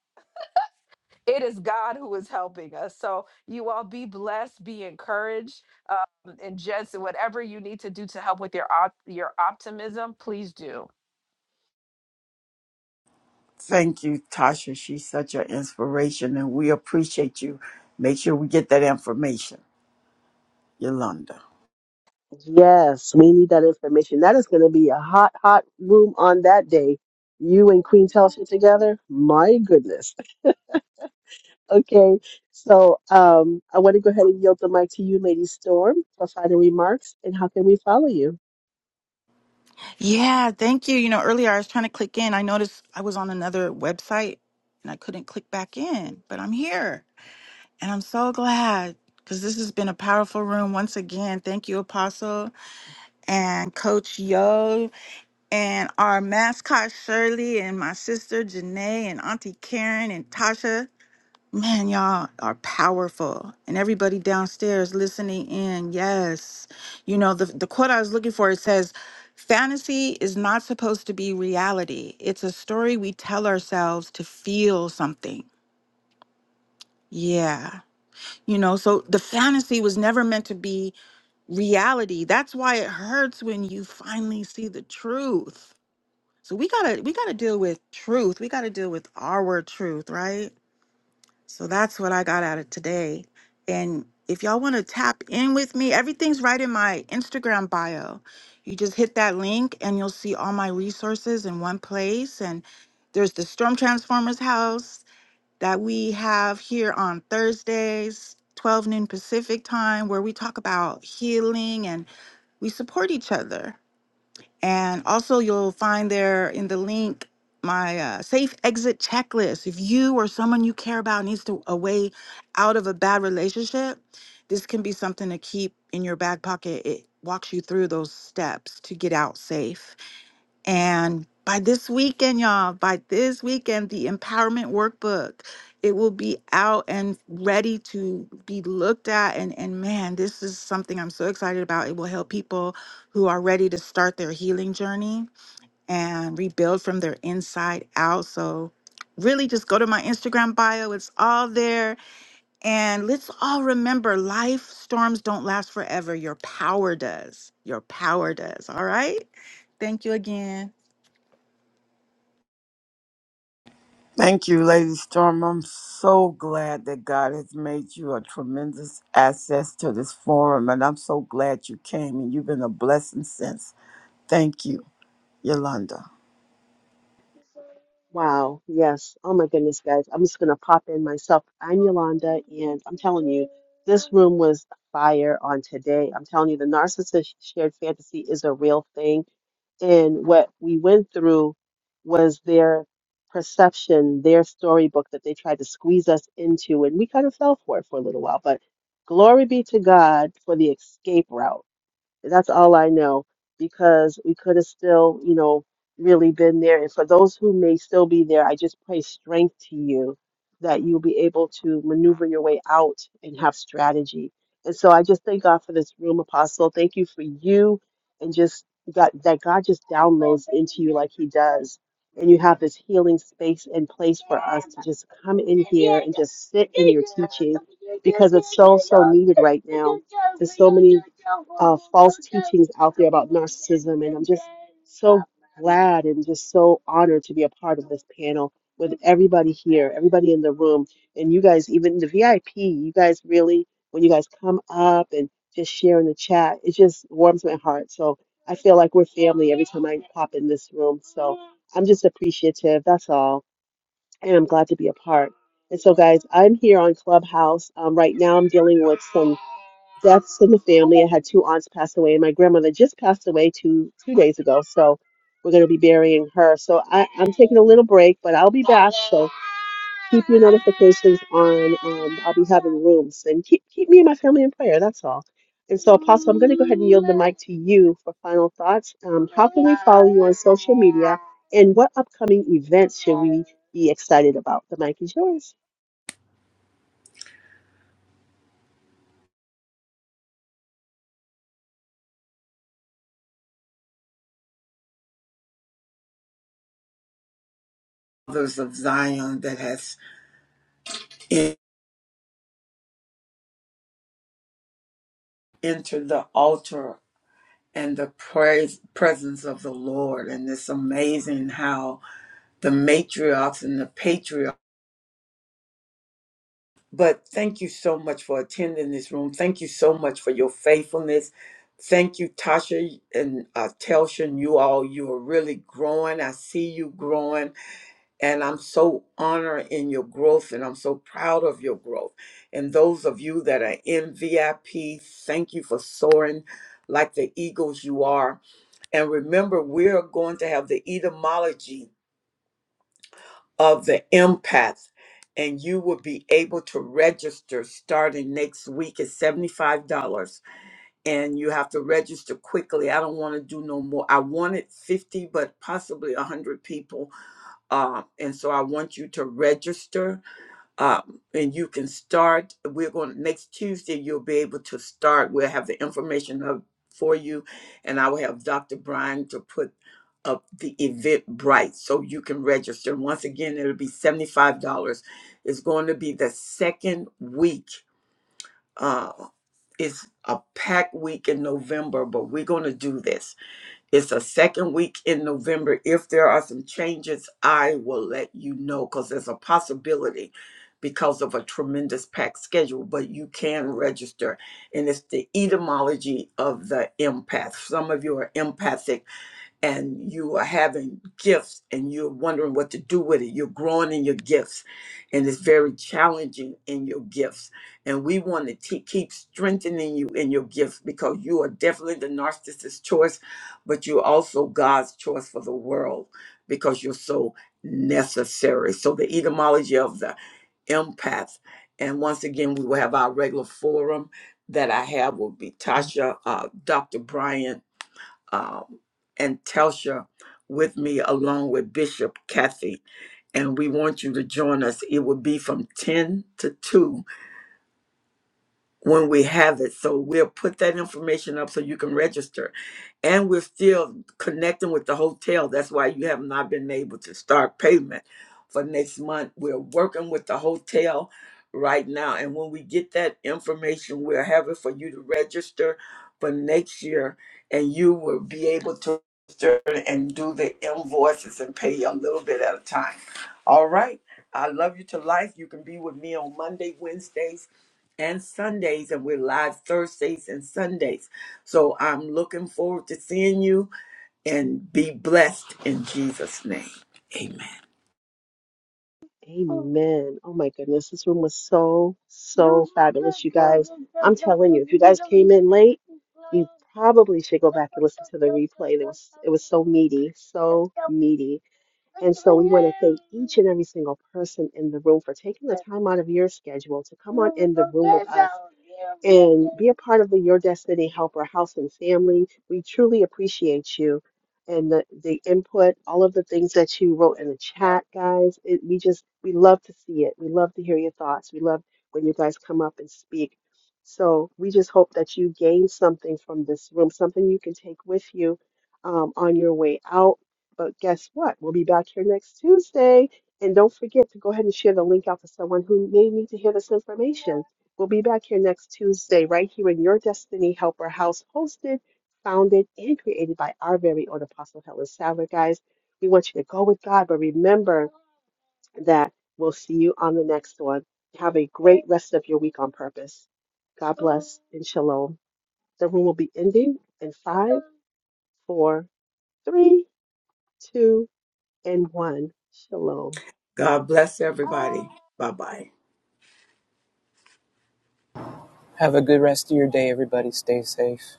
it is God who is helping us. So you all be blessed, be encouraged, um, and just whatever you need to do to help with your op- your optimism, please do. Thank you, Tasha. She's such an inspiration, and we appreciate you. Make sure we get that information, Yolanda. Yes, we need that information. That is going to be a hot, hot room on that day. You and Queen Telsha together? My goodness. Okay, so um, I want to go ahead and yield the mic to you, Lady Storm, for final remarks. And how can we follow you? Yeah, thank you. You know, earlier I was trying to click in. I noticed I was on another website and I couldn't click back in, but I'm here. And I'm so glad because this has been a powerful room once again. Thank you, Apostle and Coach Yo, and our mascot Shirley, and my sister Janae, and Auntie Karen, and Tasha. Man, y'all are powerful. And everybody downstairs listening in. Yes. You know, the, the quote I was looking for it says, Fantasy is not supposed to be reality. It's a story we tell ourselves to feel something. Yeah. You know, so the fantasy was never meant to be reality. That's why it hurts when you finally see the truth. So we got to we got to deal with truth. We got to deal with our truth, right? So that's what I got out of today. And if y'all want to tap in with me, everything's right in my Instagram bio. You just hit that link and you'll see all my resources in one place and there's the Storm Transformers house that we have here on Thursdays, 12 noon Pacific time, where we talk about healing and we support each other. And also, you'll find there in the link my uh, safe exit checklist. If you or someone you care about needs to a way out of a bad relationship, this can be something to keep in your back pocket. It walks you through those steps to get out safe. And by this weekend, y'all, by this weekend, the empowerment workbook, it will be out and ready to be looked at. And, and man, this is something I'm so excited about. It will help people who are ready to start their healing journey and rebuild from their inside out. So really just go to my Instagram bio. It's all there. And let's all remember life storms don't last forever. Your power does. Your power does. All right. Thank you again. Thank you, Lady Storm. I'm so glad that God has made you a tremendous access to this forum, and I'm so glad you came, and you've been a blessing since. Thank you, Yolanda. Wow. Yes. Oh my goodness, guys. I'm just gonna pop in myself. I'm Yolanda, and I'm telling you, this room was fire on today. I'm telling you, the narcissist shared fantasy is a real thing. And what we went through was their perception, their storybook that they tried to squeeze us into, and we kind of fell for it for a little while. But glory be to God for the escape route that's all I know because we could have still, you know, really been there. And for those who may still be there, I just pray strength to you that you'll be able to maneuver your way out and have strategy. And so I just thank God for this room, Apostle. Thank you for you and just God, that God just downloads into you like He does and you have this healing space and place for us to just come in here and just sit in your teaching because it's so so needed right now there's so many uh, false teachings out there about narcissism and i'm just so glad and just so honored to be a part of this panel with everybody here, everybody in the room, and you guys, even the VIP, you guys really, when you guys come up and just share in the chat, it just warms my heart. So I feel like we're family every time I pop in this room. So I'm just appreciative. That's all. And I'm glad to be a part. And so, guys, I'm here on Clubhouse. Um, right now, I'm dealing with some deaths in the family. I had two aunts pass away, and my grandmother just passed away two two days ago. So we're going to be burying her. So I, I'm taking a little break, but I'll be back. So keep your notifications on. Um, I'll be having rooms, and keep keep me and my family in prayer. That's all. And so, Apostle, I'm going to go ahead and yield the mic to you for final thoughts. Um, how can we follow you on social media, and what upcoming events should we be excited about? The mic is yours. Mothers of Zion that has en- entered the altar and the praise, presence of the Lord, and it's amazing how the matriarchs and the patriarchs But thank you so much for attending this room. Thank you so much for your faithfulness. Thank you, Tasha and uh, Telshin. You all, you are really growing. I see you growing, and I'm so honored in your growth, and I'm so proud of your growth. And those of you that are in VIP, thank you for soaring like the eagles you are. And remember, we're going to have the etymology of the empath and you will be able to register starting next week at $75 and you have to register quickly i don't want to do no more i wanted 50 but possibly 100 people uh, and so i want you to register um, and you can start. We're going next Tuesday. You'll be able to start. We'll have the information up for you, and I will have Dr. Brian to put up the event bright so you can register. Once again, it'll be seventy five dollars. It's going to be the second week. Uh, it's a packed week in November, but we're going to do this. It's a second week in November. If there are some changes, I will let you know because there's a possibility because of a tremendous packed schedule, but you can register. And it's the etymology of the empath. Some of you are empathic and you are having gifts and you're wondering what to do with it. You're growing in your gifts and it's very challenging in your gifts. And we want to te- keep strengthening you in your gifts because you are definitely the narcissist's choice, but you're also God's choice for the world because you're so necessary. So the etymology of the empath. And once again, we will have our regular forum that I have will be Tasha, uh, Dr. Brian, um, and Telsha with me, along with Bishop Kathy. And we want you to join us. It will be from 10 to 2 when we have it. So we'll put that information up so you can register and we're still connecting with the hotel. That's why you have not been able to start payment for next month. We're working with the hotel right now, and when we get that information, we'll have it for you to register for next year, and you will be able to register and do the invoices and pay a little bit at a time. All right. I love you to life. You can be with me on Monday, Wednesdays, and Sundays, and we're live Thursdays and Sundays. So I'm looking forward to seeing you and be blessed in Jesus' name. Amen. Amen. Oh my goodness, this room was so, so fabulous, you guys. I'm telling you, if you guys came in late, you probably should go back and listen to the replay. It was it was so meaty, so meaty. And so we want to thank each and every single person in the room for taking the time out of your schedule to come on in the room with us and be a part of the Your Destiny Helper House and Family. We truly appreciate you and the, the input, all of the things that you wrote in the chat, guys. It, we just, we love to see it. We love to hear your thoughts. We love when you guys come up and speak. So we just hope that you gain something from this room, something you can take with you um, on your way out but guess what? We'll be back here next Tuesday. And don't forget to go ahead and share the link out to someone who may need to hear this information. We'll be back here next Tuesday, right here in your Destiny Helper House, hosted, founded, and created by our very own Apostle Helen Sadler. Guys, we want you to go with God, but remember that we'll see you on the next one. Have a great rest of your week on purpose. God bless and shalom. The room will be ending in five, four, three, two, and one. Shalom. God bless everybody. Bye bye. Have a good rest of your day, everybody. Stay safe.